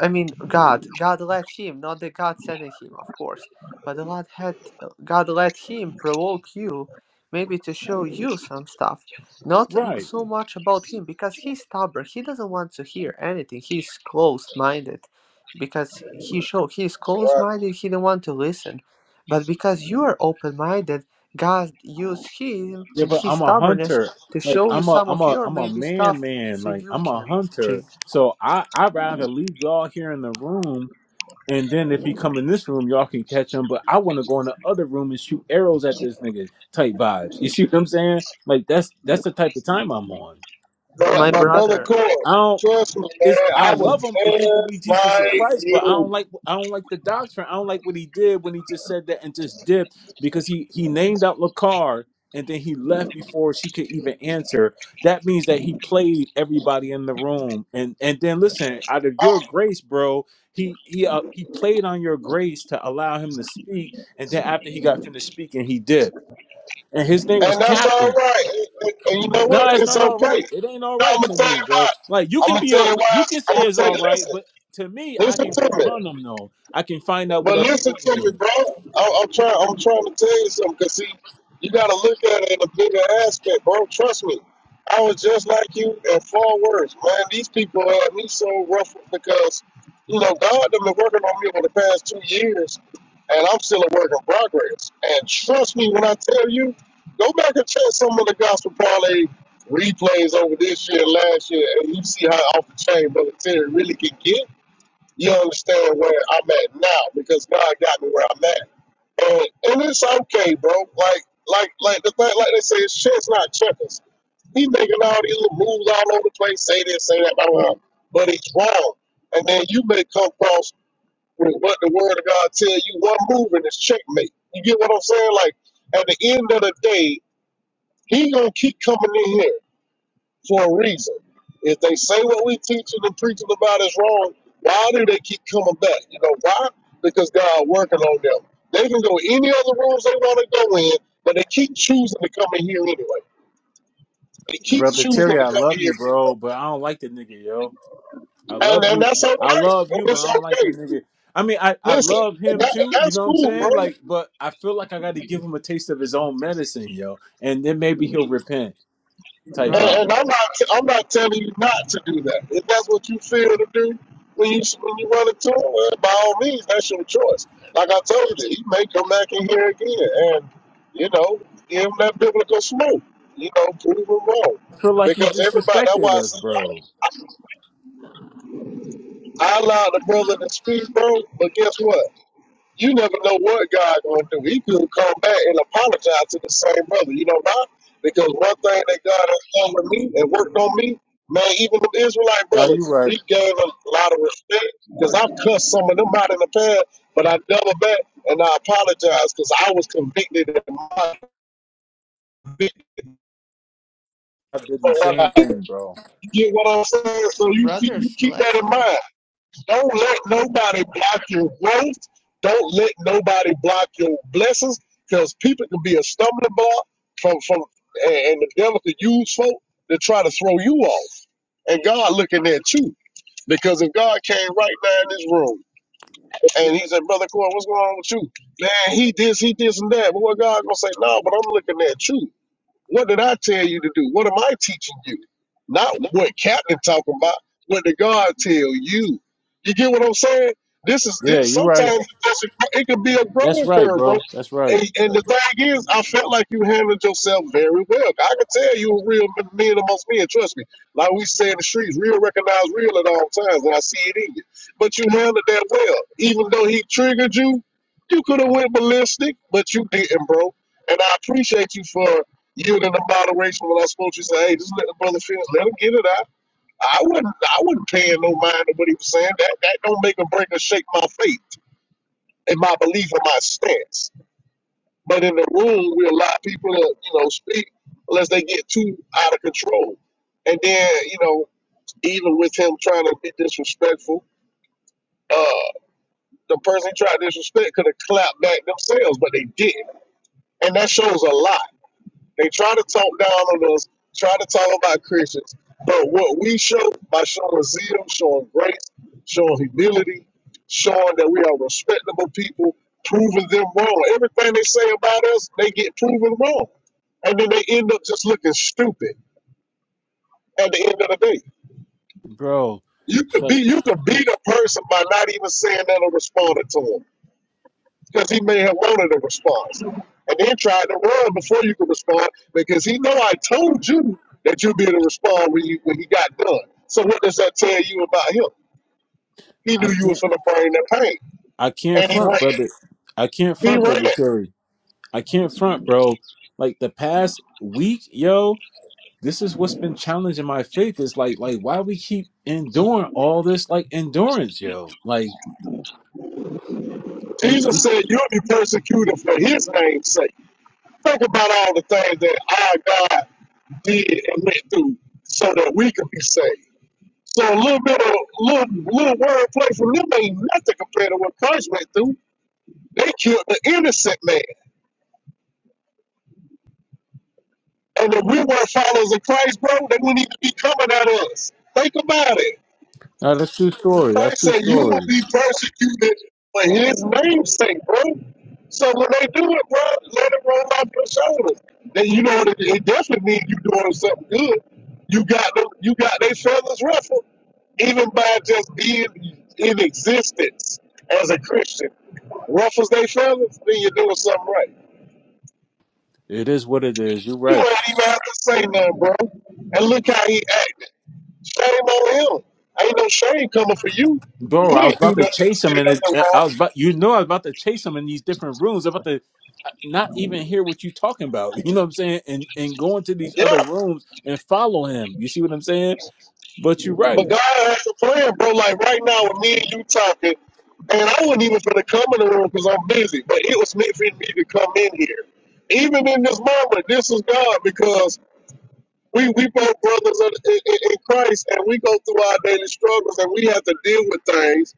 T: I mean, God, God led him, not the God sending him, of course. But the God had, God let him provoke you, maybe to show you some stuff. Not m-
P: Right.
T: so much about him because he's stubborn. He doesn't want to hear anything. He's closed-minded, because he show he's
S: right.
T: closed-minded. He don't want to listen. But because you are open-minded, God used him
P: Yeah,
T: and
P: but
T: his
P: I'm a
T: stubbornness
P: hunter.
T: to
P: Like
T: show you
P: I'm a
T: some
P: I'm
T: of
P: a
T: your
P: I'm a
T: maybe
P: man
T: stuff,
P: man.
T: so
P: Like
T: you
P: I'm a
T: can
P: hunter.
T: change.
P: So I I'd rather leave y'all here in the room and then if he come in this room y'all can catch him. But I wanna go in the other room and shoot arrows at this nigga type vibes. You see what I'm saying? Like that's that's the type of time I'm on.
S: My,
T: My
S: my brother
T: brother,
S: Cole,
P: I don't.
S: trust me, man.
P: It's I
S: I was
P: love him if you believe
S: just
P: Jesus is
S: like
P: Christ, but I don't
S: you.
P: like I don't like the doctrine. I don't like what he did when he just said that and just dipped because he he named out Lakar and then he left before she could even answer. That means that he played everybody in the room. And and then listen, out of
S: I
P: your grace, bro, he he uh, he played on your grace to allow him to speak. And then after he got finished speaking, he dipped. And his name was
S: And that's
P: Captain.
S: all right. And, and- and you know what?
P: No, it's
S: It's
P: not all
S: okay.
P: right. It ain't all
S: Now I'm
P: right
S: gonna
P: to
S: tell
P: me,
S: you
P: bro.
S: why.
P: Like you
S: I'm
P: can
S: gonna
P: be
S: tell
P: a
S: you why.
P: you can
S: I'm
P: say
S: gonna
P: it's
S: tell you.
P: all right,
S: Listen,
P: but to me, I
S: listen
P: can
S: to
P: go
S: me.
P: hunt them though. I can find out what
S: But
P: other
S: listen
P: room
S: to
P: he
S: me,
P: in.
S: bro. I, I'm trying. I'm trying to tell you something. Cause see, you gotta look at it in a bigger aspect, bro. Trust me. I was just like you and far worse, man. These people had me so ruffled because, you know, God done been working on me over the past two years, and I'm still a work in progress. And trust me when I tell you, go back and check some of the gospel parlay replays over this year, last year, and you see how off the chain military really can get. You understand where I'm at now because God got me where I'm at, and and it's okay, bro. Like like like the thing, like they say, shit's not checkers. He making all these little moves all over the place, say this, say that, blah, blah, blah. but it's wrong. And then you may come across with what the word of God tell you, one move and it's checkmate. You get what I'm saying? Like at the end of the day, he gonna keep coming in here for a reason. If they say what we teaching and preaching about is wrong, why do they keep coming back? You know why? Because God working on them. They can go any other rooms they want to go in, but they keep choosing to come in here anyway. They keep
P: Brother
S: choosing to
P: Terry, I
S: come in
P: love
S: here,
P: you, bro, but I don't like the nigga, yo. I
S: and,
P: love
S: and
P: you.
S: that's okay.
P: I love
S: And
P: you, but
S: it's
P: I don't like
S: okay.
P: that nigga. I mean, I, I
S: Listen,
P: love
S: and,
P: him
S: that, and
P: too, you
S: that's
P: know what I'm
S: cool,
P: saying?
S: bro.
P: Like, but I feel like I gotta give him a taste of his own medicine, yo. And then maybe he'll repent type
S: And,
T: brother,
P: vibe.
S: and I'm not I'm not telling you not to do that. If that's what you feel to do when you when you run into him, well, by all means, that's your choice. Like I told you, he may come back in here again, and you know, give him that biblical smoke. You know, prove him wrong.
P: I feel like you
S: Because everybody, that's
P: disrespected
S: why I,
P: us,
S: said,
P: bro.
S: I allowed the brother to speak, bro. But guess what? You never know what God going to do. He could come back and apologize to the same brother. You know why? Because one thing that God has done with me and worked on me, man, even the Israelite
P: No, you
S: brothers,
P: right.
S: we gave a lot of respect because I've cussed some of them out in the past, but I double back and I apologize because I was convicted in my conviction
P: I did the
S: for what I
P: same
S: did.
P: thing, bro.
S: You get what I'm saying? So you keep, you
T: brothers
S: keep that
T: let's.
S: in mind. Don't let nobody block your growth. Don't let nobody block your blessings because people can be a stumbling block from, from and, and the devil can use folk to try to throw you off. And God looking at you. Because if God came right now in this room and he said, Brother Corey, what's going on with you? Man, he this, he this and that. But what God gonna say, no, but I'm looking at you. What did I tell you to do? What am I teaching you? Not what Captain talking about. What did God tell you? You get what I'm saying? This is
P: Yeah,
S: this.
P: you right.
S: Sometimes it's a- it could be a
P: That's
S: growing
P: right,
S: curve, bro.
P: bro. That's right,
S: And, and the thing is, I felt like you handled yourself very well. I can tell you were real men amongst men. Trust me. Like we say in the streets, real recognize real at all times, and I see it in you. But you handled that well. Even though he triggered you, you could have went ballistic, but you didn't, bro. And I appreciate you for you and the moderation when I spoke, you say, "Hey, just let the brother finish. Let him get it out." I wouldn't. I wouldn't pay no mind to what he was saying. That that don't make or break or shake my faith and my belief and my stance. But in the room, we allow people to you know speak unless they get too out of control. And then you know, even with him trying to be disrespectful, uh, the person he tried to disrespect could have clapped back themselves, but they didn't, and that shows a lot. They try to talk down on us, try to talk about Christians, but what we show by showing zeal, showing grace, showing humility, showing that we are respectable people, proving them wrong. Everything they say about us, they get proven wrong, and then they end up just looking stupid at the end of the day.
P: bro.
S: You could be
P: Like
S: you could beat a person by not even saying that or responding to them. because he may have wanted a response and then tried to run before you could respond because he know I told you that you'd be able to respond when you when he got done. So what does that tell you about him? He
P: I
S: knew you was
P: can't,
S: going to bring that pain,
P: I can't
S: and he
P: front,
S: ran.
P: brother. I can't
S: He
P: front, brother
S: ran.
P: Terry. I can't front, bro. Like the past week, yo, this is what's been challenging my faith. Is like, like why we keep enduring all this, like endurance, yo. Like, you, you,
S: Jesus said, "You'll be persecuted for His name's sake." Think about all the things that our God did and went through so that we could be saved. So a little bit of little little wordplay from them ain't nothing compared to what Christ went through. They killed the innocent man. And if we were followers of Christ, bro, they wouldn't even be coming at us. Think about it.
P: no, that's true story. That's
S: Christ
P: true
S: said you will
P: story.
S: be persecuted for his name's sake, bro. So when they do it, bro, let it roll off your shoulders. Then you know that it definitely means you doing something good. You got them, you got their feathers ruffled, even by just being in existence as a Christian. Ruffles their feathers, then you're doing something right.
P: It is what it is. You're
S: You
P: right.
S: ain't even have to say nothing, bro. And look how he acted. Shame on him. Ain't no shame coming for you.
P: bro.
S: You
P: I was
S: ain't do
P: about to
S: nothing to
P: chase him,
S: still
P: and
S: got
P: it,
S: no
P: I was
S: wrong.
P: about you know I was about to chase him in these different rooms. I'm about to uh, not even hear what you talking about. [laughs] You know what I'm saying? And and go into these other
S: Yeah,
P: rooms and follow him. You see what I'm saying? But you're
S: but
P: right.
S: God has a plan, bro. Like right now with me and you talking, and I wasn't even finna come in the room because I'm busy, but it was meant for me to come in here. Even in this moment, this is God because we we both brothers in, in, in Christ, and we go through our daily struggles, and we have to deal with things,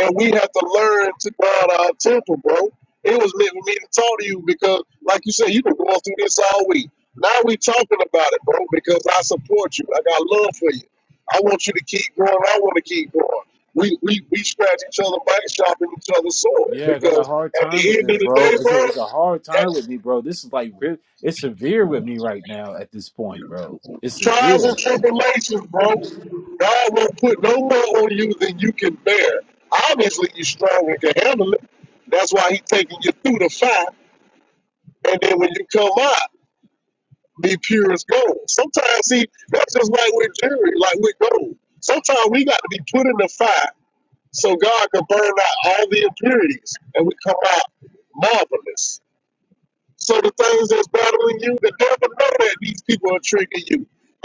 S: and we have to learn to guard our temple, bro. It was meant for me to talk to you because, like you said, you've been going through this all week. Now we talking about it, bro, because I support you. I got love for you. I want you to keep going. I want to keep going. We we we scratch each other back, shopping each other's sore
P: Yeah, I got a
S: because
P: hard
S: at
P: time
S: the
P: with
S: end of
P: this,
S: the
P: bro.
S: day,
P: It's
S: bro,
P: a it's a hard
S: at
P: time with me, bro. This is like real. It's severe with me right now at this point, bro. It's
S: trials
P: severe,
S: and tribulations, bro. God won't put no more on you than you can bear. Obviously, you are strong and can handle it. That's why He's taking you through the fire, and then when you come out, be pure as gold. Sometimes, see, that's just like with jewelry, like with gold. Sometimes we got to be put in the fire so God can burn out all the impurities, and we come out marvelous. So the things that's bothering you, the devil know that these people are tricking you.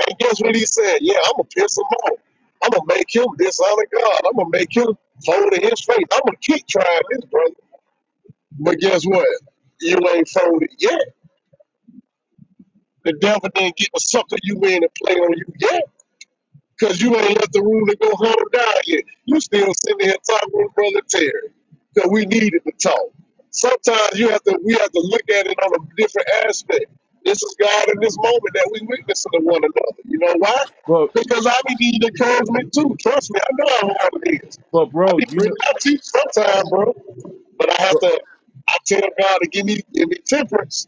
S: And guess what he said? Yeah, I'm gonna piss him off. I'm gonna make him dishonor God. I'm gonna make him fold in his faith. I'm gonna keep trying this, brother. But guess what? You ain't folded yet. The devil didn't get to sucker you in and play on you yet. Because you ain't left the room to go home down yet. You still sitting here talking with Brother Terry. Because we needed to talk. Sometimes you have to we have to look at it on a different aspect. This is God in this moment that we witnessing to one another. You know why?
P: but
S: Because I be needing encouragement too. Trust me, I know how hard it is.
P: but
S: I
P: bro,
S: be
P: you
S: bringing
P: know.
S: I teach sometimes, bro. But I have to I tell God to give me give me temperance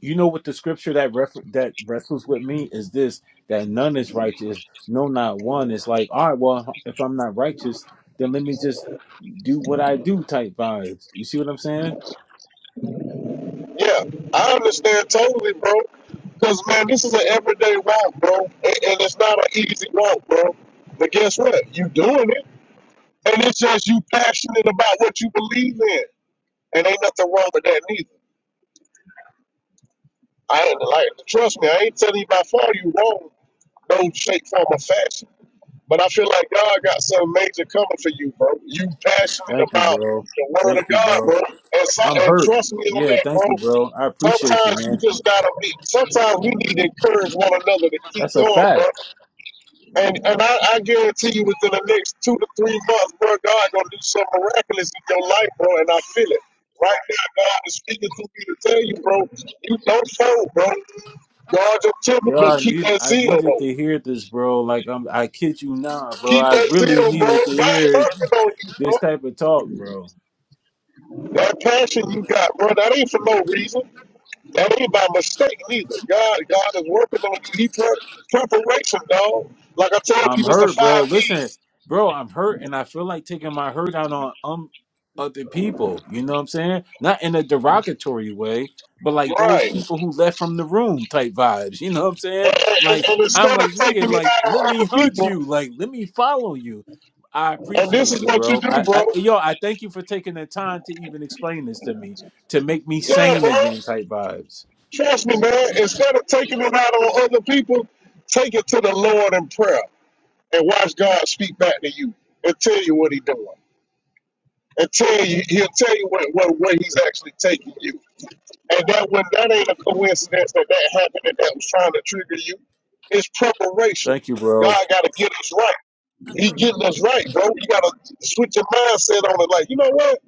P: you know what the scripture that refer- that wrestles with me is this that none is righteous no not one it's like all right well if i'm not righteous then let me just do what i do type vibes you see what i'm saying
S: Yeah, I understand totally, bro. Cause man, this is an everyday walk, bro, and, and it's not an easy walk, bro. But guess what? You doing it, and it's just you passionate about what you believe in, and ain't nothing wrong with that neither. I ain't like, trust me, I ain't telling you by far you wrong, no shape, form, or fashion. But I feel like God got something major coming for you, bro. You passionate
P: thank you
S: about
P: bro
S: the word of
P: thank you
S: God,
P: bro
S: bro. And so,
P: i'm
S: and
P: hurt
S: trust me on
P: yeah
S: that,
P: thank you
S: bro.
P: bro i appreciate you
S: Sometimes you
P: man
S: just gotta be. Sometimes we need to encourage one another to keep
P: that's a
S: going, bro.
P: fact
S: And and I, I guarantee you, within the next two to three months, bro, God gonna do something miraculous in your life, bro. And I feel it right now. God is speaking to me to tell you, bro. You don't fold, bro. Guard your temper,
P: yo
S: but
P: i
S: keep
P: need
S: that
P: i
S: zeal,
P: needed
S: though.
P: to hear this bro like i'm i kid you not bro
S: Keep
P: i
S: that
P: really
S: zeal, bro.
P: needed to
S: God
P: hear it
S: working on you, bro.
P: this type of talk, bro.
S: That passion you got, bro, that ain't for no reason. That ain't by mistake neither. God, God is working on you. He pre- preparation, dog. Like I told
P: I'm
S: people, it's the
P: hurt, bro.
S: five P.
P: Listen, bro, I'm hurt and I feel like taking my hurt out on um other people. You know what I'm saying? Not in a derogatory way, but like those
S: Right. And,
P: people who left from the room type vibes. You know what I'm saying?
S: and,
P: Like
S: and
P: I'm
S: instead of
P: like, nigga,
S: taking it
P: like
S: out
P: let
S: on
P: me
S: other
P: hunt
S: people,
P: you. Like let me follow you. I
S: and this
P: appreciate
S: is
P: you,
S: what you
P: bro.
S: do,
P: I,
S: bro.
P: I yo, I thank you for taking the time to even explain this to me, to make me
S: Yeah,
P: sane
S: bro.
P: again type vibes.
S: Trust me, man. Instead of taking it out on other people, take it to the Lord in prayer and watch God speak back to you and tell you what He's doing. And tell you, He'll tell you what, what, where He's actually taking you. And that when that ain't a coincidence that that happened and that was trying to trigger you, it's preparation.
P: Thank you, bro.
S: God got to get us right. He getting us right, bro. You got to switch your mindset on it. Like, you know what?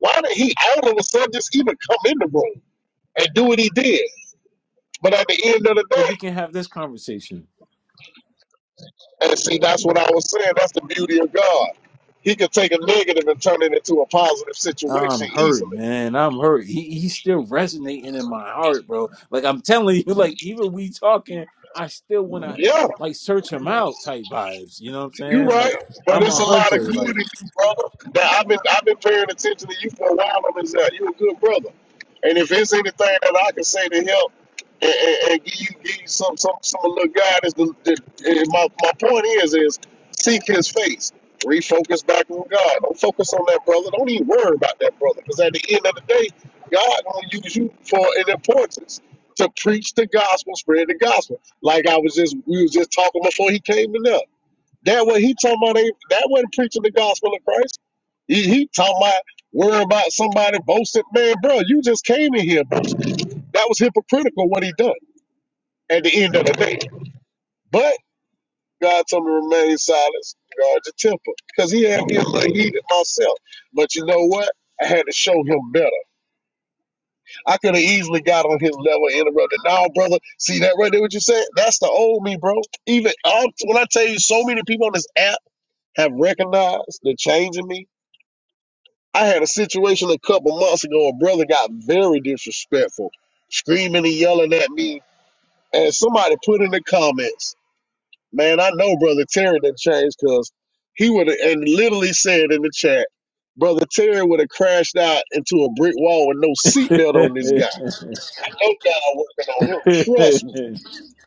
S: Why did he all of a sudden just even come in the room and do what he did? But at the end of the
P: So
S: day,
P: we can have this conversation.
S: and see, that's what I was saying. That's the beauty of God. He can take a negative and turn it into a positive situation
P: I'm hurt,
S: easily.
P: man. I'm hurt. He he's still resonating in my heart, bro. Like I'm [laughs] telling you, like even we talking, I still wanna
S: Yeah.
P: like search him out type vibes. You know what I'm
S: You're
P: saying?
S: right,
P: Like
S: but
P: I'm
S: it's
P: a
S: a lot of
P: hunter,
S: good
P: like
S: in you, brother. Now I've been I've been paying attention to you for a while on this. Uh, you're a good brother, and if there's anything that I can say to help and, and, and give you give you some some some little guidance, the, the, and my my point is is seek His face, refocus back on God. Don't focus on that brother. Don't even worry about that brother, because at the end of the day, God gonna use you for an importance to preach the gospel, spread the gospel. Like I was just we was just talking before he came in there. That what he talking about? They, that wasn't preaching the gospel of Christ. He, he talking about worrying about somebody boasting. Man, bro, you just came in here. That was hypocritical what he done at the end of the day. But God told me to remain silent, guard your temper, because he had me heated myself. But you know what? I had to show him better. I could have easily got on his level and interrupted. Now, brother, see that right there? What you said? That's the old me, bro. Even all, when I tell you, so many people on this app have recognized the change in me I had a situation a couple months ago. A brother got very disrespectful, screaming and yelling at me. And somebody put in the comments, man, I know Brother Terry didn't change because he would have, and literally said in the chat, Brother Terry would have crashed out into a brick wall with no seatbelt on this guy. No guy working on him.
P: [laughs]
S: Trust me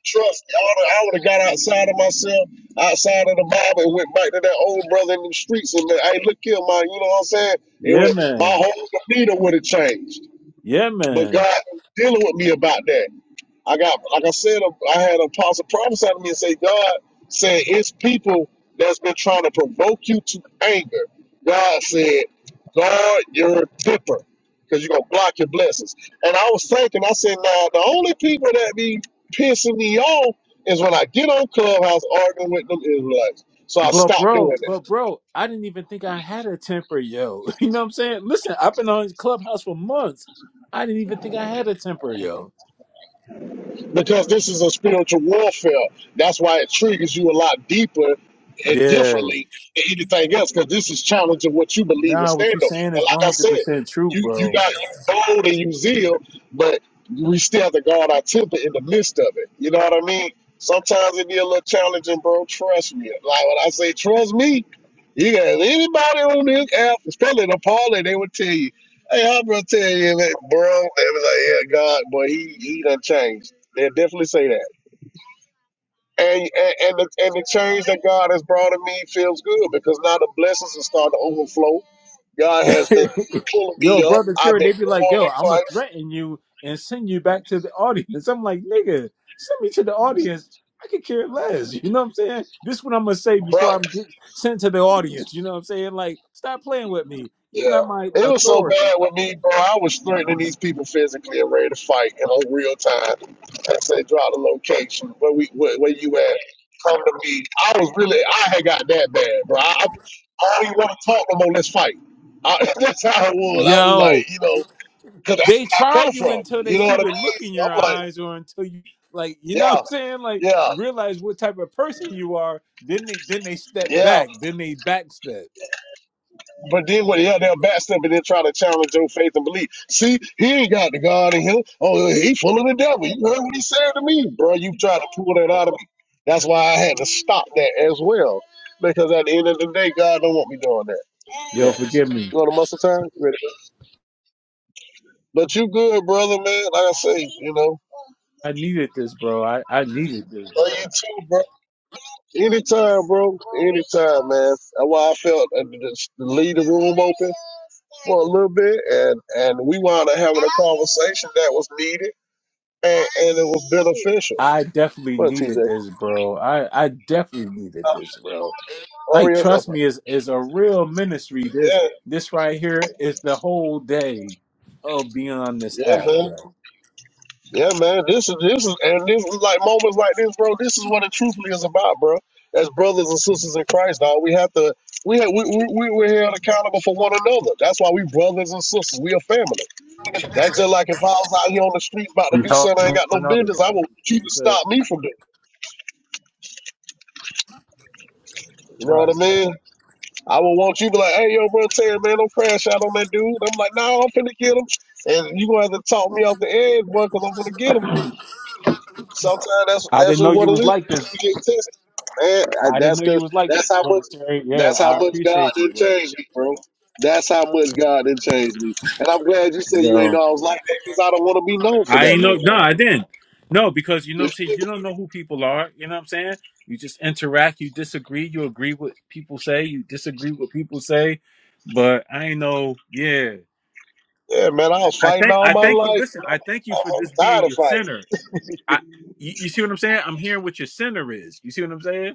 S: trust. I would have got outside of myself, outside of the Bible, and went back to that old brother in the streets and been, hey, look here, man, you know what I'm saying? It
P: Yeah
S: would my
P: man.
S: whole demeanor would have changed.
P: Yeah
S: But
P: man.
S: God was dealing with me about that. I got, like I said, I had an apostle prophesy to me and say, God said, it's people that's been trying to provoke you to anger. God said, guard your temper because you're going to block your blessings. And I was thinking, I said, now, the only people that be pissing me off is when I get on Clubhouse arguing with them Israelites. So I
P: But
S: stopped doing
P: bro,
S: that.
P: but bro, I didn't even think I had a temper, yo. [laughs] You know what I'm saying? Listen, I've been on clubhouse for months. I didn't even think I had a temper, yo.
S: because this is a spiritual warfare. That's why it triggers you a lot deeper and
P: Yeah.
S: differently than anything else, because this is challenging what you believe and
P: Nah,
S: stand
P: what you
S: on.
P: saying
S: And
P: is one
S: like I
P: hundred
S: said,
P: percent true,
S: you you
P: bro.
S: got you bold and you zeal, but we still have to guard our temper in the midst of it. You know what I mean? Sometimes it be a little challenging, bro. Trust me. Like when I say trust me, you got anybody on this app, especially the parlor, they would tell you, "Hey, I'm gonna tell you, that, bro." They was like, "Yeah, God, boy, he he done changed." They will definitely say that. And, and and the and the change that God has brought in me feels good because now the blessings have started to overflow. God
P: [laughs]
S: has been pulling me
P: yo,
S: up.
P: brother
S: I've
P: Terry,
S: been
P: they be like,
S: growing
P: yo,
S: in
P: I'ma
S: Christ,
P: threaten you and send you back to the audience. I'm like, nigga, send me to the audience. I could care less. [laughs] You know what I'm saying? This is what I'm gonna say
S: bro.
P: before I'm get sent to the audience. You know what I'm saying? Like, stop playing with me. You're not my
S: Yeah, it was so
P: authority.
S: bad with me, bro. I was threatening these people physically and ready to fight in a real time. I said, "Draw the location. Where we where, where you at? Come to me." I was really I had got that bad, bro. I, I don't even want to talk no more. Let's fight. I, [laughs] that's how it was. I was
P: Yo,
S: like, you know. Cause that's
P: They
S: where I
P: try
S: come
P: you
S: from.
P: until they
S: You know
P: see
S: what I
P: the
S: mean?
P: look in
S: So
P: your
S: I'm like,
P: eyes or until you like, you know what
S: yeah,
P: I'm saying? Like
S: yeah,
P: realize what type of person you are. Then they then they step
S: yeah.
P: back. Then they backstep.
S: But then when yeah, they'll backstep and then try to challenge your faith and belief. See, he ain't got the God in him. Oh, he full of the devil. You heard what he said to me, bro. You try to pull that out of me. That's why I had to stop that as well. Because at the end of the day, God don't want me doing that.
P: Yo,
S: Well,
P: forgive me.
S: you want to muscle time? Ready? But you good, brother, man. Like I say, you know.
P: I needed this, bro. I, I needed this,
S: Love
P: bro.
S: you too, bro. Anytime, bro. Anytime, man. That's why I felt uh, to just leave the room open for a little bit, and and we wound up having a conversation that was needed and, and it was beneficial.
P: I definitely
S: What,
P: needed
S: TJ?
P: this, bro. I, I definitely needed
S: Uh,
P: this, bro. Like,
S: Oreos.
P: trust
S: Okay.
P: me, is is a real ministry. This
S: Yeah,
P: this right here is the whole day of being on this
S: yeah,
P: app,
S: man.
P: bro.
S: Yeah, man. This is this is and this is like moments like this, bro. This is what it truthfully is about, bro. As brothers and sisters in Christ, dog, we have to we have we we we- we're held accountable for one another. That's why we brothers and sisters. We a family. That's just like if I was out here on the street about to do
P: Help
S: something I ain't
P: one
S: got no
P: another.
S: business, I would want you to stop me from doing it. You know what
P: Right.
S: I mean? I would want you to be like, hey, yo, bro, Terry, man, don't crash out on that dude. I'm like, no, nah, I'm finna get him. And you gonna have to talk me off the edge, boy, because I'm finna get him. Sometimes that's
P: I
S: that's
P: didn't
S: just
P: know you
S: what it
P: was
S: is.
P: like
S: You, you
P: this.
S: get tested, man. I,
P: I didn't
S: that's
P: know you
S: cause
P: was like this,
S: that's how much
P: brother Terry. Yeah,
S: that's how
P: I
S: much God
P: appreciate you,
S: didn't
P: bro.
S: change me, bro. That's how much God didn't change me. And I'm glad you said you ain't
P: Yo,
S: always like that, because I don't want to be known for
P: I
S: that
P: ain't
S: no
P: know. No,
S: more.
P: I didn't. No, because you know what
S: You
P: I'm saying. You don't know who people are. You know what I'm saying. You just interact. You disagree. You agree with people say. You disagree with people say. But I ain't know. Yeah,
S: Yeah, man, I was
P: I, I
S: fighting
P: think
S: all
P: I
S: my
P: thank you.
S: life.
P: Listen,
S: and
P: I thank
S: I'm,
P: you for
S: I'm, I'm
P: this
S: tired
P: being
S: of
P: your
S: fighting.
P: center. I, you, you see what I'm saying? I'm hearing what your center is. You see what I'm saying?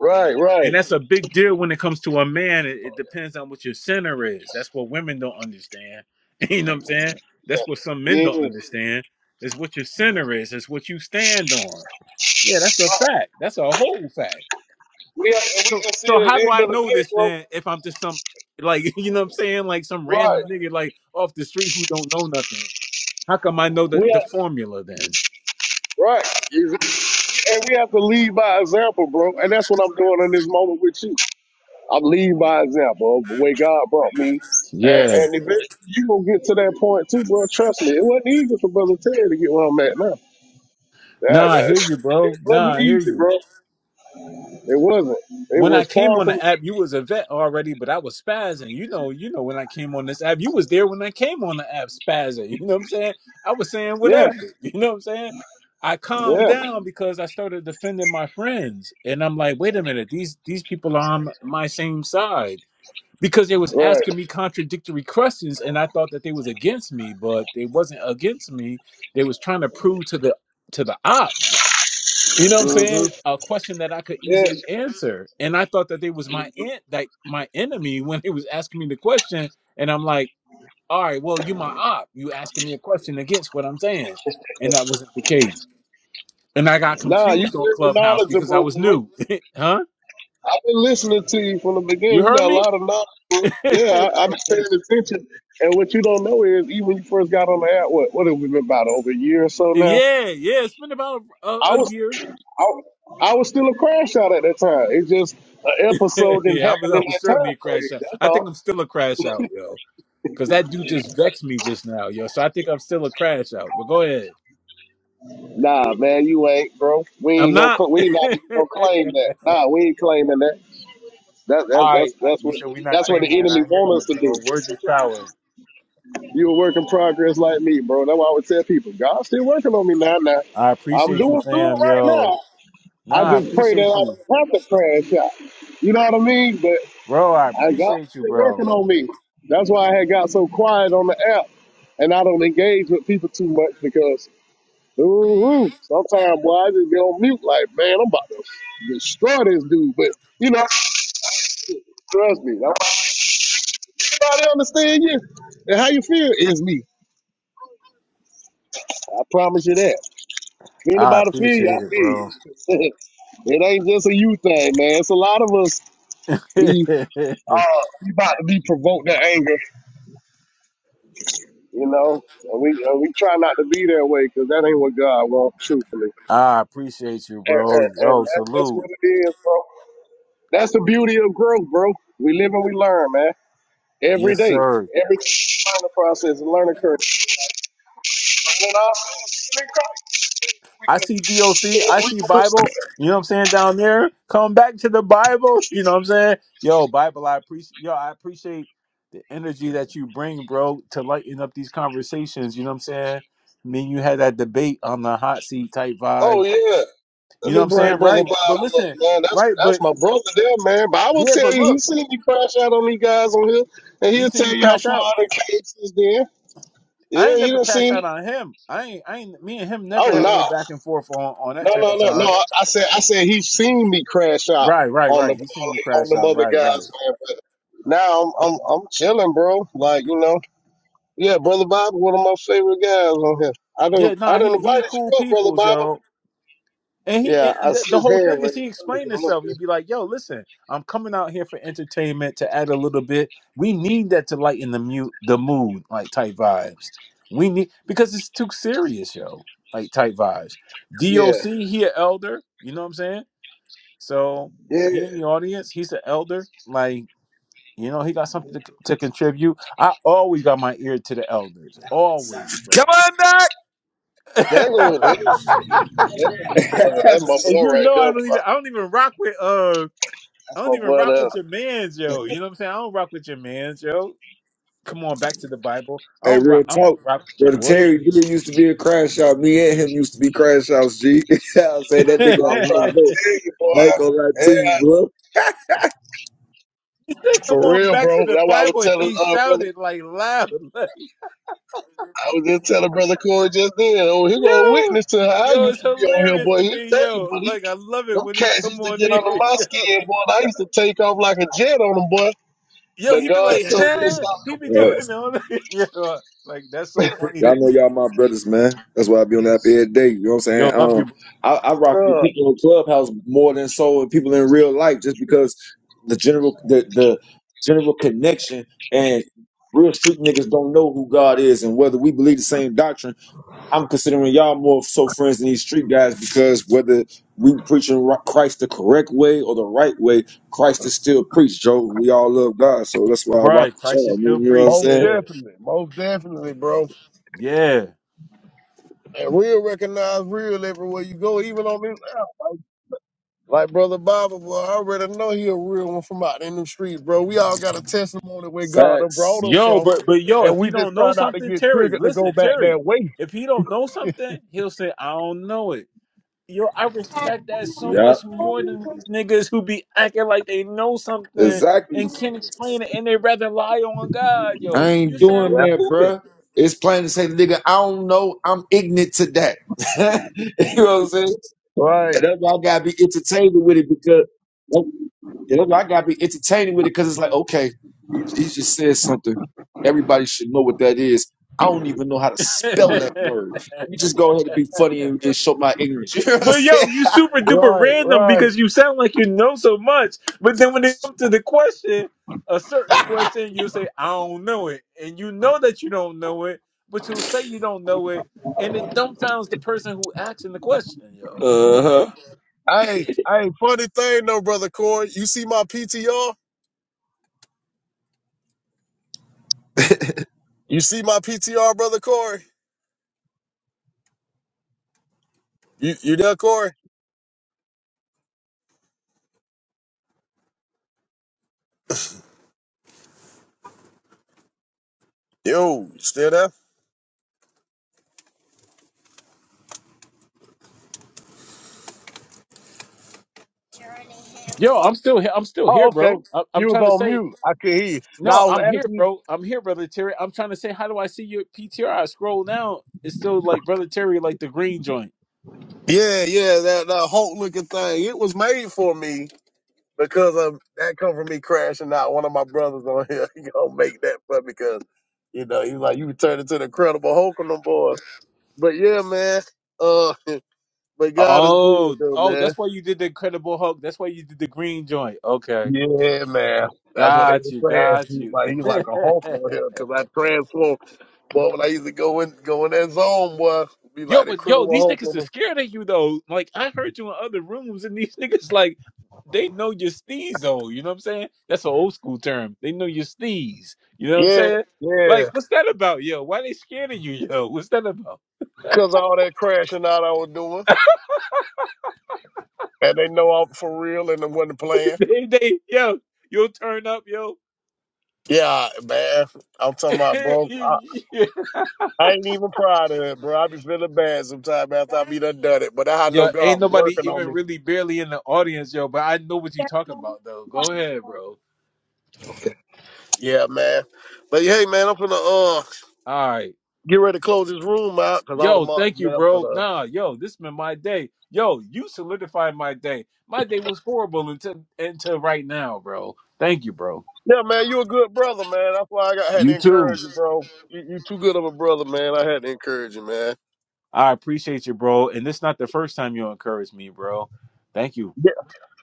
S: Right,
P: and
S: right.
P: that's a big deal when it comes to a man. It, it depends on what your center is. That's what women don't understand. [laughs] You know what I'm saying? That's what some men
S: Yeah.
P: don't understand. Is what your center is. It's what you stand on. Yeah, that's a fact. That's a whole fact.
S: We have, and we
P: So,
S: and see
P: so
S: it at
P: how
S: the
P: do
S: end
P: I
S: of the
P: know
S: day,
P: this
S: bro.
P: then? If I'm just some, like, [laughs] you know what I'm saying? Like some
S: Right.
P: random nigga like off the street who don't know nothing. How come I know the
S: We
P: the
S: have,
P: formula then?
S: right. Exactly. And we have to lead by example, bro. And that's what I'm doing in this moment with you. I'm leading by example of the way God brought me. And,
P: Yeah.
S: and eventually you gonna get to that point too, bro. Trust me. It wasn't easy for Brother Terry to get where I'm at now.
P: Nah,
S: That,
P: I
S: that,
P: hear
S: [laughs]
P: you, bro.
S: it
P: Nah,
S: wasn't
P: I hear
S: easy,
P: you.
S: bro. It wasn't. It
P: When I
S: was
P: came
S: far
P: on
S: from.
P: the app, you was a vet already, but I was spazzing. You know, you know when I came on this app, you was there when I came on the app spazzing. [laughs] You know what I'm saying? I was saying
S: Yeah.
P: whatever. [laughs] You know what I'm saying? I calmed
S: Yeah.
P: down because I started defending my friends, and I'm like, wait a minute, these these people are on my same side because they was
S: Right.
P: asking me contradictory questions, and I thought that they was against me, but they wasn't against me. They was trying to prove to the to the op you know what I'm
S: hmm
P: saying? A question that I could
S: Yeah,
P: easily answer. And I thought that they was my aunt like my enemy [laughs] when they was asking me the question. And I'm like, all right, well, you my op. You asking me a question against what I'm saying. And that wasn't the case. And I got
S: nah, you
P: confused on
S: very
P: Clubhouse because I
S: knowledgeable,
P: was
S: bro.
P: new. [laughs] huh?
S: I've been listening to you from the
P: You
S: beginning. You
P: heard
S: got a
P: me?
S: lot of knowledge, bro.
P: [laughs] yeah,
S: Yeah, I, I've been paying attention. And what you don't know is, even when you first got on the app, what what have we been about over a year or so now?
P: yeah. It's been about a,
S: I
P: a
S: was
P: year.
S: I, I was still a crash out at that time. It's just an
P: [laughs]
S: episode didn't
P: yeah, I was,
S: happen
P: I
S: in
P: was
S: that time
P: certainly a
S: frame.
P: crash out.
S: That's
P: I think
S: all.
P: I'm still a crash out, yo. Cause that dude just vexed me just now, yo. So I think I'm still a crash out. But go ahead.
S: Nah, man, you ain't, bro. We
P: I'm
S: ain't gonna
P: not.
S: co-
P: [laughs]
S: we not even gonna claim that. Nah, we ain't claiming that. That, that
P: All
S: that's
P: right, I,
S: that's
P: you
S: what
P: said we're not
S: that's what the
P: claiming that.
S: enemy
P: I hear you,
S: wants us to
P: bro.
S: do.
P: Words is power.
S: You a work in progress like me, bro. That's why I would tell people, God's still working on me now. Now
P: I
S: I'm
P: appreciate you,
S: doing good
P: fam.
S: right
P: Yo,
S: now. I
P: nah, I
S: just pray that I
P: appreciate you,
S: don't have to crash out. You know what I mean? But
P: bro. I
S: I got
P: appreciate you,
S: still
P: bro.
S: working on me. That's why I had got so quiet on the app, and I don't engage with people too much because ooh, sometimes boy, I just be on mute. Like man, I'm about to destroy this dude. But you know, trust me. Nobody understand you and how you feel is me. I promise you that.
P: I
S: Anybody feel you?
P: appreciate
S: I
P: it,
S: feel
P: bro.
S: you. [laughs] it ain't just a you thing, man. It's a lot of us be
P: [laughs]
S: uh we about to be provoked to anger, you know. And we and we try not to be that way because that ain't what God wants, truthfully.
P: I appreciate you,
S: And,
P: bro.
S: and,
P: Yo,
S: and that's, that's what
P: salute.
S: it is, bro. That's the beauty of growth, bro. We live and we learn, man. Every
P: Yes,
S: day,
P: sir.
S: every learning process, and learning curve, learning ourselves, even in Christ, we
P: I
S: can,
P: see DOC, I
S: we
P: see
S: can
P: Bible,
S: withstand.
P: you know what I'm saying, down there. Come back to the Bible, [laughs] you know what I'm saying? Yo, Bible, I appreciate yo, I appreciate the energy that you bring, bro, to lighten up these conversations, you know what I'm saying? I mean, you had that debate on the hot seat type
S: Oh
P: vibes.
S: yeah,
P: You
S: Let
P: know
S: me
P: what I'm
S: bring
P: saying?
S: brother
P: Right.
S: Bible
P: But
S: up,
P: listen,
S: man. That's
P: right,
S: that's
P: but
S: my brother there, man. But I will
P: yeah,
S: tell
P: but
S: you, he
P: look,
S: seen me crash out on these guys on here, and
P: he
S: he'll
P: seen
S: tell
P: you
S: you how
P: crash
S: far
P: out.
S: I done came since then.
P: I
S: Yeah,
P: ain't
S: he
P: never
S: done
P: crashed
S: seen.
P: out on him. I ain't I ain't me and him
S: Oh
P: never had
S: no,
P: no back and forth on, on that
S: no,
P: type
S: no,
P: of
S: no, no.
P: time.
S: I, I said, I said he seen me crash out
P: Right, right,
S: on the
P: right. He seen you
S: on
P: crash
S: them
P: out.
S: other
P: Right, right.
S: guys, man. But now I'm I'm I'm chilling, bro. Like you know, yeah, brother Bob, one of my favorite guys on here. I don't
P: Yeah,
S: I
P: nah, he
S: don't invite
P: he cool
S: you up, brother
P: peoples,
S: Bob.
P: yo. And he
S: Yeah,
P: and
S: I
P: the,
S: see
P: the
S: his
P: whole
S: hand
P: thing is
S: raised.
P: he
S: Trying to get
P: explained
S: him up
P: himself. He'd be like, "Yo, listen, I'm coming out here for entertainment to add a little bit. We need that to lighten the mute the mood, like type vibes. We need because it's too serious, yo. Like type vibes.
S: here.
P: DOC, he an elder. You know what I'm saying? So
S: Yeah, yeah.
P: he in the audience. He's an elder. Like you know, he got something to, to contribute. I always got my ear to the elders, always,
V: Come
P: bro.
V: on
S: That go
P: [laughs]
S: there. That's my brother.
V: back.
S: That's
V: [laughs]
S: my
P: And
S: boy
P: you
S: right
P: know
S: there,
P: I don't
S: boy.
P: even I don't even rock with uh
S: That's
P: I
S: my
P: don't even
S: boy
P: rock
S: there.
P: with your man, yo. You know what I'm saying? I don't rock with your man, yo. Come on back to the Bible. I
V: Hey,
P: don't
V: real
P: rock I don't
V: talk.
P: rock with your
V: Brother
P: boy.
V: Terry D used to be a crash out. Me and him used to be crash outs, G. [laughs] I'll say
P: [laughs]
V: that
P: he
V: nigga had
S: I'm
V: a lot
S: trying
V: of dope.
S: to
P: said,
S: tell you, boy.
V: I ain't gonna lie
S: Yeah,
V: to you, bro.
P: Come
S: for
P: on
S: real,
P: back
S: bro.
P: to the
S: That's why I was
P: Bible and
S: telling
P: he
S: uh, brother.
P: shouted like loud. [laughs] Like,
S: I was just telling brother Corey just then. Oh, he gonna
P: yo.
S: witness to how I
P: Yo,
S: used
P: it's
S: to be on here,
P: hilarious
S: boy.
P: to
S: He
P: me,
S: tell you,
P: yo.
S: but he,
P: Like I love it
S: them
P: when he
S: cats
P: come
S: used to
P: on [laughs]
S: get under
P: there,
S: my
P: yo.
S: skin, boy. And I used to take off like a jet on them, boy.
P: Yo,
S: But
P: he be
S: God
P: like, [laughs]
S: told me to
P: huh?
S: stop
P: He be
V: Yeah,
S: doing
P: doing all that. [laughs] Yo, like that's so funny to
V: y'all
P: me.
V: know y'all my brothers, man. That's why I be on that every day. You know what I'm saying?
P: Yo, love
V: Um,
P: you, bro.
V: I, I rock with
S: that. Yeah,
V: people on Clubhouse more than so with people in real life, just because the general the, the general connection and real street niggas don't know who God is and whether we believe the same doctrine I'm considering y'all more so friends than these street guys because whether we preaching ri- Christ the correct way or the right way, Christ is still preached, Joe. We all love God, so that's why I rock
P: Right,
V: with
P: Christ
V: y'all.
P: is
V: I mean,
P: still
V: You know what I'm
P: preached.
S: most
V: saying?
P: Yeah.
S: definitely, most definitely, bro.
P: Yeah.
S: And real recognize real everywhere you go, even on this app. Like brother Bobby, boy, I already know he a real one from out in the streets, bro. We all got a testimony where God done brought
V: Facts.
S: us
P: Yo,
S: from,
P: but but yo,
S: and
P: if
S: we
P: he
S: just
P: don't
S: try
P: know
S: not to
P: something,
S: get
P: Terry,
S: triggered to go
P: listen,
S: back
P: Terry,
S: that way.
P: if he don't know something, he'll say, I don't know it. Yo, I respect that so
V: Yeah,
P: much more than these niggas who be acting like they know something
V: exactly.
P: and can't explain it and they rather lie on God,
V: I
P: yo.
V: ain't
P: You
V: doing
P: sound
S: Yeah.
V: that,
P: stupid.
V: bruh. It's plain to say, nigga, I don't know. I'm ignorant to that. [laughs] you know what I'm saying?
S: Right,
V: And that's why I gotta be entertained with it because. Yeah, that's why I gotta be entertaining with it because it's like, okay, he, he just said something. Everybody should know what that is. I don't even know how to spell that
P: [laughs]
V: word. Let me just go ahead and be funny and, and show my ignorance. [laughs] You know what I'm
P: But yo,
V: saying?
P: you
V: [laughs]
P: super duper
S: right,
P: random
S: right.
P: because you sound like you know so much. But then when it comes to the question, a certain question, you'll say, I don't know it. And you know that you don't know it, but you'll say you don't know it. And it dumbfounds the person who asking the question, yo.
V: Uh huh.
S: Hey, hey, funny thing though, brother Corey. You see my PTR? You see my PTR, brother Corey? You you there, Corey? Yo, you still there?
P: Yo, I'm still here. I'm still here,
S: Oh, okay.
P: bro. I- I'm
S: You was
P: trying to
S: on
P: say,
S: mute. I could hear you. Now
P: no,
S: I was
P: I'm here,
S: asking you.
P: bro. I'm here, brother Terry. I'm trying to say, how do I see your PTR? I scroll down. It's still like brother Terry, like the green joint.
S: Yeah, yeah, that, that Hulk looking thing. It was made for me. because of that come from me crashing out. One of my brothers on here, [laughs] he gonna make that for me because you know he's like you turned into the Incredible Hulk on them boys. But yeah, man. Uh, [laughs] but God is good
P: Oh,
S: though,
P: oh,
S: man.
P: that's why you did the Incredible Hulk. That's why you did the green joint. Okay,
S: Yeah, man. That's what they
P: got you,
S: were saying.
P: got
S: He's
P: you.
S: like he's
P: [laughs]
S: like a Hulk on here because I transformed, Boy, when I used to go in go in that zone, boy, be like
P: yo,
S: the
P: but yo,
S: Incredible
P: these
S: Hulk
P: niggas
S: on
P: are
S: them.
P: scared of you though. Like I heard you in other rooms, and these [laughs] niggas like they know your steez though. You know what I'm saying? That's an old school term. They know your steez. You know what I'm
S: Yeah,
P: saying?
S: yeah.
P: Like, what's that about, yo? Why they scared of you, yo? What's that about?
S: Cause all that crashing out I was doing, and they know I'm for real and I wasn't playing.
P: [laughs] they, they, yo, you'll turn up, yo.
S: Yeah, man. I'm talking about, bro. I,
P: [laughs]
S: I ain't even proud of it, bro. I be feeling bad sometimes after I be done done it, but I know
P: Yo,
S: God
P: ain't
S: was
P: nobody
S: working on
P: even
S: me.
P: really barely in the audience, yo. But I know what you talking about, though. Go ahead, bro.
S: Yeah, man. But hey, man, I'm finna uh
P: All right,
S: get ready to close this room out because all the
P: yo,
S: mods
P: thank you,
S: left. But
P: bro.
S: uh,
P: Nah, yo, this been my day. Yo, you solidified my day. My day was horrible until until right now, bro. Thank you, bro.
S: yeah, man, you a good brother, man. That's why I got had to
P: You too.
S: encourage you, bro. You, you too good of a brother, man. I had to encourage you, man.
P: I appreciate you, bro. And it's not the first time you encouraged me, bro. Thank you.
S: Yeah,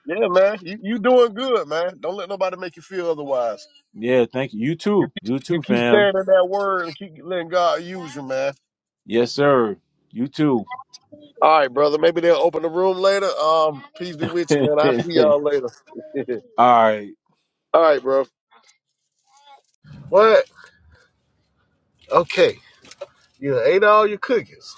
S: yeah, man. You you doing good, man. Don't let nobody make you feel otherwise.
P: Yeah, thank you. You too. You
S: You
P: too,
S: keep
P: fam.
S: standing in that word and keep letting God use you, man.
P: Yes, sir. You too.
S: All right, brother. Maybe they'll open the room later. Um, peace be
P: [laughs]
S: with
P: All
S: you, man. I'll see y'all later. [laughs]
P: right.
S: All right, bro. What? Okay. You done ate all your cookies.